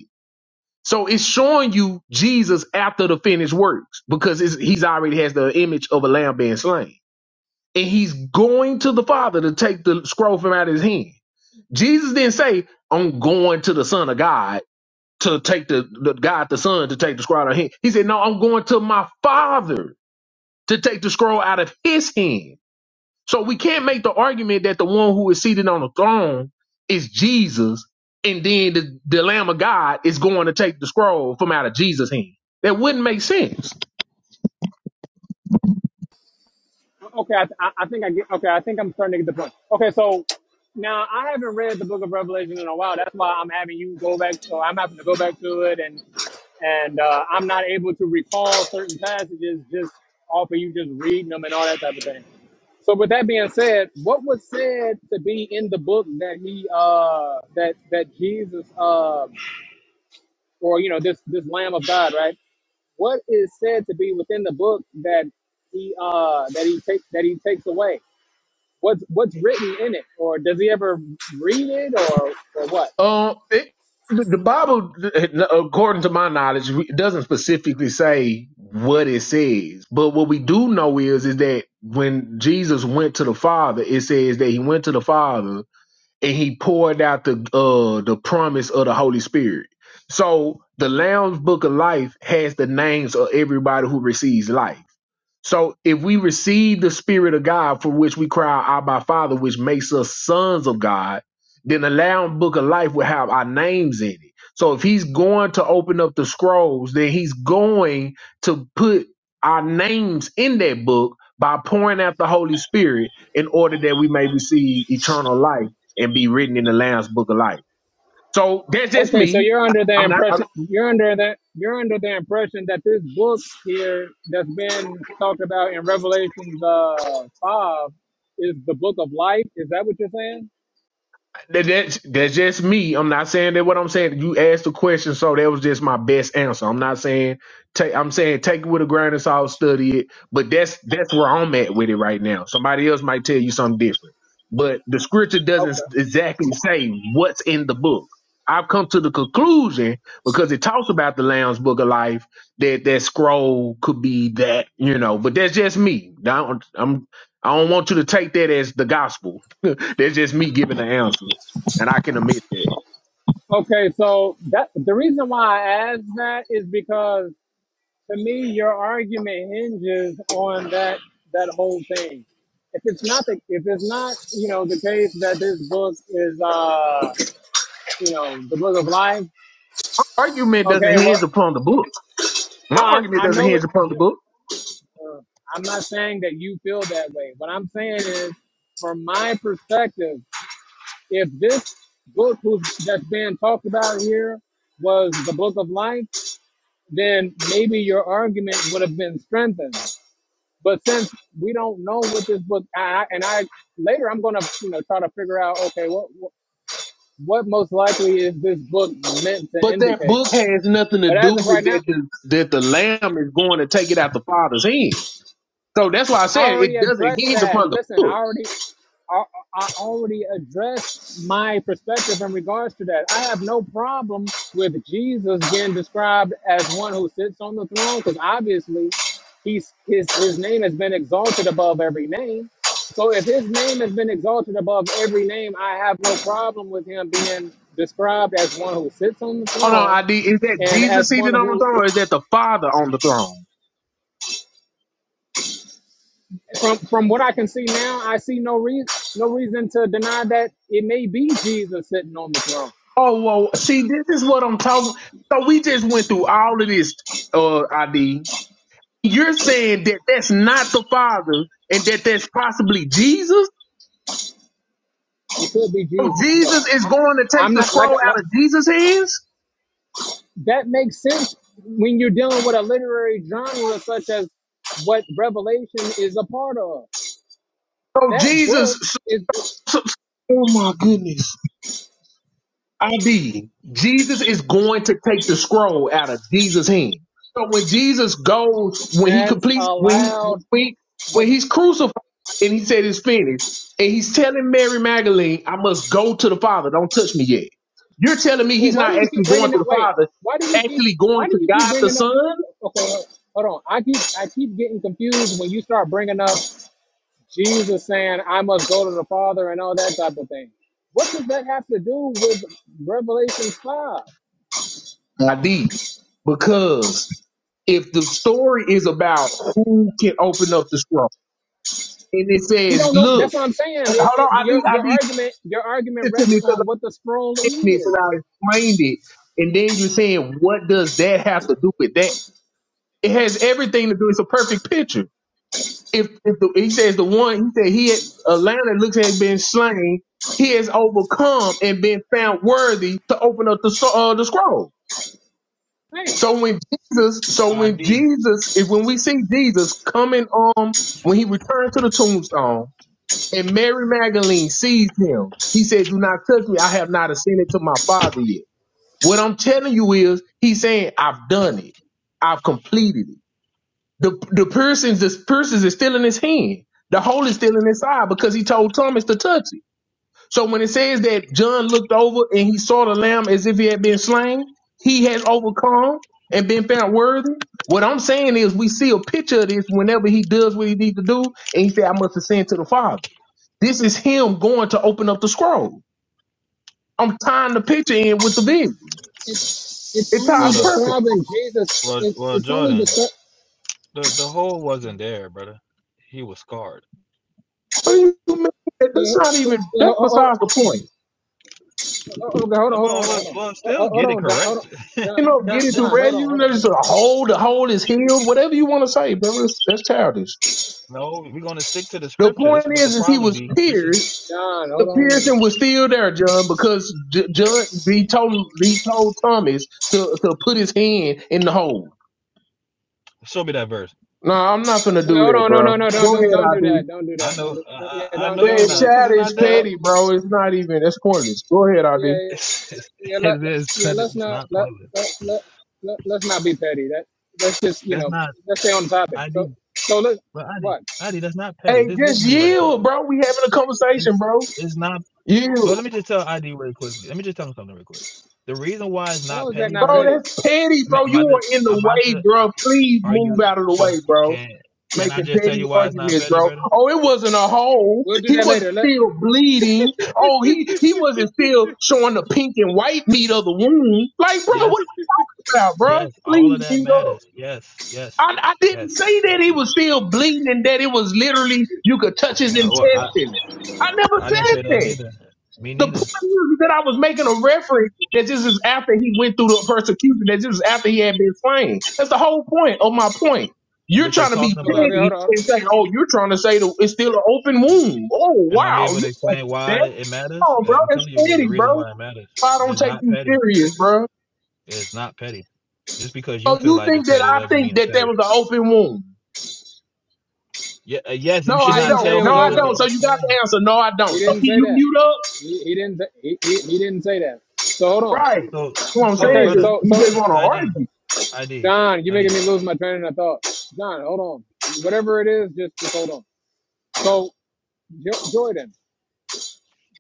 D: So it's showing you Jesus after the finished works because it's, he's already has the image of a lamb being slain. And he's going to the Father to take the scroll from out of his hand. Jesus didn't say, I'm going to the Son of God to take the, the God the Son to take the scroll out of him. He said, No, I'm going to my Father to take the scroll out of his hand. So we can't make the argument that the one who is seated on the throne is Jesus, and then the, the Lamb of God is going to take the scroll from out of Jesus' hand. That wouldn't make sense.
A: Okay, I, I I think I get. Okay, I think I'm starting to get the point. Okay, so now I haven't read the Book of Revelation in a while. That's why I'm having you go back. So I'm having to go back to it, and and uh, I'm not able to recall certain passages just off of you just reading them and all that type of thing. So with that being said, what was said to be in the book that he uh that that Jesus uh or you know this this Lamb of God, right? What is said to be within the book that he uh that he takes that he takes away? What's what's written in it, or does he ever read it, or or what?
D: Um, it, the the Bible, according to my knowledge, it doesn't specifically say what it says, but what we do know is is that when Jesus went to the Father, it says that he went to the Father and he poured out the uh the promise of the Holy Spirit. So the Lamb's Book of Life has the names of everybody who receives life. So if we receive the Spirit of God for which we cry, Abba Father, which makes us sons of God, then the Lamb Book of Life will have our names in it. So if he's going to open up the scrolls, then he's going to put our names in that book by pouring out the Holy Spirit in order that we may receive eternal life and be written in the Lamb's Book of Life. So that's just
A: Okay, so
D: me.
A: you're under the
D: I'm not.
A: impression you're under the you're under the impression that this book here that's been talked about in Revelations uh, five is the book of life. Is that what you're saying?
D: That, that's that's just me. I'm not saying that what I'm saying. You asked the question, so that was just my best answer. I'm not saying take. I'm saying take it with a grain of salt, study it. But that's that's where I'm at with it right now. Somebody else might tell you something different. But the scripture doesn't
A: Okay.
D: exactly say what's in the book. I've come to the conclusion because it talks about the Lamb's Book of Life that that scroll could be that you know. But that's just me. I don't, I'm I don't want you to take that as the gospel. that's just me giving the answer and I can admit that.
A: Okay. So that the reason why I asked that is because to me, your argument hinges on that that whole thing. If it's not the if it's not you know the case that this book is uh you know the book of life,
D: Argument
A: okay.
D: doesn't
A: Well,
D: hinge upon the book.
A: no,
D: My
A: I'm,
D: argument
A: I
D: doesn't
A: know it.
D: hinge upon the book.
A: Uh, I'm not saying that you feel that way. What I'm saying is, from my perspective, if this book who's, that's being talked about here was the book of life, then maybe your argument would have been strengthened. But since we don't know what this book, I, and I later I'm gonna you know try to figure out okay what what most likely is this book meant to
D: But that
A: indicate.
D: book has nothing to
A: But as
D: do
A: of right
D: with
A: now,
D: that the, that the lamb is going to take it out the father's hand. So that's why I
A: I
D: said
A: already
D: it doesn't
A: addressed
D: hinge
A: that.
D: upon the
A: Listen, I
D: book.
A: already I, I already addressed my perspective in regards to that. I have no problem with Jesus being described as one who sits on the throne because obviously he's, his, his name has been exalted above every name. So if his name has been exalted above every name, I have no problem with him being described as one who sits on the
D: Hold on,
A: throne
D: ID. Is that
A: and
D: Jesus
A: as one
D: seated on the
A: who
D: throne or is that the father on the throne?
A: from from what I can see now, I see no reason no reason to deny that it may be Jesus sitting on the throne.
D: Oh, well, see, this is what I'm talking. So we just went through all of this, uh, ID. You're saying that that's not the father and that that's possibly Jesus?
A: could be
D: So
A: Jesus.
D: Jesus is
A: Yeah,
D: going to
A: I,
D: take
A: I'm
D: the
A: not like,
D: scroll
A: like
D: out of Jesus' hands.
A: that makes sense when you're dealing with a literary genre such as what Revelation is a part of.
D: So
A: That
D: Jesus,
A: book
D: so,
A: is
D: so- so- oh my goodness, ID. Jesus is going to take the scroll out of Jesus' hand. So when Jesus goes, when he
A: that's
D: completes, when he
A: allowed.
D: when, he- when he's
A: Listen,
D: crucified, and he said it's finished, and he's telling Mary Magdalene, "I must go to the Father. Don't touch me yet." You're telling me
A: wait,
D: he's
A: why do
D: not
A: you keep
D: actually going
A: bringing
D: to
A: it?
D: the
A: Wait,
D: Father,
A: why do you keep
D: actually going
A: why do
D: to
A: you keep
D: God the
A: bringing up?
D: Son?
A: Okay, hold on. I keep I keep getting confused when you start bringing up Jesus saying I must go to the Father and all that type of thing. What does that have to do with Revelation five?
D: I did because if the story is about who can open up the scroll, and it
A: You
D: says,
A: don't know.
D: "Look,
A: That's what I'm saying.
D: hold
A: It,
D: on,
A: it,
D: I
A: your
D: need, I
A: your
D: need you
A: argument your argument
D: to listen to me
A: rests
D: because
A: on
D: I'm
A: what the scroll
D: getting this
A: is.
D: and I explained it," and then you're saying, "What does that have to do with that?" It has everything to do. It's a perfect picture. If, if the, he says the one, he said he had a lamb that looks had been slain, he has overcome and been found worthy to open up the s- uh, the scroll.
A: Right.
D: So when Jesus, so when
E: ID.
D: Jesus, if when we see Jesus coming on when he returned to the tombstone and Mary Magdalene sees him, he said, Do not touch me, I have not ascended to my father yet. What I'm telling you is he's saying, I've done it. I've completed it. The the piercings, the piercings is still in his hand. The hole is still in his side because he told Thomas to touch it. So when it says that John looked over and he saw the lamb as if he had been slain, he has overcome and been found worthy. What I'm saying is we see a picture of this whenever he does what he needs to do, and he said, I must ascend to the Father. This is him going to open up the scroll. I'm tying the picture in with the vision.
A: It's it's
D: It
A: only
D: ties
E: Well, the
D: perfectly.
A: describing Jesus.
E: well,
A: It's
E: well,
A: it's only
E: Jordan,
A: describing.
E: the the hole wasn't there, brother. He was scarred.
D: What do you mean? That's
A: Well,
D: not even
A: well,
D: that's
A: hold,
D: besides the point.
A: hold, hold, okay, hold on, hold
E: Uh,
A: on,
E: Well,
A: hold
E: well, well
A: on,
E: still
A: hold
E: get
A: on, hold
E: it
A: on, Don, hold on.
E: correct.
D: You
A: Don,
D: know,
A: Don,
D: get into
A: Don,
D: red,
A: hold on,
D: you
A: hold on,
D: know,
A: hold
D: just
A: on.
D: a hole, the hole is healed, whatever you want to say, bro. That's, that's childish.
E: No, we're gonna stick to the
D: The
E: scripture. This is
D: point
E: what the
D: is, is he
E: problem
D: was
E: be. This is
D: pierced
A: Don,
D: The
A: hold on.
D: Pearson was still there, John, because J- John he told he told Thomas to to put his hand in the hole.
E: show me that verse.
D: No, I'm not gonna
A: Wait,
D: do
A: hold
D: that,
A: on, no,
D: bro.
A: no, no, don't,
D: Go
A: don't,
D: ahead,
A: don't do
D: ID.
A: that. Don't do
E: I
A: that. Don't
E: know,
A: do,
E: I,
A: yeah,
E: I I
A: don't,
E: know
A: don't
E: you're
D: Yeah,
A: do
E: not,
A: it.
E: cause
D: shad
E: it's
D: is
E: not there.
A: Oh,
D: petty, bro. It's not even. That's pointless. Go ahead,
A: yeah,
D: ID.
A: yeah.
E: It's, it's
A: yeah, let,
E: it is
A: yeah,
E: petty.
A: let's
E: It's
A: not
E: not
A: let
E: pointless.
A: let let, let let's not be petty. That let's just you
E: That's
A: know
E: not
A: let's stay on topic. So
E: ID.
A: so let
E: But ID,
A: what?
E: ID, that's not
D: Hey,
E: petty. Just listen
D: just
E: to me really
D: yield,
E: quickly.
D: bro. We having a conversation,
E: It's
D: bro.
E: it's not. Well, let
D: Yield,
E: me just tell ID really quickly. Let me just tell him something really quick. The reason why it's not
A: How is that
E: petty,
A: not
D: bro.
E: brother,
A: petty?
D: That's petty,
E: I mean,
D: bro.
E: I'm
D: You
E: about to.
D: are in the
E: I'm about
D: way,
E: to. Uh,
D: bro. Please
E: are
D: move
E: you?
D: out of the
E: So
D: way, bro.
E: can can I
D: making
E: just tell
D: petty
E: you why it's not
D: arguments,
E: petty,
D: bro.
E: brother?
D: Oh, it wasn't a hole.
A: We'll do
D: He
A: that
D: wasn't
A: later. Let
D: still bleeding. Oh, he he wasn't still showing the pink and white meat of the wound. Like, bro,
E: Yes,
D: what about, bro?
E: yes. All of
D: Please be
E: that
D: up.
E: matters. Yes, yes,
D: I, I didn't
E: yes.
D: say that he
E: Actually,
D: was still bleeding and that it was literally you could touch his
E: I, well, I
D: intestines. I never
E: I didn't
D: said
E: say that
D: that.
E: neither. Me
D: The point
E: neither.
D: is that I was making a reference that this is after he went through the persecution, that this is after he had been slain. That's the whole point of my point. You're
E: But you're
D: trying to be
E: talking
A: okay
E: about.
A: okay
D: petty
A: hold on. hold
D: and
A: on.
D: say, oh, you're trying to say the, it's still an open wound. Oh,
E: Am I
D: wow.
E: able to
D: You like
E: explain
D: that?
E: why it matters?
D: Oh, bro,
E: Yeah, I'm
D: that's
E: telling you what the
D: petty,
E: reason
D: bro.
E: why it matters.
D: I
E: And
D: don't
E: It's
D: take
E: not
D: you
E: petty.
D: serious, bro.
E: It's not petty. Just because you
D: So
E: feel
D: you
E: like it's
D: think that
E: petty
D: I
E: doesn't
D: think
E: mean it's
D: that that
E: petty.
D: was an open wound?
E: Yeah. uh, Yes, you
D: No,
A: You
E: should
D: I
E: not
A: didn't say
E: tell
A: it
D: don't. No,
A: was
D: I
E: people it's
A: open.
E: a.
D: don't. So
A: wound.
D: you got
E: oh,
D: the answer. No, I don't.
A: He
D: So can
A: didn't say
D: you
A: that.
D: mute up?
A: He, he didn't say- he, he, he didn't say that. So hold on.
D: Right.
E: So
D: You know what I'm
E: so
D: saying?
A: Okay
E: brother,
D: Just-
A: so
D: You
A: so
D: just want to argue.
E: ID. I did.
A: John, you're
E: I
A: making
E: did.
A: me lose my train of thought. John, hold on. Whatever it is, just just hold on. So Jo- Jordan,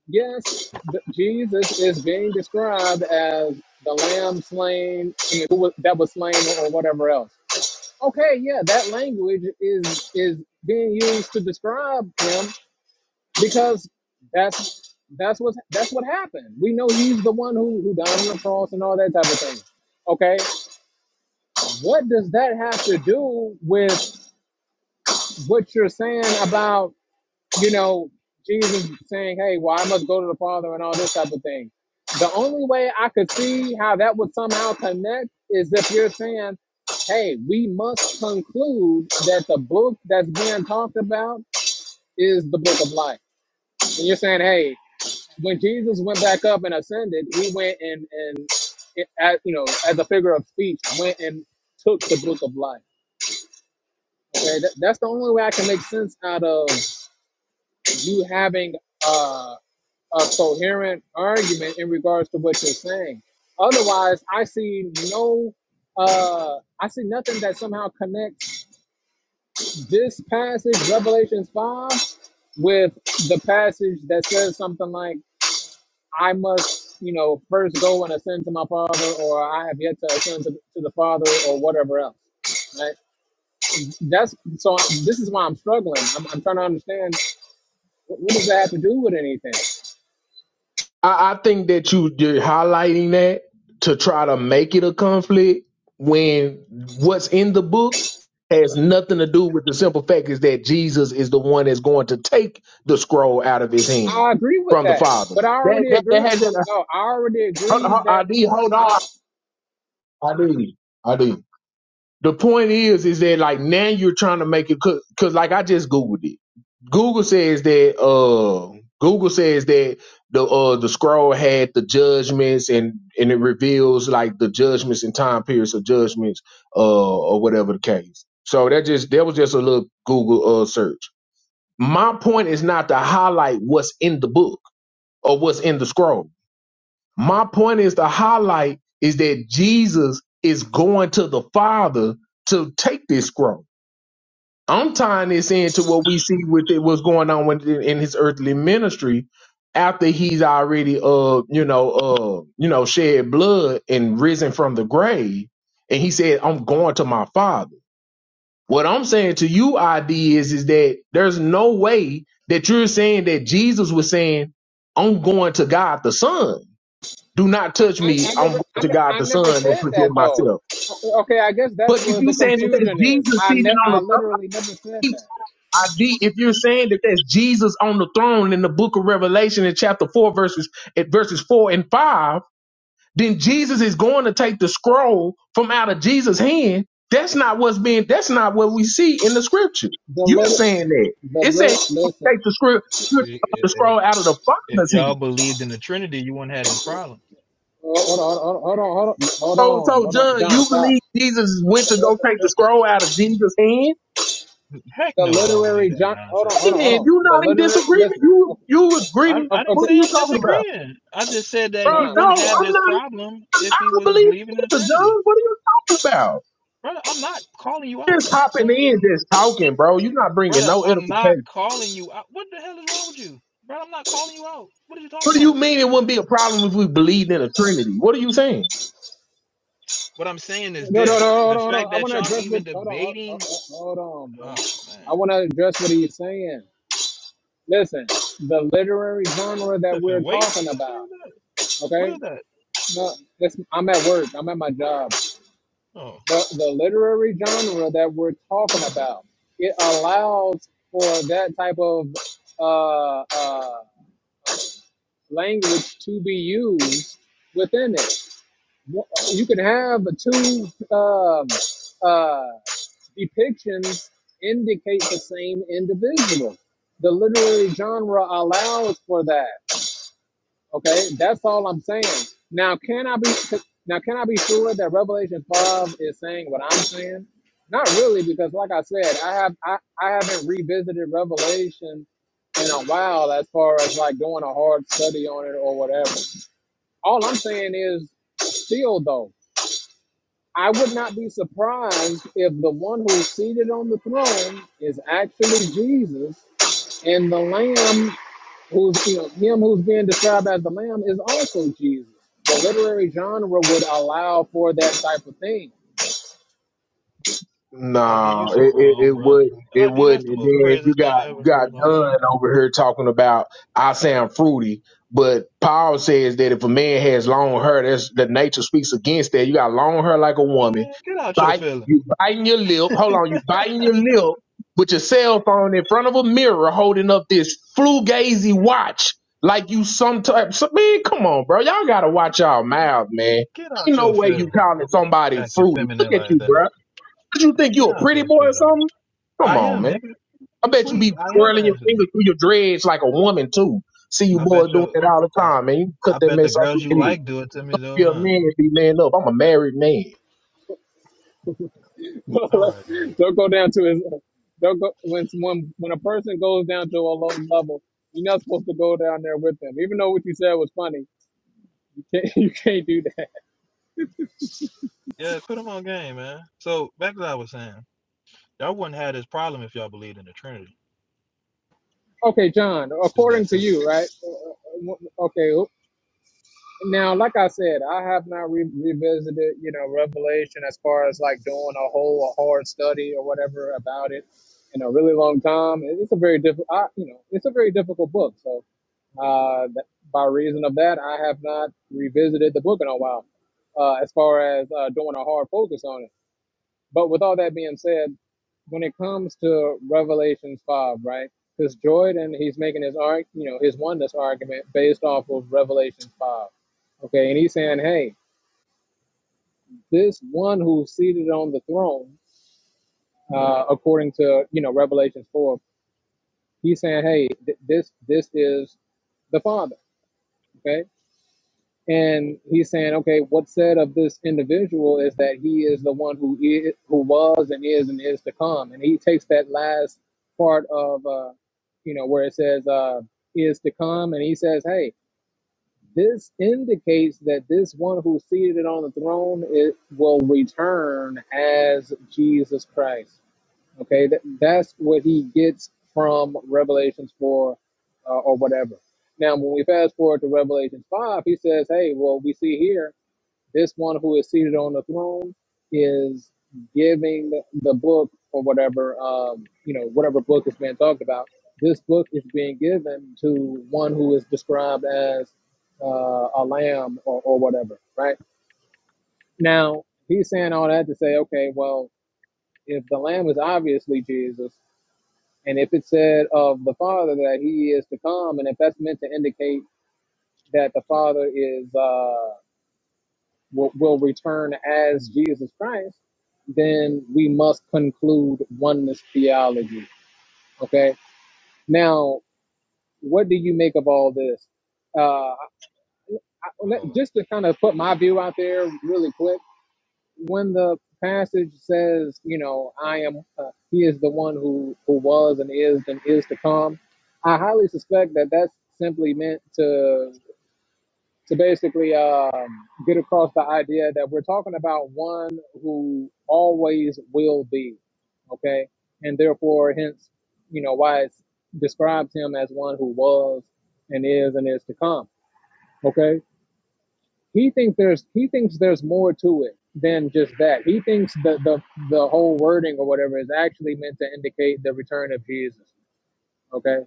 A: Yes, th- Jesus is being described as the lamb slain I mean, who was, that was slain or whatever else. Okay, yeah, that language is is being used to describe him because that's that's what that's what happened. We know he's the one who who died on the cross and all that type of thing. Okay, what does that have to do with what you're saying about? you know, Jesus saying, hey, well, I must go to the Father and all this type of thing. The only way I could see how that would somehow connect is if you're saying, hey, we must conclude that the book that's being talked about is the book of life. And you're saying, hey, when Jesus went back up and ascended, he went and, and it, as, you know, as a figure of speech, went and took the book of life. Okay, that, that's the only way I can make sense out of you having uh. a coherent argument in regards to what you're saying. Otherwise, I see no, uh, I see nothing that somehow connects this passage, Revelations five, with the passage that says something like, "I must, you know, first go and ascend to my Father," or "I have yet to ascend to, to the Father," or whatever else. Right? That's so. This is why I'm struggling. I'm, I'm trying to understand what, what does that have to do with anything.
D: I, I think that you you're highlighting that to try to make it a conflict when what's in the book has nothing to do with the simple fact is that Jesus is the one that's going to take the scroll out of his hand
A: I agree with
D: from the
A: that,
D: Father.
A: but I
D: That
A: already
D: that, that
A: agree.
D: has an
A: No, I already
D: hold,
A: agree
D: hold,
A: that
D: ID. Hold
A: I,
D: on, ID, ID. The point is, is that like now you're trying to make it because like I just googled it. Google says that uh Google says that the uh the scroll had the judgments and and it reveals like the judgments and time periods of judgments uh or whatever the case. So that just that was just a little Google uh search. My point is not to highlight what's in the book or what's in the scroll. My point is to highlight is that Jesus is going to the Father to take this scroll. I'm tying this into what we see with it, what's going on with in his earthly ministry after he's already uh you know uh you know shed blood and risen from the grave and he said I'm going to my father. What I'm saying to you ID is is that there's no way that you're saying that Jesus was saying I'm going to God the Son do not touch
A: I,
D: me.
A: I
D: I'm going
A: never, I,
D: to
A: ne-
D: God
A: I
D: the
A: never
D: Son and
A: said
D: present
A: that though.
D: myself.
A: Okay, I guess
D: But
A: that's
D: if
A: where
D: you're
A: the
D: saying that that's
A: confusion is.
D: Jesus
A: I
D: seated
A: ne-
D: on
A: I
D: the
A: literally never said
D: throne,
A: that.
D: I de- if you're saying that that's Jesus on the throne in the book of Revelation in chapter four verses at verses four and five, then Jesus is going to take the scroll from out of Jesus' hand. That's not what's being. That's not what we see in the scripture.
A: The
D: You're
A: lit,
D: saying that
A: the
D: it
A: lit,
D: said
A: listen.
D: take the script, script
E: See,
D: the
E: i- i-
D: scroll out of the
E: if
D: Father's hand.
E: y'all believed in the Trinity, you wouldn't have this problem.
A: Oh, Hold on, hold on, hold on, hold
D: So,
A: on,
D: so
A: hold on,
D: John,
A: John,
D: you
A: stop.
D: believe Jesus went to go take the scroll out of Jesus' hand?
E: Heck
A: The
E: no, I don't believe
A: literary
E: that
A: John, hold on,
E: nonsense.
D: Hey,
A: hold on, hold
D: then
A: on.
D: you
A: The
D: not in
A: literary,
D: disagreement.
A: listen.
D: You
A: Okay,
D: you
E: I,
D: agree?
E: I didn't
D: What
A: okay,
D: are
E: say
D: you
E: I'm
D: talking about,
E: disagreeing. I just said that
D: bro?
E: he
A: John,
D: No,
E: wouldn't have
A: stop.
D: I'm
E: this
D: not.
E: problem if
D: I
E: he
D: don't
E: was
D: believe
E: believing in the
D: either,
E: Trinity.
D: John. What are you talking about?
E: Brother, I'm not calling you out,
D: Just
E: man.
D: hopping in,
E: Golly.
D: just talking, bro. You're not bringing
E: Brother,
D: no
E: I'm not
D: edification.
E: calling you out. What the hell is wrong with you? Brother, I'm not calling you out. What are you talking
D: What do you
E: about?
D: mean it wouldn't be a problem if we believed in a Trinity? What are you saying?
E: What I'm saying is
A: No, no, no,
E: this
A: hold
E: the
A: on, hold on.
E: fact
A: I
E: that
A: want to
E: y'all
A: address what.
E: even
A: Hold on, hold
E: debating,
A: hold- hold on, bro.
E: oh man,
A: I want to address what he's saying. Listen, the literary genre that we're
E: Stephen weights.
A: talking
E: What the fuck
A: about.
E: is that? What
A: Okay,
E: is that?
A: no, this, I'm at work. I'm at my job.
E: Oh
A: The the literary genre that we're talking about it allows for that type of uh, uh, language to be used within it. You can have two. Um, uh, depictions indicate the same individual. The literary genre allows for that. Okay, that's all I'm saying. Now, can I be now can I be sure that Revelation five is saying what I'm saying? Not really, because like I said, I have I, I haven't revisited Revelation in a while as far as like doing a hard study on it or whatever. All I'm saying is still though. I would not be surprised if the one who's seated on the throne is actually Jesus, and the Lamb, who's you know, him who's being described as the Lamb, is also Jesus. The literary genre would allow for that type of thing.
E: ID,
D: No,
E: you so
D: it, it, it
E: wrong, bro.
D: wouldn't. It
E: ID, that's
D: wouldn't.
E: the
D: And
E: most
D: then you
E: craziest thing
D: got
E: I ever
D: you
E: heard
D: got
E: in my life.
D: Dunn over here talking about I sound fruity, but Paul says that if a man has long hair, that's the nature speaks against that. You got long hair like a woman.
E: Man, get out your
D: Bite
E: feelings.
D: you biting your lip. Hold on, you biting your lip with your cell phone in front of a mirror, holding up this fugazi watch like you some type. So, man, come on, bro. Y'all gotta watch y'all mouth, man.
E: Get
D: Ain't
E: out
D: no
E: your
D: way you
E: feelings.
D: calling somebody
E: Acting
D: fruity. Look
E: feminine
D: at
E: like
D: you,
E: that.
D: bro. What you think you
E: Get
D: a
E: out
D: pretty
E: your
D: boy or
E: feelings.
D: something? Come
E: I
D: on,
E: am,
D: man.
E: nigga.
D: I
E: You
D: bet you
E: sleep.
D: be
E: I am
D: twirling your
E: asking.
D: fingers through your dreads like a woman too. See you
E: I bet
D: boys doing
E: your,
D: it all the
E: I,
D: time, man. You cut
E: I
D: that
E: bet the
D: mess off
E: girls
D: your
E: you
D: head.
E: like do it to
D: You
E: me
D: don't
E: though,
D: be a
E: huh?
D: man, and be man up. I'm a married man.
E: All right, though.
A: don't go down to his. Don't go when when when a person goes down to a low level. You're not supposed to go down there with them, even though what you said was funny. You can't, you can't do that.
E: Yeah, put them on game, man. So back to what I was saying, y'all wouldn't have this problem if y'all believed in the Trinity.
A: Okay, John.
E: Just that
A: According to
E: simple.
A: you, right? Uh, uh, uh, Okay. Now, like I said, I have not re- revisited, you know, Revelation as far as like doing a whole a hard study or whatever about it in a really long time. It- It's a very difficult, you know, it's a very difficult book. So, uh, that, by reason of that, I have not revisited the book in a while. Uh, as far as uh, doing a hard focus on it. But with all that being said, when it comes to Revelations 5, right? Because Jordan, he's making his arg, you know, his oneness argument based off of Revelations 5. Okay, and he's saying, hey, this one who's seated on the throne, uh, according to you know Revelations 4, he's saying, hey, th- this this is the Father. Okay, and he's saying, okay, what's said of this individual is that he is the one who is, who was, and is, and is to come. And he takes that last part of, uh, you know, where it says uh, is to come, and he says, hey, this indicates that this one who's seated on the throne it will return as Jesus Christ. Okay, that, that's what he gets from Revelations 4 uh, or whatever. Now, when we fast forward to Revelations 5, he says, hey, well, we see here this one who is seated on the throne is giving the, the book or whatever, um, you know, whatever book is being talked about. This book is being given to one who is described as uh, a lamb or, or whatever, right? Now, he's saying all that to say, okay, well, if the lamb is obviously Jesus, and if it said of the Father that he is to come, and if that's meant to indicate that the Father is uh, will, will return as Jesus Christ, then we must conclude oneness theology. Okay. Now, what do you make of all this? Uh, I, I- let-
E: Well,
A: just to kind of put my view out there really quick when the passage says, you know, I am, uh, he is the one who who was and is and is to come, I highly suspect that that's simply meant to to basically um, get across the idea that we're talking about one who always will be, okay, and therefore, hence, you know, why it describes him as one who was and is and is to come, okay he thinks there's he thinks there's more to it than just that. He thinks the the the whole wording or whatever is actually meant to indicate the return of Jesus. Okay.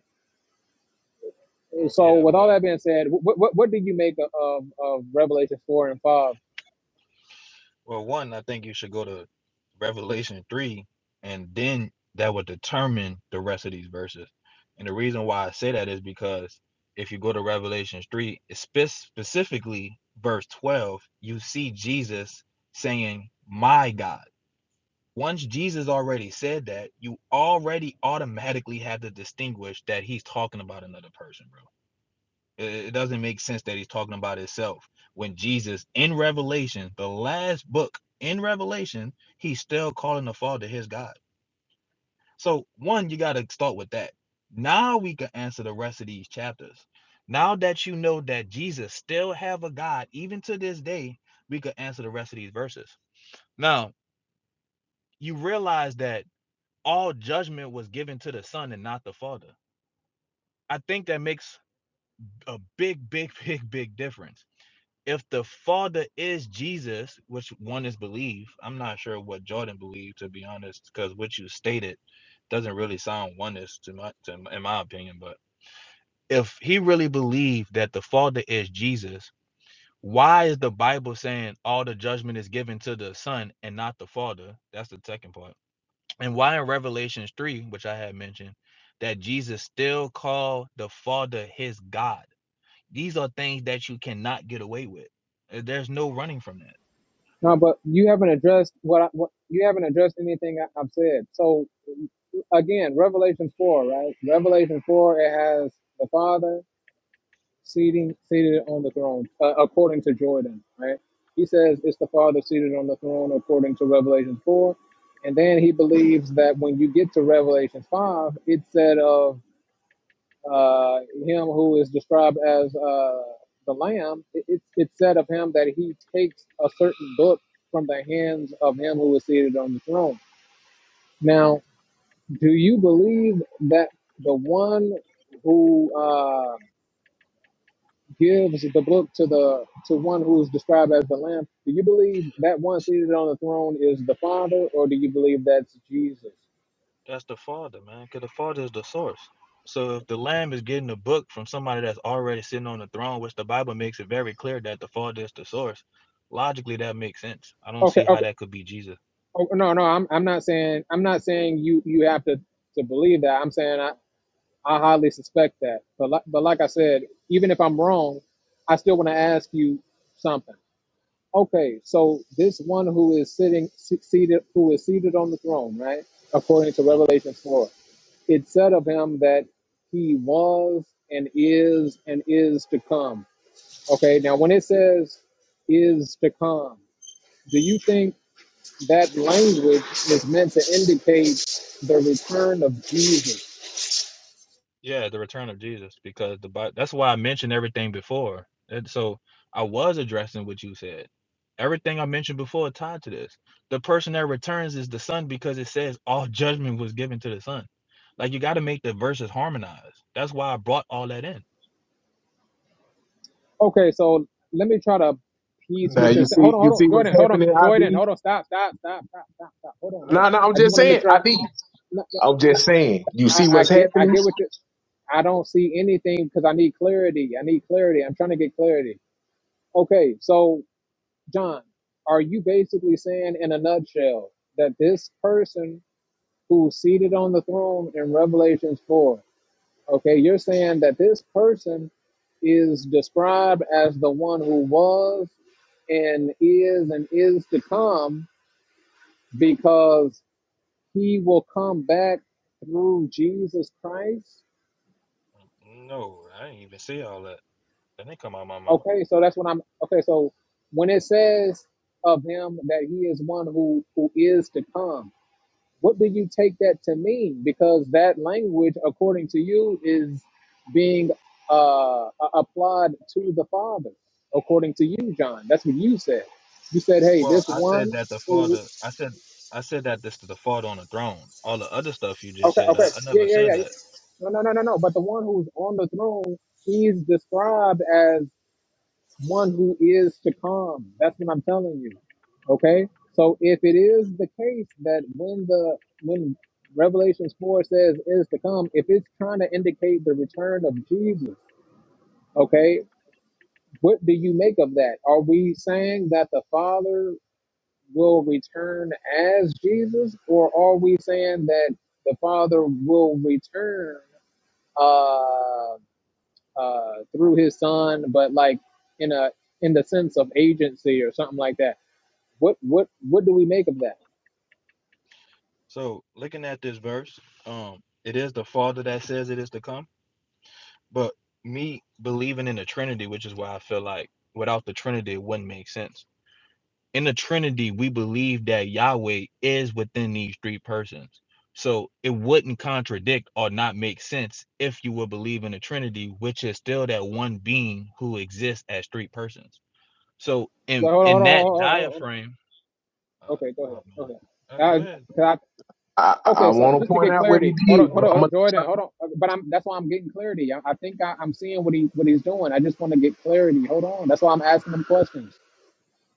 E: oh,
A: So
E: yeah.
A: with
E: Well,
A: all that being said, what what, what do you make of, of Revelation four and five?
E: Well, one, I think you should go to Revelation 3, and then that would determine the rest of these verses. And the reason why I say that is because if you go to Revelation 3, it's spe- specifically verse 12, you see Jesus saying, My God. Once Jesus already said that, you already automatically have to distinguish that he's talking about another person, bro it, doesn't make sense that he's talking about himself when Jesus in Revelation, the last book in Revelation, he's still calling the Father his God. So one, you got to start with that. Now we can answer the rest of these chapters. Now that you know that Jesus still have a God, even to this day, we could answer the rest of these verses. Now you realize that all judgment was given to the Son and not the Father. I think that makes a big, big, big, big difference if the father is Jesus, which one is believe, I'm not sure what Jordan believed to be honest, because what you stated doesn't really sound oneness to my to, in my opinion. But if he really believed that the father is Jesus, why is the Bible saying all the judgment is given to the son and not the father? That's the second part. And why in Revelations 3, which I had mentioned, that Jesus still called the father his God. These are things that you cannot get away with. Uh, There's no running from that
A: No, but you haven't addressed what, I, what you haven't addressed anything I, I've said. So again, Revelation four, right? Revelation four, it has the Father, seating seated on the throne, uh, according to Jordan, right? He says it's the Father seated on the throne according to Revelation four, and then he believes that when you get to Revelation five, it said of uh, him who is described as uh, the Lamb, it, it, it said of him that he takes a certain book from the hands of him who is seated on the throne. Now, do you believe that the one who uh, gives the book to the to one who is described as the Lamb, do you believe that one seated on the throne is the Father, or do you believe that's Jesus?
E: That's the Father, man, because the Father is the source. So if the Lamb is getting a book from somebody that's already sitting on the throne, which the Bible makes it very clear that the Father is the source, logically that makes sense. I don't
A: Okay,
E: see how
A: okay.
E: that could be Jesus.
A: Oh, no, no, I'm I'm not saying I'm not saying you you have to to believe that. I'm saying I I highly suspect that. But like, but like I said, even if I'm wrong, I still want to ask you something. Okay, so this one who is sitting se- seated, who is seated on the throne, right? According to
E: Mhm.
A: Revelation four, it said of him that he was and is and is to come. Okay, now when it says is to come, do you think that language is meant to indicate the return of Jesus?
E: Yeah, the return of Jesus, because the Bi- that's why I mentioned everything before. And so I was addressing what you said. Everything I mentioned before tied to this. The person that returns is the son because it says all judgment was given to the son. Like you got to make the verses harmonize. That's why I brought all that in.
A: Okay, so let me try to piece
D: Now
A: what
D: you
A: you're saying.
D: see,
A: Hold on,
D: you
A: hold
D: see
A: on,
D: what's
A: Jordan, hold on,
D: happening,
A: Jordan,
D: ID.
A: hold on, stop, stop, stop, stop, stop, stop. Hold on, hold
D: No,
A: on.
D: no, I'm
A: I just
D: just
A: want to make
D: saying,
A: sure.
D: ID.
A: no, no,
D: I'm
A: no.
D: just saying. You
A: I,
D: see
A: I
D: what's
A: get I
D: happening.
A: get what you I don't see anything because I need clarity. I need clarity. I'm trying to get clarity. Okay, so John, are you basically saying in a nutshell that this person who's seated on the throne in Revelations 4, okay, you're saying that this person is described as the one who was and is and is to come because he will come back through Jesus Christ?
E: No, I didn't even see all that. That didn't come out my mouth.
A: Okay, so that's what I'm. Okay, so when it says of him that he is one who who is to come, what do you take that to mean? Because that language, according to you, is being uh, a- applied to the Father, according to you, John. That's what you said. You said, "Hey,
E: Well,
A: this
E: I said
A: one
E: that the
A: who."
E: father. I said I said that this is the father on the throne. All the other stuff you just
A: Okay,
E: said, I,
A: okay,
E: I
A: yeah,
E: never
A: yeah,
E: said
A: yeah. yeah.
E: that.
A: No, no, no, no, no. But the one who's on the throne, he's described as. one who is to come. That's what I'm telling you. Okay? So if it is the case that when the when Revelations 4 says is to come, if it's trying to indicate the return of Jesus, okay, what do you make of that? Are we saying that the Father will return as Jesus, or are we saying that the Father will return? Uh, uh, through his son, but like in a in the sense of agency or something like that. What what what do we make of that?
E: So looking at this verse, um, it is the Father that says it is to come. But me believing in the Trinity, which is why I feel like without the Trinity it wouldn't make sense. In the Trinity, we believe that Yahweh is within these three persons. So it wouldn't contradict or not make sense if you would believe in the Trinity, which is still that one being who exists as three persons. So in
A: Well, hold on, hold
E: in
A: on,
E: that
A: hold on, hold on,
E: diaphragm, uh,
A: Okay, go
E: oh
A: ahead. Go
E: man,
A: ahead.
E: Uh, go ahead.
A: Uh,
E: bro.
A: 'cause
D: I, I,
A: I,
D: I
A: okay, so
E: That's-
D: want to
A: just to
E: that's all
D: point
A: get
E: right.
D: out what he
A: clarity, hold
D: did,
A: on, hold
D: but
A: on, hold
D: I'm a
A: on, Jordan, hold on. But I'm that's why I'm getting clarity. I, I think I, I'm seeing what he what he's doing. I just want to get clarity. Hold on. That's why I'm asking him questions.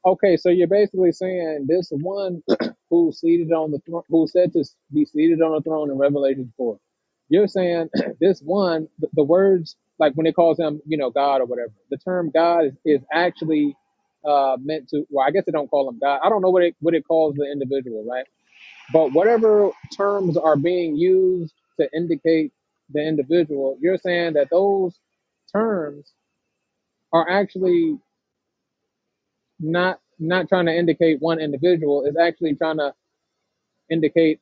A: Okay, so you're basically saying this one who seated on the throne, who said to be seated on the throne in Revelation four. You're saying this one, the, the words like when it calls him, you know, God or whatever. The term God is, is actually uh, meant to. Well, I guess they don't call him God. I don't know what it what it calls the individual, right? But whatever terms are being used to indicate the individual, you're saying that those terms are actually not not trying to indicate one individual is actually trying to indicate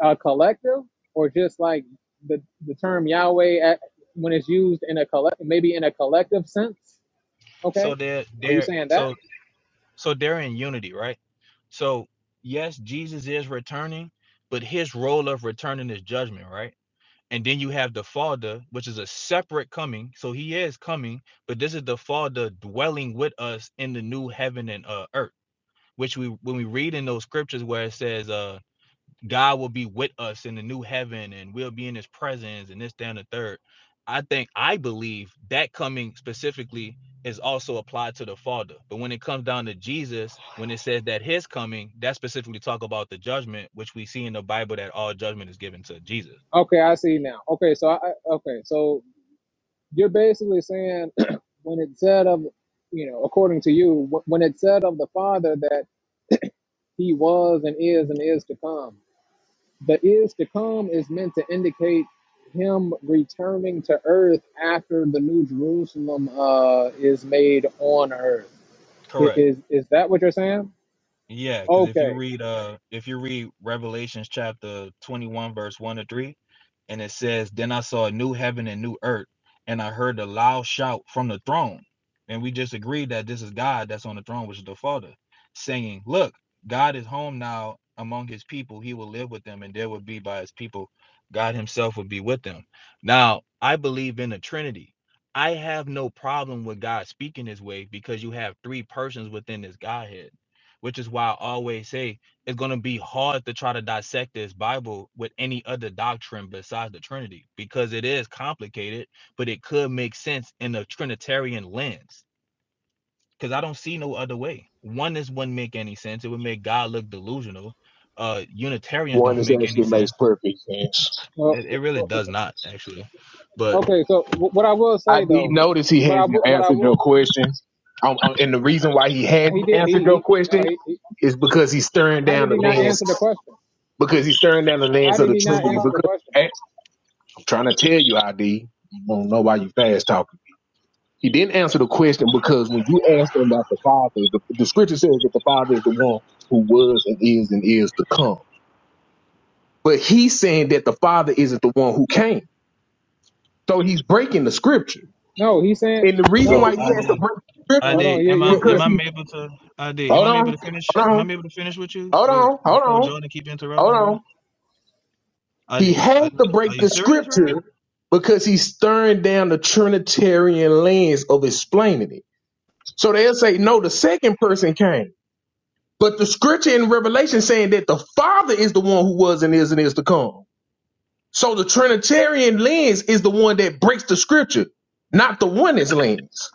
A: a collective or just like the the term Yahweh at, when it's used in a collect maybe in a collective sense okay
E: So there,
A: are you
E: there.
A: saying that
E: So So they're in unity, right? So yes, Jesus is returning, but his role of returning is judgment, right? And then you have the Father, which is a separate coming. So he is coming, but this is the Father dwelling with us in the new heaven and uh, earth, which we when we read in those scriptures where it says, uh God will be with us in the new heaven and we'll be in his presence and this, that, and the third. I think I believe that coming specifically is also applied to the Father. But when it comes down to Jesus, when it says that his coming, that specifically talk about the judgment, which we see in the Bible that all judgment is given to Jesus.
A: okay I see now okay so I I- okay so you're basically saying when it said of you know according to you wh- when it said of the father that he was and is and is to come The is to come is meant to indicate him returning to earth after the new Jerusalem uh, is made on earth. I-
E: Correct.
A: Is is that what you're saying?
E: Yeah, because if you
A: Okay.
E: read uh if you read Revelations chapter 21 verse 1 to 3 and it says then I saw a new heaven and new earth and I heard a loud shout from the throne and we just agreed that this is God that's on the throne which is the Father saying look God is home now among his people he will live with them and there will be by his people God himself will be with them. Now, I believe in the Trinity. I have no problem with God speaking this way because you have three persons within this Godhead which is why I always say it's going to be hard to try to dissect this Bible with any other doctrine besides the Trinity because it is complicated, but it could make sense in a Trinitarian lens because I don't see no other way. Oneness wouldn't make any sense. It would make God look delusional. Uh, Unitarians
D: one
E: don't
D: that
E: make any
D: actually makes
E: sense.
D: perfect sense.
A: Well,
E: It, it really does
A: okay.
E: not actually. But
A: So wh- what I will say
D: ID
A: though,
D: notice he
A: what I
D: hasn't
A: would, what I
D: answered
A: would,
D: your question. Um, um, and the reason why he
A: well, he
D: hasn't
A: did. He
D: answered your
A: he. No,
D: question
A: he, he.
D: is because he's stirring
A: How
D: down
A: did
D: the
A: he not
D: lens
A: answer the question?
D: because he's stirring down the
A: How
D: lens of
A: did
D: the
A: he not
D: Trinity.
A: answer the
D: Because
A: question?
D: eh, I'm trying to tell you, ID, you don't know why you fast talking. He didn't answer the question because when you asked him about the Father, the, the Scripture says that the Father is the one who was and is and is to come. But he's saying that the Father isn't the one who came, so he's breaking the Scripture.
A: No, he said
D: And the reason
A: no.
E: so
D: why he
E: I
D: has to
E: did.
D: break the
A: no
E: I
D: Scripture
A: hold
E: did.
A: on. You're
E: Am I
A: you're
E: am
D: because
A: you're.
E: I
D: he
E: able to? I did. Am
D: hold
E: I able
D: on,
E: to finish?
D: hold
E: Am I
D: on,
E: able to finish with you
D: hold
E: with-
D: on, hold
E: before
D: on,
E: Jordan keep
D: hold
E: interrupting, brother?
D: on. He
E: ID,
D: had
E: uh,
D: to break
E: are you
D: the
E: serious right now?
D: scripture because he's stirring down the Trinitarian lens of explaining it. So they'll say, no, the second person came. But the scripture in Revelation saying that the Father is the one who was and is and is to come. So the Trinitarian lens is the one that breaks the scripture, not the oneness lens.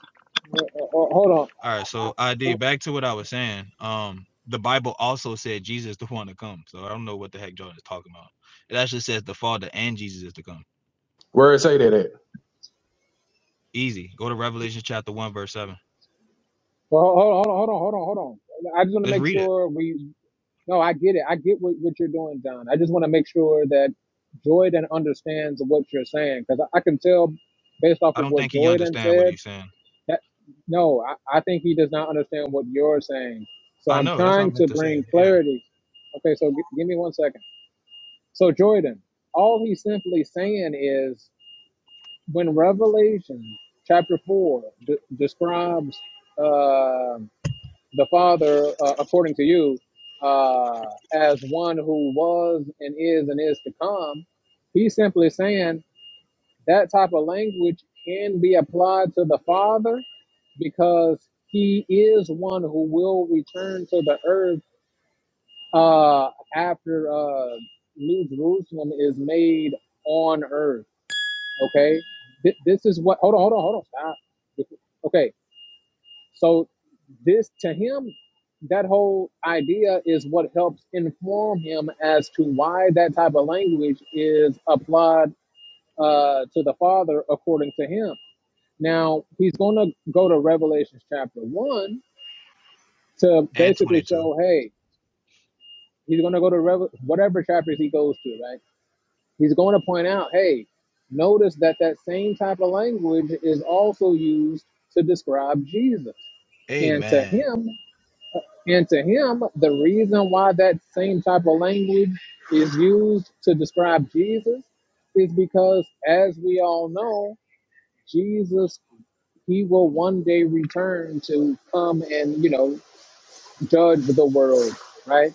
A: well, Uh, uh, hold on.
E: All
A: I,
E: right,
A: I,
E: so ID,
A: I-
E: back to what I was saying. Um, the Bible also said Jesus is the one to come. So I don't know what the heck Jordan is talking about. It actually says the Father and Jesus is to come.
D: Where it say that at?
E: Easy. Go to Revelation chapter one, verse seven.
A: well, hold on, hold on, hold on, hold on, hold on. I just want to
E: Just
A: make
E: read it.
A: sure we No, I get it. I get what, what you're doing, John. I just want to make sure that Jordan understands what you're saying because I, I can tell based off
E: I
A: of
E: don't
A: what
E: think he
A: Jordan
E: understand what
A: said
E: he's saying.
A: that no, I, I think he does not understand what you're saying. So
E: I
A: I'm
E: know. That's what I
A: trying
E: meant
A: to
E: to say.
A: bring
E: Yeah.
A: clarity. Okay, so g- give me one second. So, Jordan, all he's simply saying is when Revelation chapter 4 d- describes. um the Father, uh, according to you, uh, as one who was and is and is to come, he's simply saying that type of language can be applied to the Father because he is one who will return to the earth uh, after uh, New Jerusalem is made on earth. Okay, Th- this is what. Hold on, hold on, hold on. Stop. Okay, so this to him, that whole idea is what helps inform him as to why that type of language is applied uh, to the Father according to him. Now he's going to go to Revelation chapter one to
E: And
A: basically
E: twenty-two.
A: show, hey, he's going to go to Revel- whatever chapters he goes to, right? He's going to point out, hey, notice that that same type of language is also used to describe Jesus. And to
E: Amen.
A: him, And to him, the reason why that same type of language is used to describe Jesus is because, as we all know, Jesus, he will one day return to come and, you know, judge the world, right?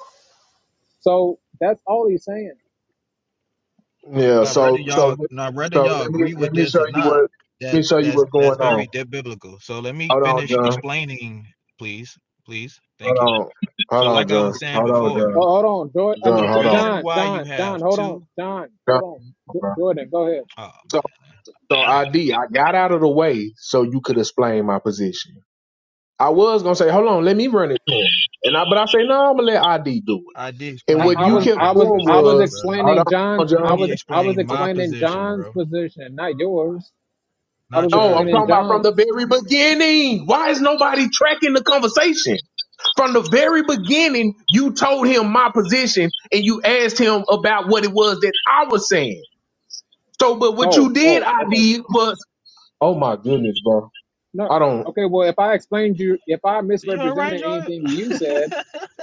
A: So that's all he's saying.
D: Yeah,
E: Now, whether
D: so so
E: y'all, now whether
D: so
E: y'all
D: let me
E: agree
D: let
E: with
D: me
E: this
D: show
E: or
D: you
E: not,
D: what let me
E: that's
D: show you
E: that's
D: what's
E: that's
D: going on.
E: very biblical. So let me
D: Hold on,
E: finish
D: John.
E: explaining, please, please. Thank you.
D: Hold on.
E: So,
D: Hold on,
E: like I
D: John.
E: was saying
D: Hold on,
E: before,
D: John.
A: Oh, hold on, Jordan. I
E: the
D: John,
A: mean, J-
D: hold on.
E: reason
A: John,
E: why you
A: John,
E: have
A: John, hold on,
E: two,
A: John,
D: No,
A: hold on. J-
D: bro.
A: Jordan, go ahead.
E: oh
D: So,
E: man,
D: so
E: I'm about to go.
D: ID, I got out of the way so you could explain my position. I was gonna say, hold on, let me run it to him, and I, but I say, no, I'm gonna let ID do
E: I did
D: it. And
A: I,
E: explain
D: what
A: I
D: you
E: my
A: was,
D: kept
A: I was,
D: doing
A: I was
E: position,
D: was,
E: brother.
D: hold
A: explaining
D: on,
A: John's, I
D: John.
E: He
A: was, I was
E: explained my
A: explaining
E: position,
A: John's
E: bro,
A: position, not yours. I
E: not
A: was
D: No, I'm
E: yours,
A: explaining
E: bro.
D: talking about from the
A: John's.
D: very beginning. Why is nobody tracking the conversation? From the very beginning, you told him my position and you asked him about what it was that I was saying. So, but what
A: Oh,
D: you did,
A: oh,
D: I
A: okay.
D: did was, oh my goodness, bro.
A: No,
D: I don't.
A: okay. Well, if I explained you, if I
E: You all right,
A: misrepresented
E: Jordan?
A: anything you said,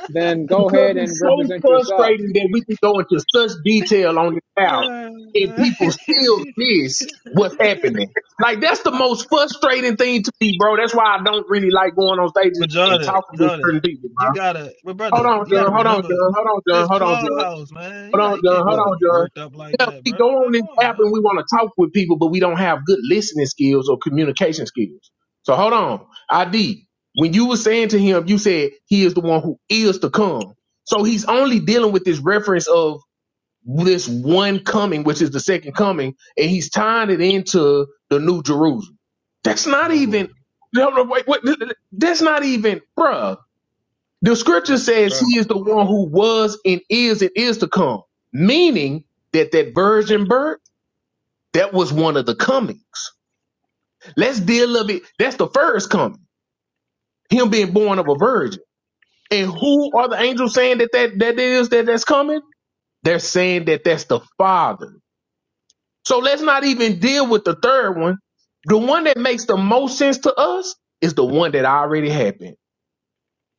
A: then go
D: Because
A: ahead and
D: it's so
A: represent yourself.
D: frustrating that we can go into such detail on this out and
E: Yeah.
D: people still miss what's happening. Like that's the most frustrating thing to me, bro. That's why I don't really like going on stages
E: but
D: and
E: Jordan,
D: talking with
E: Jordan,
D: certain people,
E: you
D: bro.
E: gotta, but
D: Hold
E: brother,
D: on,
E: you gotta
D: John. Hold on,
E: remember
D: John. Hold on, John.
E: this
D: Hold on, John.
E: clubhouse, man. You
D: Hold
E: got,
D: on,
E: you
D: John.
E: can't
D: Hold
E: be
A: Oh,
D: on, John.
E: worked up like
D: Yeah,
E: that,
D: we
E: bro.
D: go on
E: Like,
D: this
E: come on,
D: app
E: man.
D: and we want to talk with people, but we don't have good listening skills or communication skills. So hold on. ID, when you were saying to him, you said he is the one who is to come. So he's only dealing with this reference of this one coming, which is the second coming, and he's tying it into the new Jerusalem. That's not
E: No,
D: even, no, no, wait, wait, that's not even, bruh. The scripture
E: look,
D: says
E: bro.
D: he is the one who was and is and is to come, meaning that that virgin birth, that was one of the comings. Let's deal of it. That's the first coming, him being born of a virgin. And who are the angels saying that that, that is that that's coming? They're saying that that's the father. So let's not even deal with the third one. The one that makes the most sense to us is the one that already happened.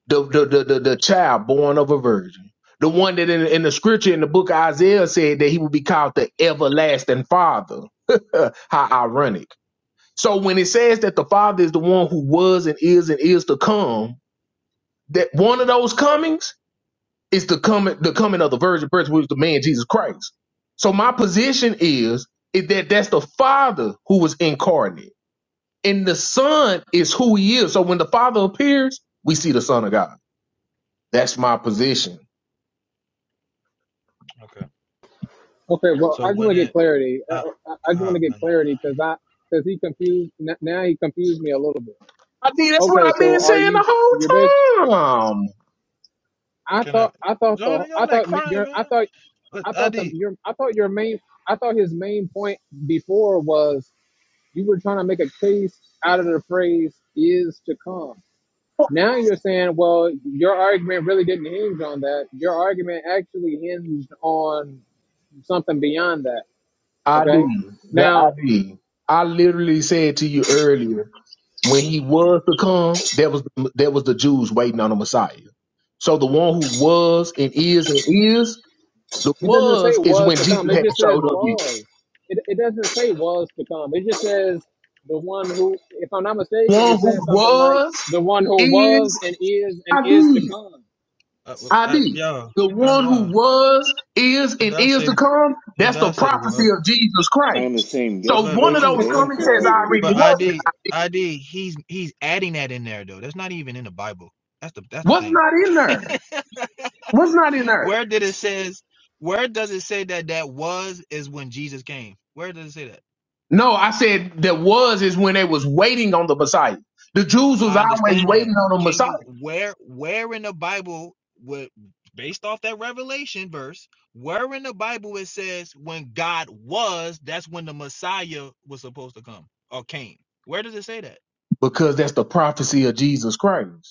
D: the the the the, the child born of a virgin. The one that in, in the scripture in the book of Isaiah said that he would be called the everlasting father. How ironic. So when it says that the father is the one who was and is and is to come, that one of those comings is the coming the coming of the virgin birth, which is the man Jesus Christ. So my position is, is that that's the father who was incarnate. And the son is who he is. So when the father appears, we see the son of God. That's my position.
E: Okay.
A: okay. Well, I
E: So
A: just
E: when
A: want to get
E: it,
A: clarity.
E: uh,
A: Uh, I I just want
E: oh
A: to get
E: man,
A: clarity because I because he confused n- now he confused me a little bit.
D: I think that's what
A: Okay,
D: I've been
A: so are
D: saying
A: you
D: the
A: your best?
D: whole time.
A: I
E: can I,
A: thought I thought the
E: Jordan? You
A: I
E: all that
A: thought ma-
E: crying,
A: your
E: man.
A: I thought
E: But
A: I
E: I
A: thought the
E: did.
A: your I thought your main I thought his main point before was You were trying to make a case out of the phrase is to come. Now you're saying, well, your argument really didn't hinge on that. Your argument actually hinged on something beyond that. Okay.
D: ID, the
A: Now,
D: ID. I literally said to you earlier when he was to come, that was that was the Jews waiting on the Messiah. So the one who was and is and is, the
A: it doesn't say
D: was is
A: was
D: when
A: to come,
D: Jesus
A: it
D: hadn't
A: just says
D: showed up yet.
A: was. It, it doesn't say was to come. It just says the one who, if I'm not mistaken,
D: One
A: it
D: who
A: says something like
D: was
A: the one who was
D: is
A: and is and is to
D: ID.
A: come.
E: Uh, uh, uh,
D: ID,
E: yeah,
D: the
E: uh,
D: one who
E: yeah.
D: was, is,
E: It
D: and
E: does
D: is
E: say
D: to come,
E: it
D: that's the
E: does say
D: prophecy
E: was,
D: of Jesus
F: I am the
D: Christ.
F: same
D: So
E: but
D: one of
F: yesterday,
E: but you
D: those
F: today,
E: you
F: and
D: coming says "I
F: forever.
D: already
E: but I
D: was."
E: did I did. He's he's adding that in there though. That's not even in the Bible. That's the that's the
D: What's
E: thing.
D: not in there? What's not in there?
E: Where did it says? Where does it say that that was is when Jesus came? Where does it say that?
D: No, I said that was is when they was waiting on the Messiah. The Jews was
E: I
D: always
E: understand
D: waiting
E: that.
D: on the
E: Can
D: Messiah
E: you where where in the Bible would based off that revelation verse, where in the Bible it says when God was, that's when the Messiah was supposed to come or came. Where does it say that?
D: because that's the prophecy of Jesus Christ.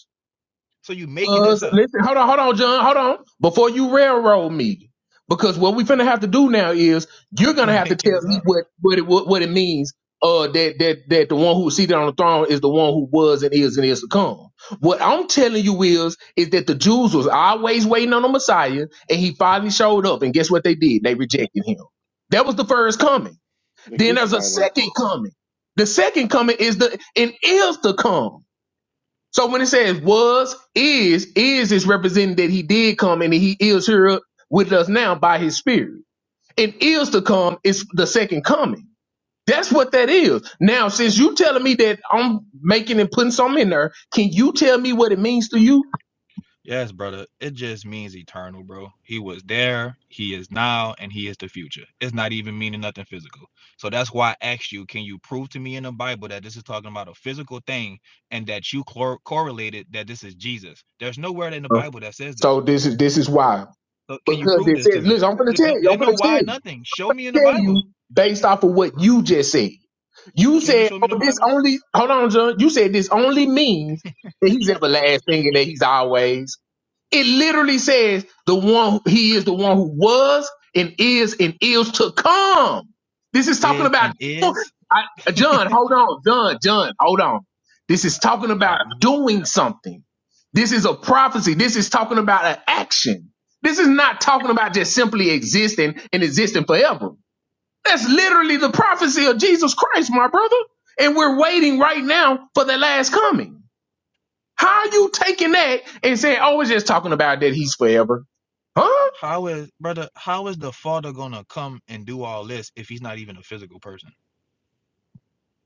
E: So you making this
D: was
E: up.
D: listen, hold on, hold on, John, hold on. Before you railroad me. Because what we finna have to do now is you're
E: You
D: gonna have to
E: making
D: tell
E: this
D: me
E: up.
D: what what it what, what it means uh that that that the one who's seated on the throne is the one who was and is and is to come. What I'm telling you is is that the Jews was always waiting on the Messiah and he finally showed up and guess what they did? They rejected him. That was the first coming.
F: They
D: Then there's a
F: crucified him.
D: second coming. The second coming is the and is to come. So when it says was, is, is is representing that he did come and he is here with us now by his spirit. And is to come is the second coming. That's what that is. Now, since you telling me that I'm making and putting something in there, can you tell me what it means to you?
E: Yes, brother. It just means eternal, bro. He was there, he is now, and he is the future. It's not even meaning nothing physical. So that's why I asked you, can you prove to me in the Bible that this is talking about a physical thing and that you cor- correlated that this is Jesus? There's nowhere in the Bible that says this.
D: So this is this is why.
E: So can you
D: Because
E: prove
D: it
E: this to
D: says,
E: me?
D: listen, I'm gonna
E: Th-
D: tell
E: th-
D: you,
E: They
D: I'm
E: know
D: gonna tell
E: why
D: you,
E: nothing. Show me in the
D: tell you
E: Bible.
D: based off of what you just said. You
E: Can you
D: said,
E: show me in the
D: oh, this
E: Bible?
D: only hold on, John. You said this only means that he's everlasting and that he's always. It literally says the one he is the one who was and is and is to come. This is talking
E: Is
D: about
E: and is.
D: I, John. Hold on, John. John, hold on. This
E: Uh,
D: is talking
E: man.
D: about doing something. This is a prophecy. This is talking about an action. This is not talking about just simply existing and existing forever. That's literally the prophecy of Jesus Christ, my brother. And we're waiting right now for the last coming. How you taking that and saying, oh, it's just talking about that he's forever? Huh?
E: How is brother? How is the father gonna come and do all this if he's not even a physical person?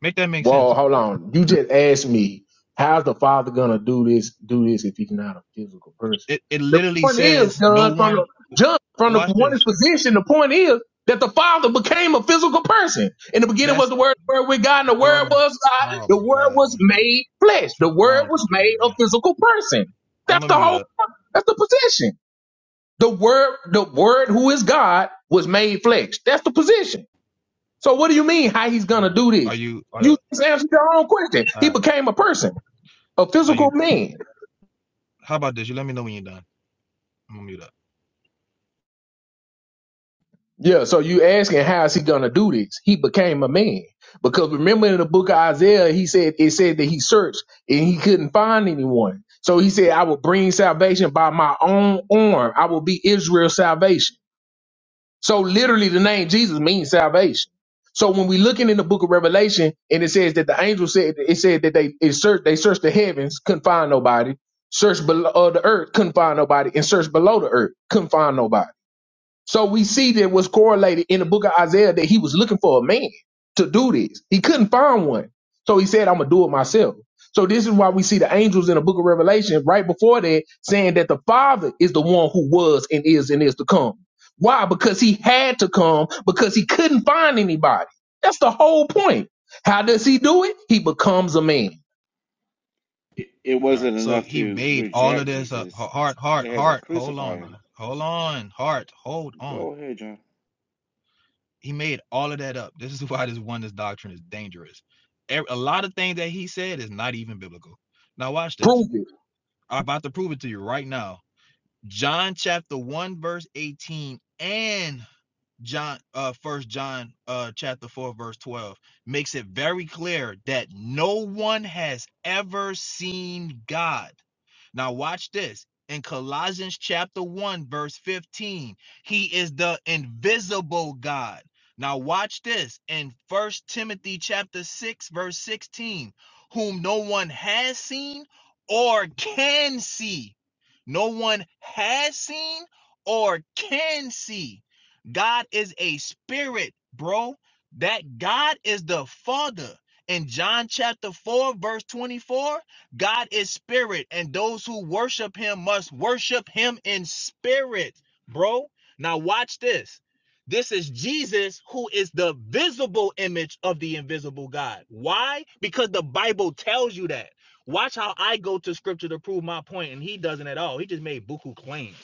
E: Make that make
D: Well,
E: sense.
D: hold on. You just asked me, how's the father gonna do this, do this if he's not a physical person?
E: It it
D: The
E: literally
D: point is,
E: says no
D: John, from
E: one.
D: the John, from the
E: Watch
D: one
E: this.
D: position, the point is that the father became a physical person. In the beginning was
E: That's
D: the word, the word with God, and the word
E: Jordan.
D: was God,
E: Oh
D: the
E: my
D: word
E: God,
D: was
E: man.
D: made flesh. The
E: Something
D: word
E: wrong with this
D: was made
E: dude, bro.
D: a physical person.
E: I'm
D: That's
E: gonna
D: the
E: mute
D: whole
E: up.
D: that's the position. The word, the word who is God was made flesh. That's the position. So what do you mean how he's
E: All
D: gonna
E: right.
D: do
E: Are
D: this?
E: you? Uh,
D: You just answered your own question.
E: all
D: He
E: right.
D: became a person, a
E: Are you?
D: physical man.
E: How about this? You let me know when you're done. I'm gonna mute up.
D: Yeah, so you asking how is he gonna do this? He became a man. Because remember in the book of Isaiah, he said it said that he searched and he couldn't find anyone. So he said, I will bring salvation by my own arm. I will be Israel's salvation. So literally the name Jesus means salvation. So when we looking in the book of Revelation and it says that the angel said it said that they it searched they searched the heavens, couldn't find nobody, searched below uh, the earth, couldn't find nobody, and searched below the earth, couldn't find nobody. So we see that was correlated in the book of Isaiah that he was looking for a man to do this. He couldn't find one. So he said, I'm going to do it myself. So this is why we see the angels in the book of Revelation right before that saying that the Father is the one who was and is and is to come. Why? Because he had to come because he couldn't find anybody. That's the whole point. How does he do it? He becomes a man.
F: It, it
E: All right.
F: wasn't
E: So
F: enough
E: he
F: to
E: made all of
F: reject
E: this up.
F: Jesus,
E: Heart,
F: they
E: heart,
F: had to
E: heart. Hold
F: crucify
E: on, bro.
F: him.
E: Hold on, heart. Hold on.
F: Go ahead, John.
E: He made all of that up. This is why this oneness doctrine is dangerous. A lot of things that he said is not even biblical. Now watch this.
D: Prove it.
E: I'm about to prove it to you right now John chapter 1 verse 18 and John uh first John uh chapter 4 verse 12 makes it very clear that no one has ever seen God. Now, watch this. In Colossians chapter 1, verse 15, he is the invisible God. Now, watch this. In First Timothy chapter 6, verse 16, whom no one has seen or can see. No one has seen or can see. God is a spirit, bro. That God is the Father. In John chapter 4, verse 24, God is spirit, and those who worship him must worship him in spirit, bro. Now, watch this. This is Jesus, who is the visible image of the invisible God. Why? Because the Bible tells you that. Watch how I go to scripture to prove my point, and he doesn't at all. He just made buku claims.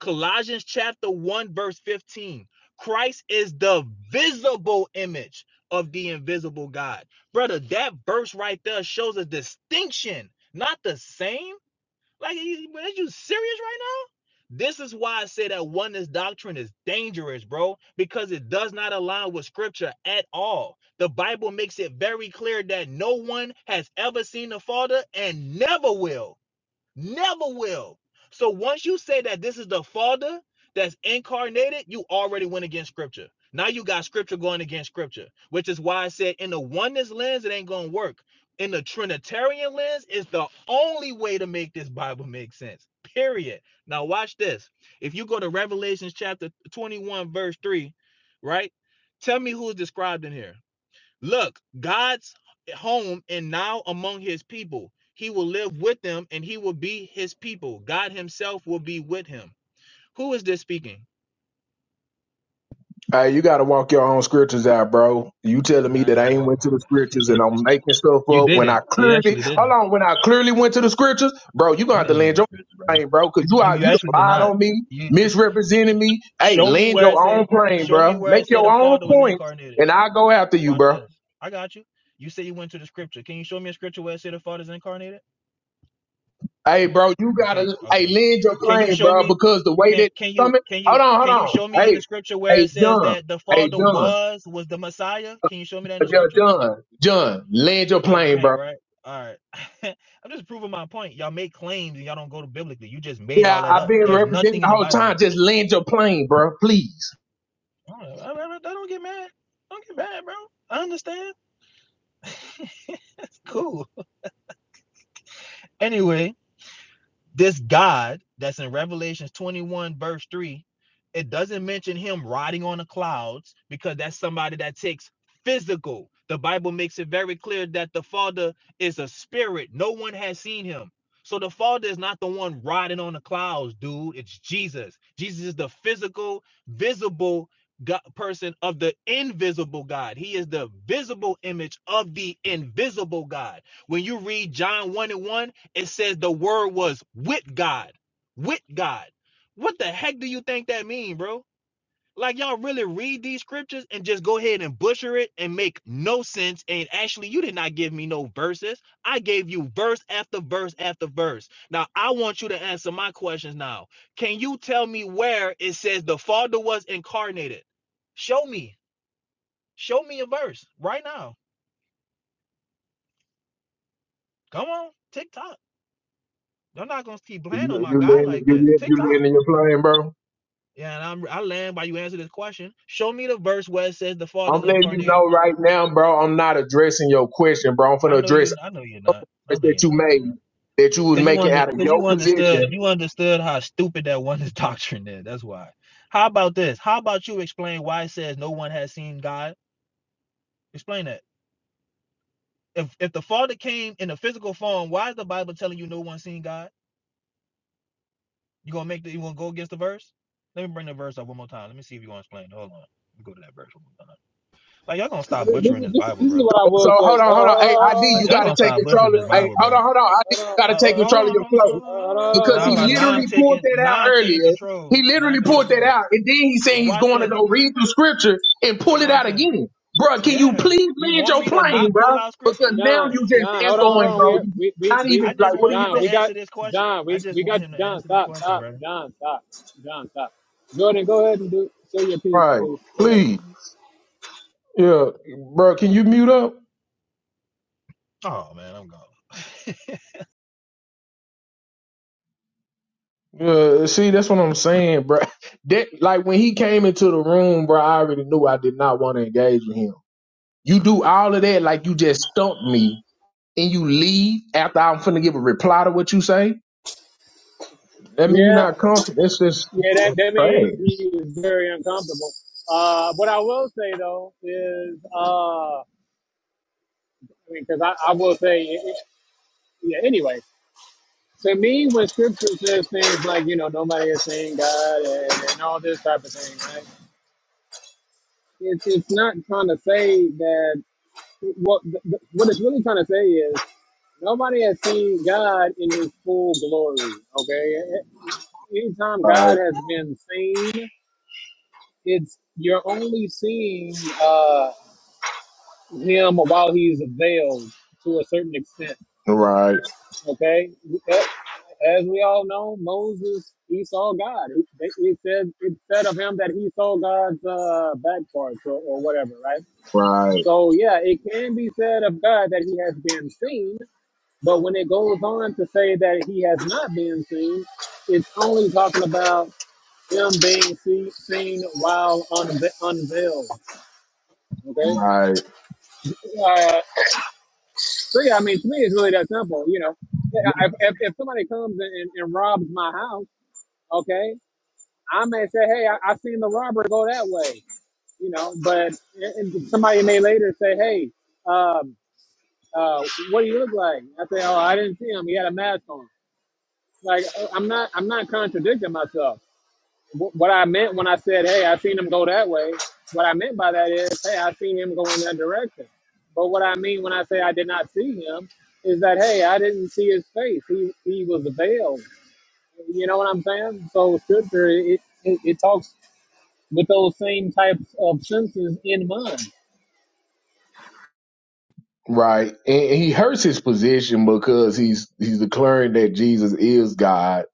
E: Colossians chapter 1, verse 15. Christ is the visible image of the invisible God brother. That verse right there shows a distinction, not the same. Like, you- are you serious right now? This is why I say that oneness doctrine is dangerous, bro, because it does not align with scripture at all. The Bible makes it very clear that no one has ever seen the Father and never will. Never will. So once you say that this is the Father that's incarnated, you already went against Scripture. Now you got Scripture going against Scripture, which is why I said in the oneness lens, it ain't going to work. In the Trinitarian lens, it's the only way to make this Bible make sense. Period. Now watch this. If you go to Revelation chapter 21, verse 3, right? Tell me who's described in here. Look, God's home and now among his people. He will live with them and he will be his people. God himself will be with him. Who is this speaking?
D: Hey, you gotta walk your own scriptures out, bro. You telling me
E: Now I
D: that I
E: gotta
D: ain't
E: walk
D: went to the scriptures and
E: my
D: I'm making stuff
E: You
D: up when I
E: didn't. You
D: clearly
E: actually didn't.
D: hold on when I clearly went to the scriptures, bro. You gonna
E: You
D: have to
E: didn't
D: land
E: manage
D: your
E: scripture, brother.
D: plane, bro,
E: You,
D: because you
E: you
D: are you done
E: actually did
D: lied
E: not.
D: on me,
E: You you-
D: misrepresented me. Hey,
E: show me
D: land
E: where
D: your
E: it
D: own
E: said.
D: plane,
E: Show me
D: bro.
E: where
D: Make
E: it said
D: your
E: the
D: own
E: Father was
D: points,
E: incarnated.
D: and I'll go after you,
E: Watch
D: bro.
E: this. I got you. You say you went to the scripture. Can you show me a scripture where it said the Father is incarnated?
D: Hey, bro, you
E: You can't.
D: gotta
E: Okay.
D: hey land your
E: Can you
D: plane,
E: show
D: bro,
E: me?
D: because the way
E: Can
D: that
E: can you
D: coming.
E: can you
D: Hold on, hold
E: can you
D: on.
E: show me in
D: Hey,
E: the scripture where
D: hey,
E: it says
D: John.
E: that the
D: Hey,
E: Father
D: John.
E: was was the Messiah? Can you show me that in the
D: John.
E: scripture?
D: John. John. Land your
E: Oh, you
D: plane,
E: can't,
D: bro.
E: right? All right. I'm just proving my point. Y'all make claims and y'all don't go to biblically. You just made
D: Yeah,
E: all that
D: I've
E: up.
D: been
E: There's
D: representing
E: nothing
D: the
E: in the
D: whole
E: Bible.
D: time. Just land your plane, bro. Please.
E: All right, all right, all right, don't get mad. Don't get mad, bro. I understand. That's cool. Anyway, This God that's in Revelations 21, verse 3, it doesn't mention him riding on the clouds because that's somebody that takes physical. The Bible makes it very clear that the Father is a spirit. No one has seen him. So the Father is not the one riding on the clouds, dude. It's Jesus. Jesus is the physical, visible God, person of the invisible God. He is the visible image of the invisible God. When you read John 1 and 1, it says the word was with God. With God. What the heck do you think that mean, bro? Like y'all really read these scriptures and just go ahead and butcher it and make no sense. And actually, you did not give me no verses. I gave you verse after verse after verse. Now I want you to answer my questions now. Can you tell me where it says the Father was incarnated? Show me. Show me a verse right now. Come on, TikTok. They're not gonna keep playing on
D: You,
E: my
D: you,
E: guy like this.
D: you
E: TikTok.
D: land your plane, bro.
E: Yeah, and I'm I land by you answer this question. Show me the verse where it says the Father
D: I'm
E: is
D: letting you
E: incarnated.
D: know right now, bro. I'm not addressing your question, bro. I'm gonna
E: I know
D: address
E: you. I know you're not. I know
D: that
E: you're
D: you
E: not. No,
D: made that you was
E: because you
D: making
E: under
D: out of
E: because
D: your
E: you
D: position
E: understood you understood how stupid that one is doctrine is. That's why. How about this? How about you explain why it says no one has seen God? Explain that. If if the Father came in a physical form, why is the Bible telling you no one seen God? You gonna make the you gonna go against the verse? Let me bring the verse up one more time. Let me see if you gonna explain. it. Hold on. Let me go to that verse one more time. Like y'all gonna
A: So
E: stop
A: thi- This
E: butchering
A: is,
E: this
A: this, is-
E: Bible,
A: this
E: bro.
A: is what I
D: So
A: will say.
D: hold on, hold
A: Uh,
D: on. Hey, ID, you
E: Y'all
D: gotta
E: gonna
D: take
E: start butchering
D: control. Of,
E: this
A: uh, uh,
D: hey,
E: Bible,
D: hold
E: bro.
D: on, hold on. ID,
A: uh,
D: you
A: uh,
E: Uh,
D: gotta take
E: uh, hold
D: control of
E: on, hold
D: your
E: on,
D: flow
E: hold on.
A: Hold on, hold
E: hold
A: on,
E: on. Now
D: because
E: I'm
A: hold on,
D: he
E: about now
A: hold on.
E: I'm
D: literally pulled
E: taking
D: that out
E: now I'm taking
D: earlier.
E: control.
D: He
E: Now I'm
D: literally
E: taking
D: pulled that
E: control.
D: out, and then he's saying he's
E: Watch
D: going to
E: this.
D: go read through scripture and pull it
E: Watch
D: out
E: this.
D: again, bro. Can you
E: Yeah.
D: please
E: You
D: land
E: want
D: your
E: me to
D: plane,
E: not
D: bro?
E: pull out scripture?
D: Because now
A: John,
D: you just
A: John, hold on, hold
D: echoing,
A: on.
D: bro.
A: We,
D: You
A: we, we,
D: not
A: we,
D: even
E: I just
D: like, what are
E: want
D: you
E: him
A: John,
D: doing?
E: to
A: we got,
E: answer this question.
A: John,
E: I
A: we,
E: just
A: we got,
E: want him to
A: John,
E: answer the
A: stop,
E: question,
A: stop,
E: brother.
A: John, stop, John, stop. Jordan, go ahead and do, say your piece,
D: Right.
A: please. Go ahead.
D: Please. Yeah. Bro, can you mute up?
E: Oh man, I'm gone.
D: Yeah, see, that's what I'm saying, bro. That like when he came into the room, bro, I already knew I did not want to engage with him. You do all of that like you just stumped me and you leave after I'm finna give a reply to what you say. I mean, you're
A: Yeah,
D: not confident. That's just
A: yeah, that, that
D: trash.
A: means he was very uncomfortable. Uh, what I will say though is, uh, I mean, cause I, I will say, yeah, yeah, anyway, to me, when scripture says things like, you know, nobody is seeing God and, and all this type of thing, right? it's it's not trying to say that what th- th- what it's really trying to say is nobody has seen God in His full glory. Okay, anytime God
D: Right,
A: has been seen, it's you're only seeing uh, Him while He's veiled to a certain extent.
D: right,
A: Okay, as we all know, Moses he saw God. It, it said it said of him that he saw God's uh, back parts or, or whatever, right?
D: right,
A: So yeah, it can be said of God that he has been seen, but when it goes on to say that he has not been seen, it's only talking about him being see, seen while unve- unveiled. Okay.
D: right.
A: Uh, so yeah, I mean, to me, it's really that simple. You know, Yeah, if, if, if somebody comes and, and, and robs my house, okay, I may say, hey, I, I seen the robber go that way you know. But and and somebody may later say, "Hey, um, uh, what he look like. I say, oh, I didn't see him. He had a mask on. Like, uh, I'm not, I'm not contradicting myself. Wh- What I meant when I said, hey, I seen him go that way. What I meant by that is, hey, I seen him go in that direction. But what I mean when I say I did not see him is that, hey, I didn't see his face. He, he was veiled. You know what I'm saying? So scripture, it, it, it talks with those same types of senses in mind.
D: right. And and he hurts his position because he's he's declaring that Jesus is God,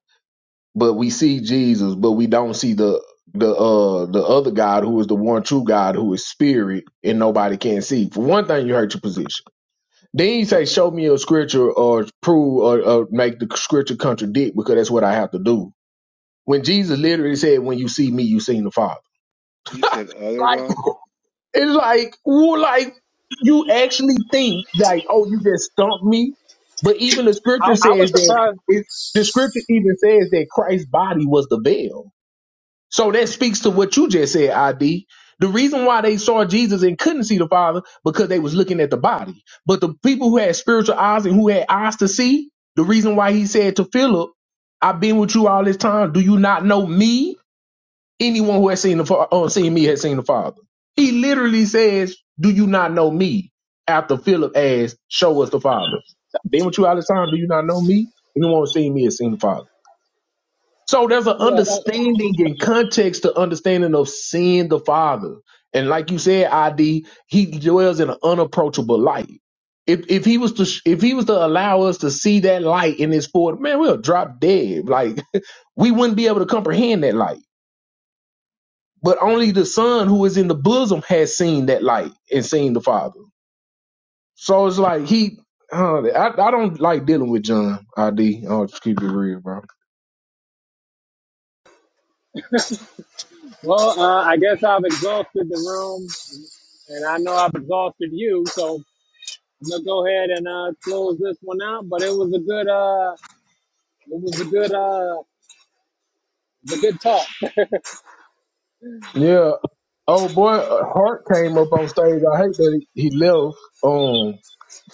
D: but we see Jesus, but we don't see the the uh the other God who is the one true God who is spirit and nobody can see. For one thing, you hurt your position. Then you say, show me a scripture or prove or, or make the scripture contradict because that's what I have to do. When Jesus literally said, when you see me, you seen the Father.
F: You said other
D: Like,
F: God?
D: it's like, well, like you actually think like, oh, you just stumped me. But even the
A: I,
D: scripture
A: I
D: says
A: was
D: that
A: surprised.
D: it, the scripture even says that Christ's body was the veil. So that speaks to what you just said, ID. The reason why they saw Jesus and couldn't see the Father because they was looking at the body. But the people who had spiritual eyes and who had eyes to see, the reason why he said to Philip, "I've been with you all this time. Do you not know me? Anyone who has seen the Fa- uh, seen me has seen the Father." He literally says, "Do you not know me?" After Philip asked, "Show us the Father." I've been with you all this time. Do you not know me? Anyone who's seen me has seen the Father. So there's an
A: Yeah. Uh, uh,
D: understanding and context to understanding of seeing the Father. And like you said, ID, he dwells in an unapproachable light. If if he was to sh- if he was to allow us to see that light in his forward, man, we'll drop dead. Like we wouldn't be able to comprehend that light. But only the Son who is in the bosom has seen that light and seen the Father. So it's like he uh, I, I don't like dealing with John ID. I'll just keep it real, bro.
A: well, uh, I guess I've exhausted the room. And I know I've exhausted you, so I'm gonna go ahead and uh, close this one out. But it was a good, uh, it was a good, uh, it was a good talk.
D: Yeah. Oh boy, uh, Hart came up on stage. I hate that he, he left. Um,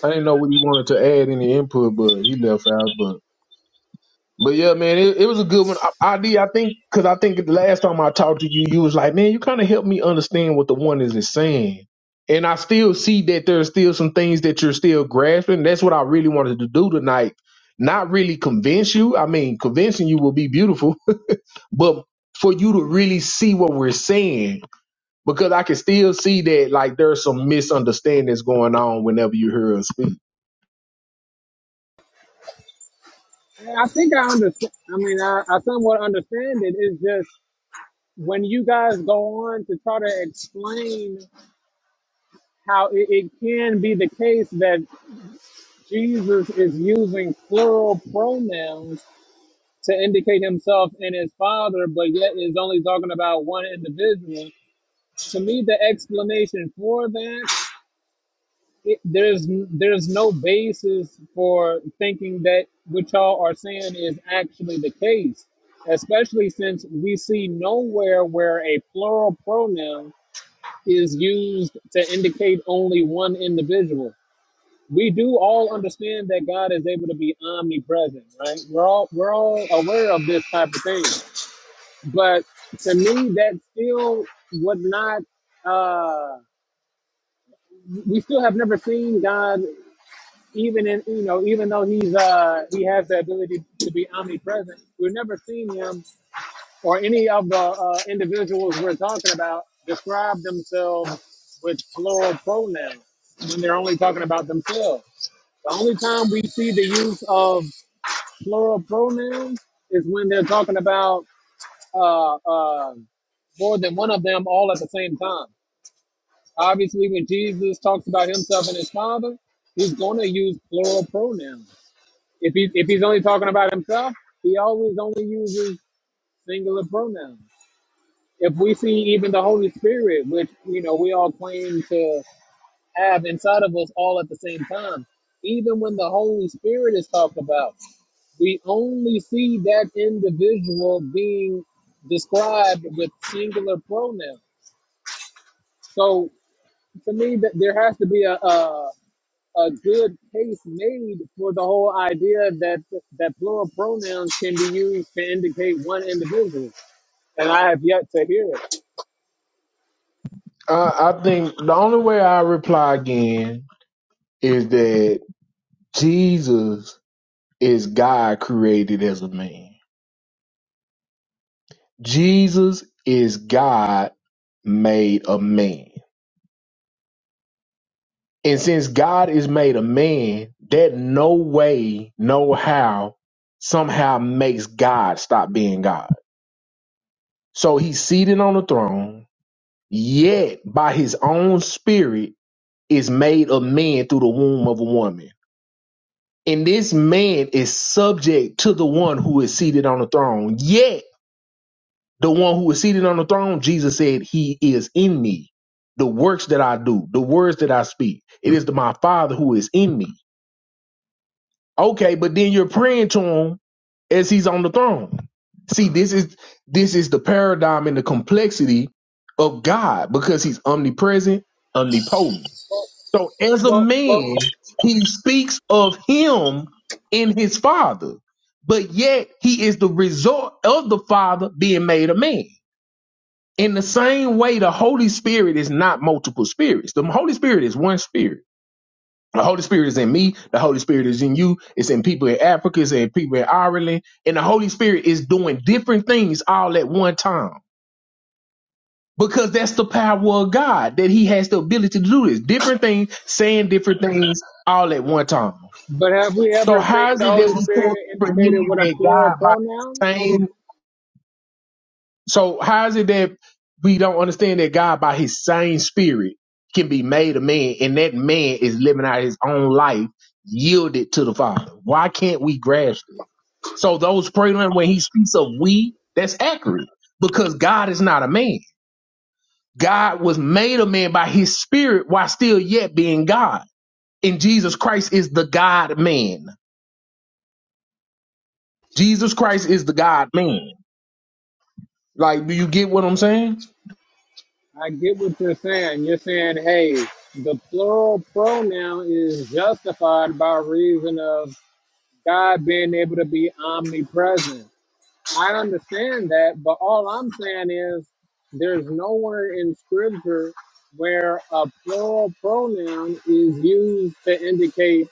D: I didn't know what he wanted to add any input, but he left out. But but yeah, man, it, it was a good one. I, ID, I think, because I think the last time I talked to you, you was like, man, you kind of helped me understand what the one is saying. And I still see that there's still some things that you're still grasping. That's what I really wanted to do tonight. Not really convince you. I mean, convincing you will be beautiful, but for you to really see what we're saying because I can still see that like there's some misunderstandings going on whenever you hear her speak.
A: I think I understand. I mean, I, I somewhat understand it. It's just when you guys go on to try to explain how it, it can be the case that Jesus is using plural pronouns to indicate himself and his father, but yet is only talking about one individual. To me, the explanation for that it, there's there's no basis for thinking that what y'all are saying is actually the case, especially since we see nowhere where a plural pronoun is used to indicate only one individual. We do all understand that God is able to be omnipresent, right? We're all we're all aware of this type of thing, but to me, that still would not. Uh, we still have never seen God. even in you know even though he's uh he has the ability to be omnipresent we've never seen him or any of the uh, individuals we're talking about describe themselves with plural pronouns when they're only talking about themselves the only time we see the use of plural pronouns is when they're talking about uh, uh, more than one of them all at the same time obviously when jesus talks about himself and his father he's going to use plural pronouns if he if he's only talking about himself, he always only uses singular pronouns. If we see even the Holy Spirit, which you know we all claim to have inside of us all at the same time, even when the Holy Spirit is talked about, we only see that individual being described with singular pronouns. So to me, that there has to be a, a a good case made for the whole idea that that plural pronouns can be used to indicate one individual, and I have yet to hear it.
D: I, I think the only way I reply again is that Jesus is God created as a man. Jesus is God made a man. And since God is made a man, that no way, no how somehow makes God stop being God. So he's seated on the throne, yet by his own spirit is made of man through the womb of a woman. And this man is subject to the one who is seated on the throne. Yet, the one who is seated on the throne, Jesus said, He is in me. The works that I do, the words that I speak, it is to my Father who is in me. Okay, but then you're praying to Him as He's on the throne. See, this is this is the paradigm and the complexity of God because He's omnipresent, omnipotent.
A: Well,
D: So as a
A: well, well,
D: man, he speaks of him in his father, but yet he is the result of the father being made a man. In the same way, the Holy Spirit is not multiple spirits. The Holy Spirit is one spirit. The Holy Spirit is in me. The Holy Spirit is in you. It's in people in Africa. It's in people in Ireland. And the Holy Spirit is doing different things all at one time because that's the power of God that He has the ability to do this. Different things, saying different things all at one time.
A: but have we
D: So
A: ever seen
D: how is
A: the
D: it that
A: Holy
D: we can't
A: Spirit indicated
D: comprehend
A: with a
D: that
A: plural
D: God by the
A: pronoun?
D: same? So how is it that we don't understand that God by His same Spirit can be made a man, and that man is living out his own life yielded to the Father? Why can't we grasp it? So those praying when He speaks of we, that's accurate because God is not a man. God was made a man by His Spirit while still yet being God, and Jesus Christ is the God Man. Jesus Christ is the God Man. Like, do you get what I'm saying?
A: I get what you're saying. You're saying, hey, the plural pronoun is justified by reason of God being able to be omnipresent. I understand that, but all I'm saying is there's nowhere in scripture where a plural pronoun is used to indicate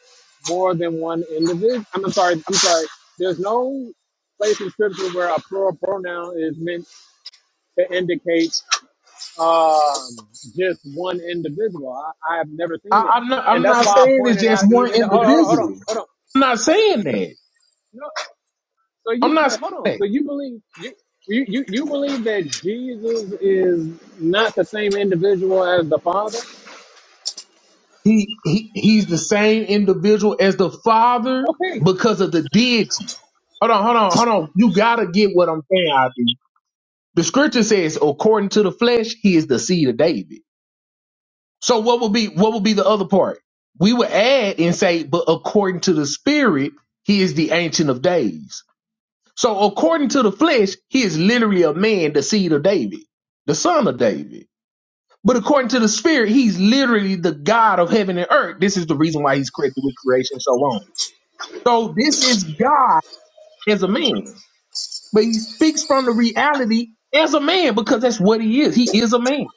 A: more than one individual. I'm sorry, I'm sorry. There's no place in scripture where a plural pronoun is meant to indicate um, just one individual. I, I have never seen
D: I,
A: it.
D: I'm not.
A: And
D: I'm
A: that's
D: not
A: why I
D: saying it's
A: pointed
D: just
A: out
D: one
A: even, oh, hold on, hold on,
D: individual.
A: hold on.
D: I'm not saying that.
A: No, So
D: I'm
A: you
D: not
A: wait, hold on.
D: saying
A: So
D: that.
A: you believe you you you, you believe that Jesus is not the same individual as the Father?
D: He, he he's the same individual as the father
A: Okay.
D: because of the deity. Hold on, hold on, hold on. You gotta get what I'm saying, ID. The scripture says, according to the flesh, he is the seed of David. So what would be what would be the other part? We would add and say, but according to the spirit, he is the ancient of days. So according to the flesh, he is literally a man, the seed of David, the son of David. But according to the spirit, he's literally the God of heaven and earth. This is the reason why he's created with creation and so on. So this is God as a man, but he speaks from the reality as a man because that's what he is. He is a man.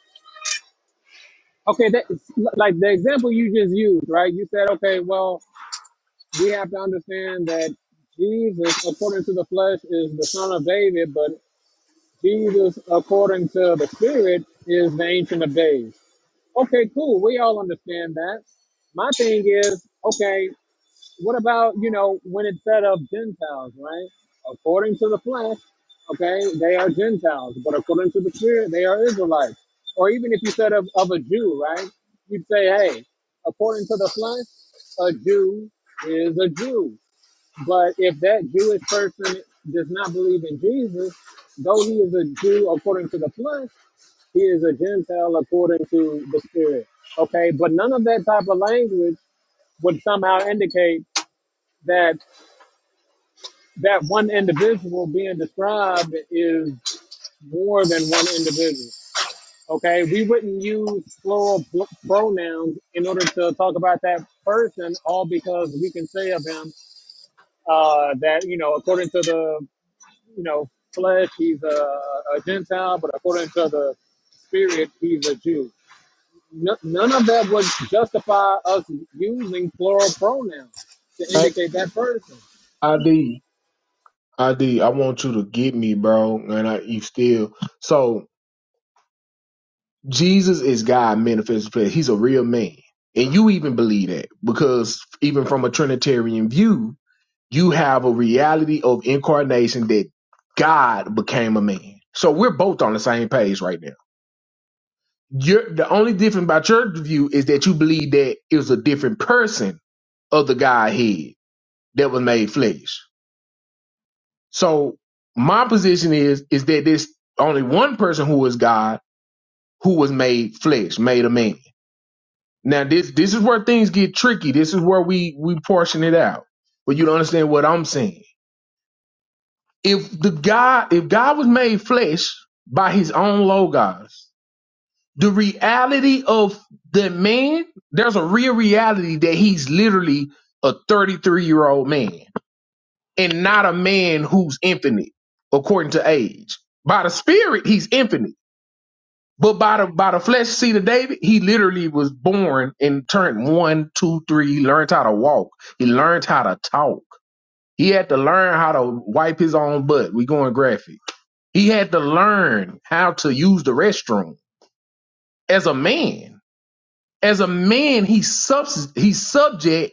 A: Okay, that is- like the example you just used, right? You said, okay, well, we have to understand that Jesus, according to the flesh, is the son of David, but Jesus, according to the Spirit, is the Ancient of Days. Okay, cool. We all understand that. My thing is, okay. what about you know when it said of Gentiles, right? According to the flesh, okay, they are Gentiles, but according to the Spirit, they are Israelites. Or even if you said of, of a Jew, right? You'd say, hey, according to the flesh, a Jew is a Jew. But if that Jewish person does not believe in Jesus, though he is a Jew according to the flesh, he is a Gentile according to the Spirit. Okay, but none of that type of language would somehow indicate that that one individual being described is more than one individual. Okay, we wouldn't use plural pl- pronouns in order to talk about that person, all because we can say of him uh, that you know, according to the you know flesh, he's a, a Gentile, but according to the spirit, he's a Jew. No, none of that would justify us using plural pronouns to
D: I,
A: indicate that person.
D: ID, ID, I D, I want you to get me, bro. And I, you still so. Jesus is God manifested. flesh. He's a real man. And you even believe that because even from a Trinitarian view, you have a reality of incarnation that God became a man. So we're both on the same page right now. You're, the only difference about your view is that you believe that it was a different person of the Godhead that was made flesh. So my position is is that there's only one person who is God who was made flesh, made a man. Now this this is where things get tricky. This is where we we portion it out. But you don't understand what I'm saying. If the God if God was made flesh by his own logos, the reality of the man, there's a real reality that he's literally a 33 year old man and not a man who's infinite according to age. By the spirit, he's infinite But by the by the flesh seed of David, he literally was born and turned one, two, three. He learned how to walk. He learned how to talk. He had to learn how to wipe his own butt. We going graphic. He had to learn how to use the restroom as a man. As a man, he subs he's subject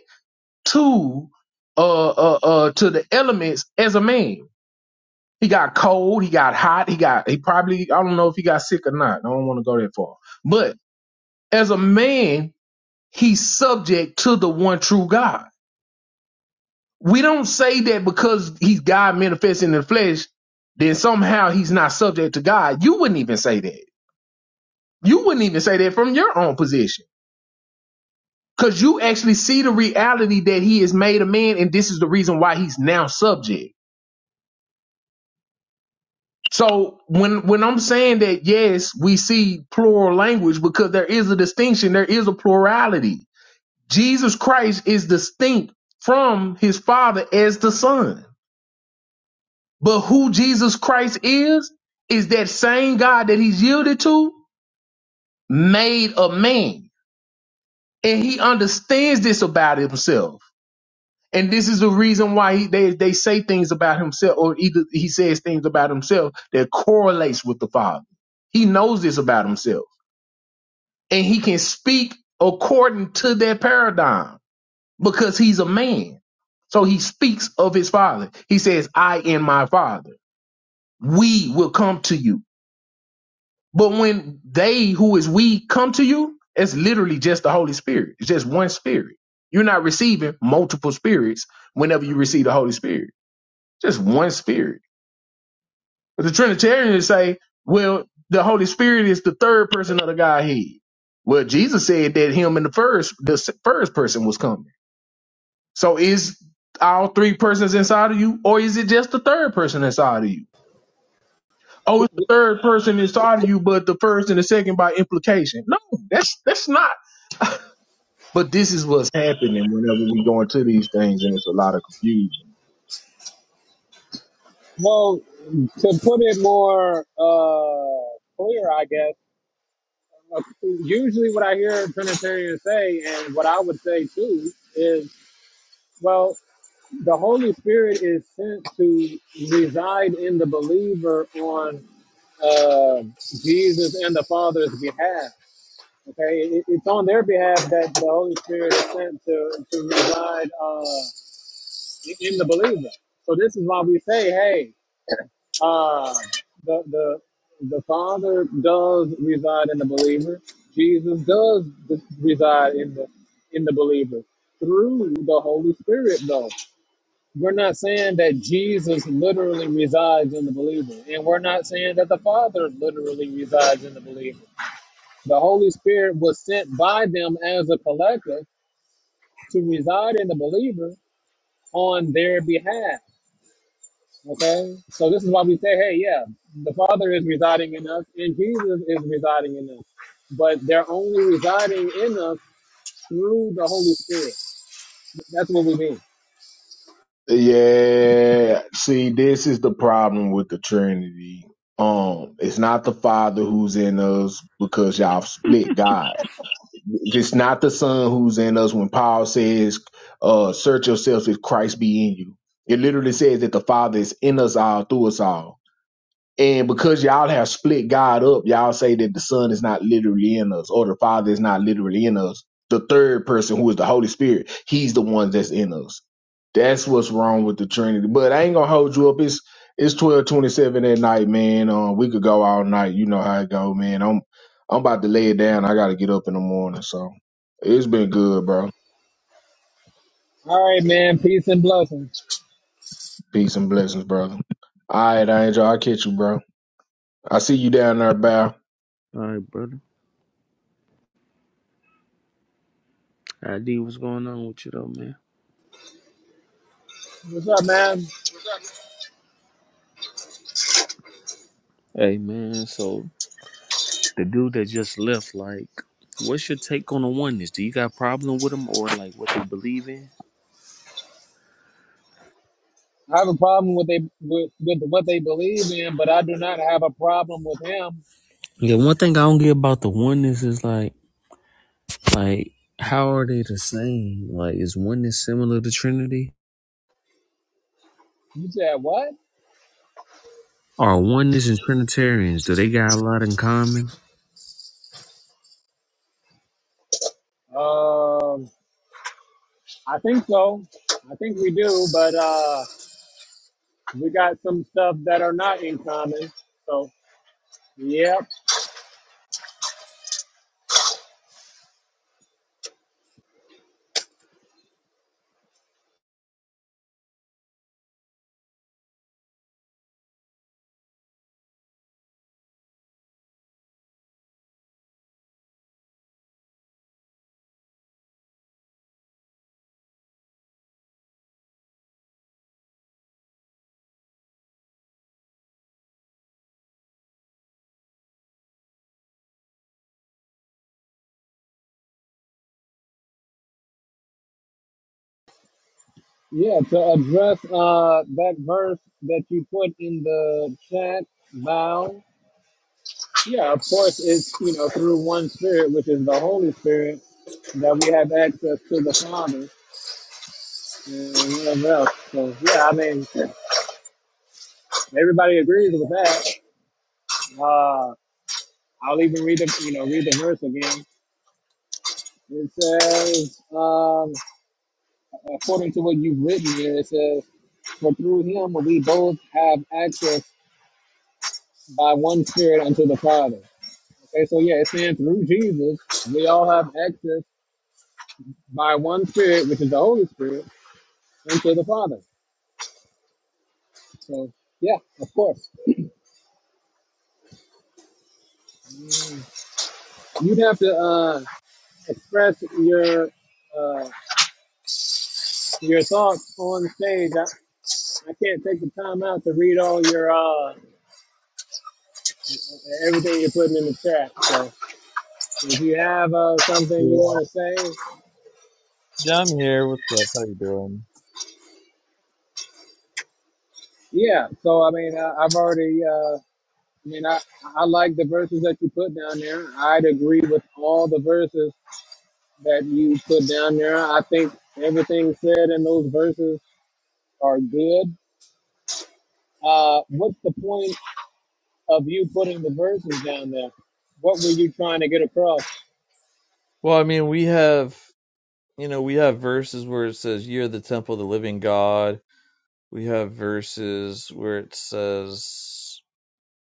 D: to uh uh uh to the elements as a man. He got cold, he got hot, he got he probably I don't know if he got sick or not. I don't want to go that far. But as a man, he's subject to the one true God. We don't say that because he's God manifesting in the flesh, then somehow he's not subject to God. You wouldn't even say that. You wouldn't even say that from your own position. Because you actually see the reality that he is made a man, and this is the reason why he's now subject. So when when I'm saying that, yes, we see plural language because there is a distinction, there is a plurality. Jesus Christ is distinct from his father as the son. But who Jesus Christ is, is that same God that he's yielded to, made a man. And he understands this about himself. And this is the reason why he, they, they say things about himself, or either he says things about himself that correlates with the Father. He knows this about himself. And he can speak according to that paradigm because he's a man. So he speaks of his father. He says, I and my father, we will come to you. But when they who is we come to you, it's literally just the Holy Spirit. It's just one spirit. You're not receiving multiple spirits whenever you receive the Holy Spirit. Just one spirit. But the Trinitarians say, well, the Holy Spirit is the third person of the Godhead. Well, Jesus said that him and the first, the s- first person was coming. So is all three persons inside of you, or is it just the third person inside of you? Oh, it's the third person inside of you, but the first and the second by implication. No, that's that's not. But this is what's happening whenever we go these out of confusion.
A: Well, to put it more uh, clear, I guess, usually what I hear Trinitarians say, and what I would say too, is well, the Holy Spirit is sent to reside in the believer on uh, Jesus and the Father's behalf. Okay, it, it's on their behalf that the Holy Spirit is sent to, to reside uh, in the believer. So this is why we say, hey, Uh, the, the, the Father does reside in the believer. Jesus does d- reside in the in the believer through the Holy Spirit, though. We're not saying that Jesus literally resides in the believer, and we're not saying that the Father literally resides in the believer. The Holy Spirit was sent by them as a collective to reside in the believer on their behalf. Okay? So this is why we say, hey, yeah, the Father is residing in us and Jesus is residing in us. But they're only residing in us through the Holy Spirit. That's what we mean.
D: Yeah, see, this is the problem with the Trinity. Um, it's not the Father who's in us because y'all split God. It's not the Son who's in us when Paul says, uh, search yourselves if Christ be in you. It literally says that the Father is in us all, through us all. And because y'all have split God up, y'all say that the Son is not literally in us or the Father is not literally in us. The third person, who is the Holy Spirit, he's the one that's in us. That's what's wrong with the Trinity. But I ain't gonna hold you up. It's it's twelve twenty seven at night, man. Um, we could go all night. You know how it go, man. I'm I'm about to lay it down. I gotta get up in the morning. So it's been good, bro.
A: All right, man. Peace and blessings.
D: Peace and blessings, brother. All right, Angel. I'll catch you, bro. I see you down there, Bow.
C: All right, brother. ID, what's going on with you though, man?
A: What's up, man?
C: Hey, man. So the dude that just left, like, what's your take on the oneness? Do you got a problem with him or like what they believe in?
A: I have a problem with they with, with what they believe in, but I do not have a problem with him.
C: Yeah. One thing I don't get about the oneness is like. Like, how are they the same? Like, is oneness similar to Trinity?
A: You said what?
C: Are oneness and Trinitarians, do they got a lot in common?
A: Um, I think so. I think we do, but uh, we got some stuff that are not in common. So, yep. Yeah, to address uh, that verse that you put in the chat, Val. Yeah, of course, it's you know through one Spirit, which is the Holy Spirit, that we have access to the Father and whatever else. So yeah, I mean, everybody agrees with that. Uh, I'll even read the you know read the verse again. It says, um, according to what you've written here, it says, "For through Him we both have access by one Spirit unto the Father." Okay, so yeah, it's saying through Jesus, we all have access by one Spirit, which is the Holy Spirit, unto the Father. So yeah, of course, you'd have to uh, express your uh, your thoughts on stage. I, I can't take the time out to read all your uh, everything you're putting in the chat. So if you have uh, something you
G: Yeah,
A: want to say,
G: John here. What's up? How you doing?
A: yeah. So I mean, uh, I've already. Uh, I mean, I, I like the verses that you put down there. I'd agree with all the verses that you put down there. I think everything said in those verses are good. Uh, what's the point of you putting the verses down there? What were you trying to get across?
G: Well, I mean, we have, you know, we have verses where it says, You're the temple of the living God. We have verses where it says,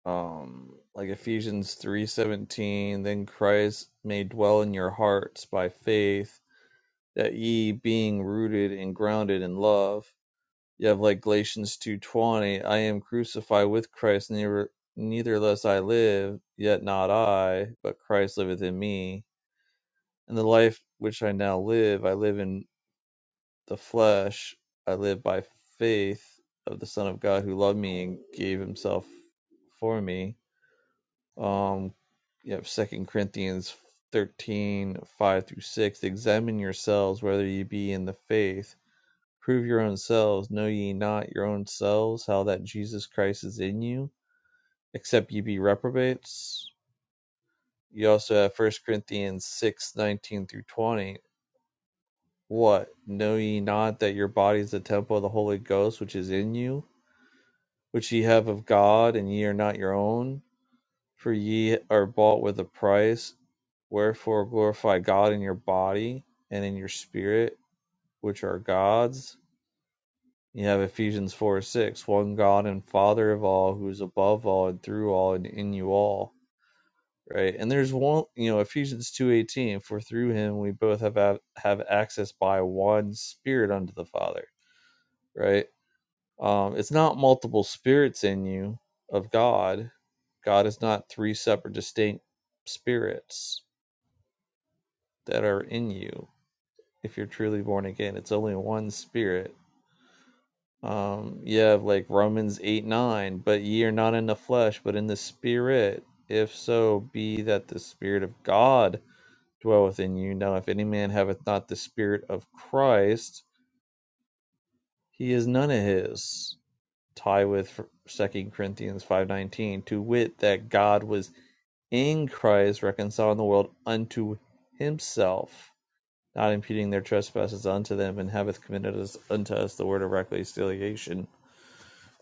G: um, like Ephesians 3:17, then Christ may dwell in your hearts by faith, that ye being rooted and grounded in love. You have like Galatians 2:20, I am crucified with Christ, neither neither less I live, yet not I, but Christ liveth in me And the life which I now live, I live in the flesh. I live by faith of the Son of God who loved me and gave himself for me. Um, you have Second Corinthians 13 5 through 6. Examine yourselves whether ye be in the faith. Prove your own selves. Know ye not your own selves how that Jesus Christ is in you, except ye be reprobates? You also have First Corinthians 6 19 through 20 What, know ye not that your body is the temple of the Holy Ghost which is in you, which ye have of God, and ye are not your own? For ye are bought with a price. Wherefore glorify God in your body and in your spirit, which are God's. You have Ephesians 4 six, one God and Father of all, who is above all and through all and in you all. Right. And there's one, you know, Ephesians 2:18, for through him we both have, have access by one spirit unto the Father. Right Um, it's not multiple spirits in you of God. God is not three separate distinct spirits that are in you. If you're truly born again, it's only one spirit. Um, you have like Romans 8 9, but ye are not in the flesh, but in the spirit. If so be that the spirit of God dwelleth in you. Now, if any man haveth not the spirit of Christ, he is none of his. tie with Second Corinthians 5:19, to wit that God was in Christ reconciling the world unto himself, not imputing their trespasses unto them, and hath committed us unto us the word of reconciliation.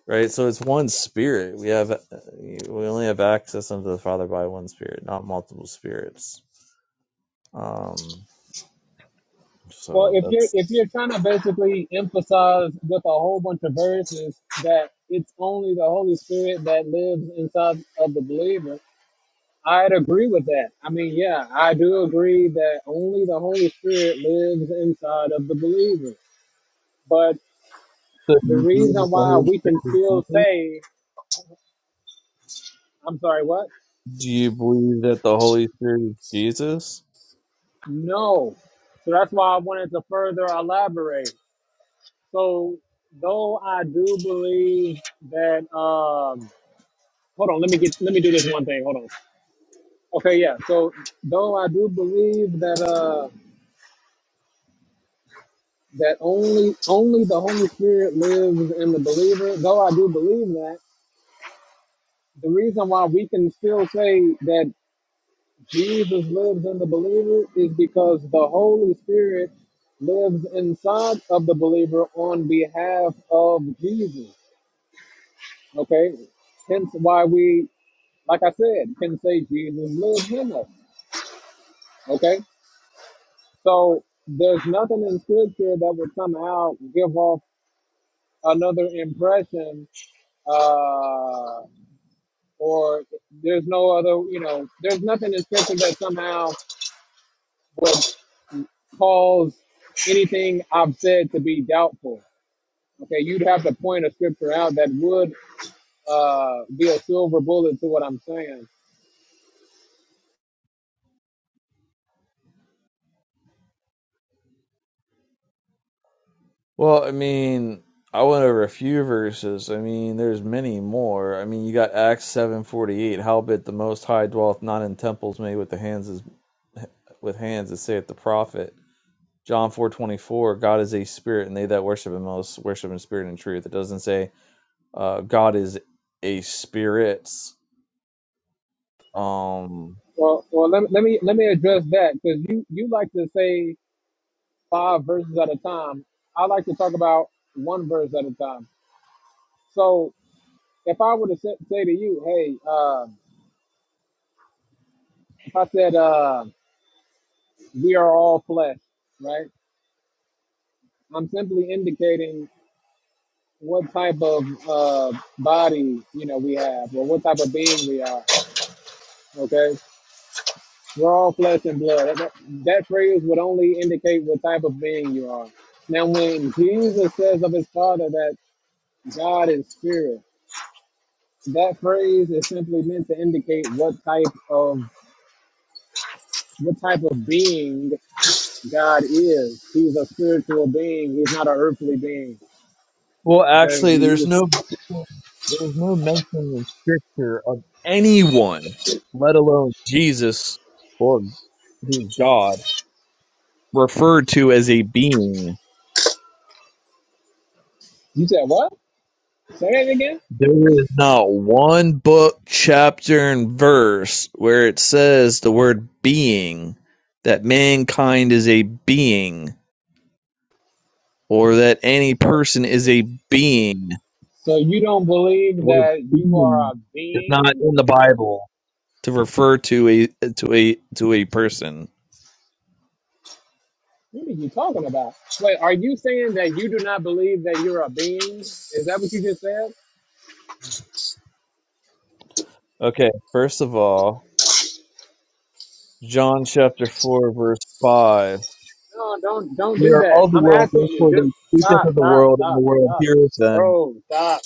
G: Right, so it's one spirit. We have uh, we only have access unto the Father by one spirit, not multiple spirits. Um,
A: Well,
G: so
A: if you're
G: that's.
A: if you're trying to basically emphasize with a whole bunch of verses that it's only the Holy Spirit that lives inside of the believer, I'd agree with that. I mean, yeah, I do agree that only the Holy Spirit lives inside of the believer. But
G: So
A: The reason why we can still say, I'm sorry, what?
G: do you believe that the Holy Spirit is Jesus? Do you believe that the Holy Spirit is Jesus?
A: No. So that's why I wanted to further elaborate. So though I do believe that um hold on, let me get let me do this one thing. Hold on. Okay, yeah. So though I do believe that uh that only only the Holy Spirit lives in the believer, though I do believe that, the reason why we can still say that Jesus lives in the believer is because the Holy Spirit lives inside of the believer on behalf of Jesus. Okay? Hence why we, like I said, can say Jesus lives in us. Okay? So there's nothing in Scripture that would somehow give off another impression uh, or there's no other, you know, there's nothing in Scripture that somehow would. cause anything I've said to be doubtful. Okay, you'd have to point a scripture out that would uh, be a silver bullet to what I'm saying.
G: Well, I mean, I went over a few verses. I mean, there's many more. I mean, you got Acts seven forty eight. Howbeit the Most High dwelleth not in temples made with the hands is, with hands, as saith the prophet. John four twenty four. God is a spirit, and they that worship Him must worship in spirit and truth. It doesn't say uh, God is a spirit. Um,
A: Well, well, let, let me let me address that because you you like to say five verses at a time. I like to talk about one verse at a time. So if I were to say, say to you, hey, uh, if I said uh, we are all flesh, right? I'm simply indicating what type of uh, body you know we have, or what type of being we are. Okay, we're all flesh and blood. That, that phrase would only indicate what type of being you are. Now, when Jesus says of his Father that God is spirit, that phrase is simply meant to indicate what type of what type of being God is. He's a spiritual being. He's not an earthly being.
G: Well,
A: Okay,
G: actually,
A: He-
G: there's no there's no mention in scripture of anyone, let alone Jesus or who's God, referred to as a being.
A: you said what? Say that again.
G: There is not one book, chapter, and verse where it says the word being, that mankind is a being, or that any person is a being.
A: So you don't believe
G: The word
A: that you are
G: being
A: a
G: is not
A: being?
G: in the Bible. to refer to a to a to a person.
A: What are you talking about? Wait, are you saying that you do not believe that you're a being? Is that what you just said?
G: Okay, first of all, John chapter four verse five.
A: No, don't don't
G: They
A: do
G: are
A: that.
G: all the
A: I'm
G: world,
A: asking you.
G: therefore
A: Just
G: they speaketh
A: stop,
G: of the
A: stop,
G: world, and the
A: stop,
G: world
A: stop.
G: heareth them.
A: Bro, stop.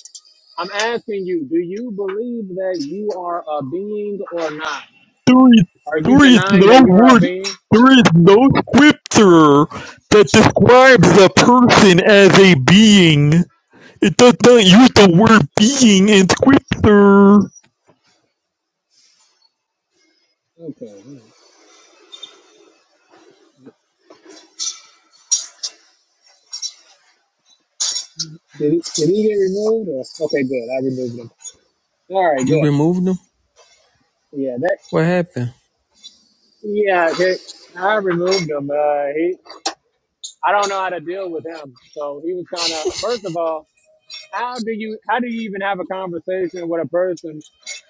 A: I'm asking you, do you believe that you are a being or not?
G: There is,
A: Are you
G: there is
A: denying
G: no
A: that you're a
G: word,
A: being?
G: there is no scripture that describes a person as a being. It does not use the word being in scripture.
A: Okay. Did he, did he get removed? Or? Okay, good. I removed him. All right,
C: You
A: good.
C: removed them?
A: Yeah, that
C: What happened?
A: Yeah, they, I removed him. Uh, he, I don't know how to deal with him. So he was kind of. First of all, how do you how do you even have a conversation with a person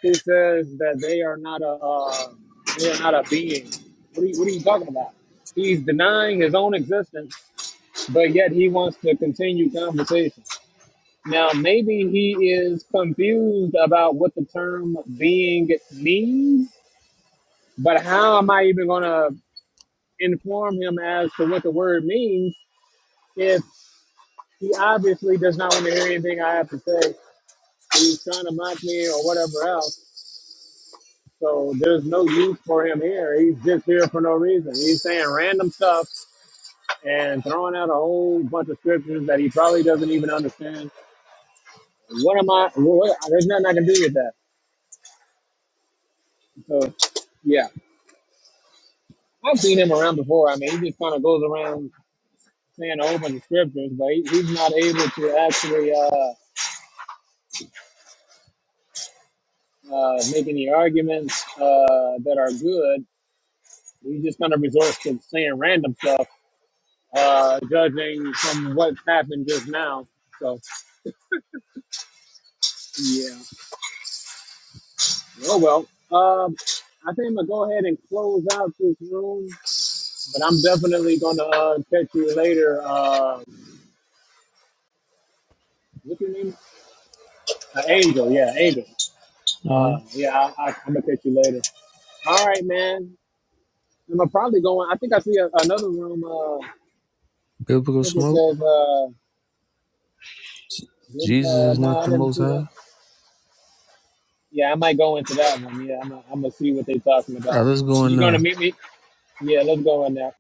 A: who says that they are not a uh, they are not a being? What are, you, what are you talking about? He's denying his own existence, but yet he wants to continue conversation. Now maybe he is confused about what the term being means. But how am I even gonna? inform him as to what the word means if he obviously does not want to hear anything I have to say. He's trying to mock me or whatever else. So there's no use for him here. He's just here for no reason. He's saying random stuff and throwing out a whole bunch of scriptures that he probably doesn't even understand. What am I? What, there's nothing I can do with that. So, yeah, I've seen him around before. I mean, he just kind of goes around saying a whole bunch of scriptures, but he, he's not able to actually. Uh, uh, make any arguments uh, that are good. We're just going to resort to saying random stuff, uh, judging from what happened just now. So, yeah. Oh, well. Um, I think I'm going to go ahead and close out this room, but I'm definitely going to uh, catch you later. Uh, what's your name? Uh, Angel. Yeah, Angel. Uh,
C: Mhm.
A: yeah, I, I, I'm going to catch you later. All right, man. I'm probably going. I think I see a, another room. Uh, I
C: Biblical
A: think it
C: smoke?
A: says. uh, Good.
C: Jesus
A: Uh,
C: is
A: no,
C: not
A: I
C: the
A: didn't
C: most high?
A: see that. Yeah, I might go into that one. Yeah, I'm. i am i gonna see what they're talking
C: All right,
A: about.
C: let's go in
A: You
C: now.
A: gonna meet me? Yeah, let's go in there.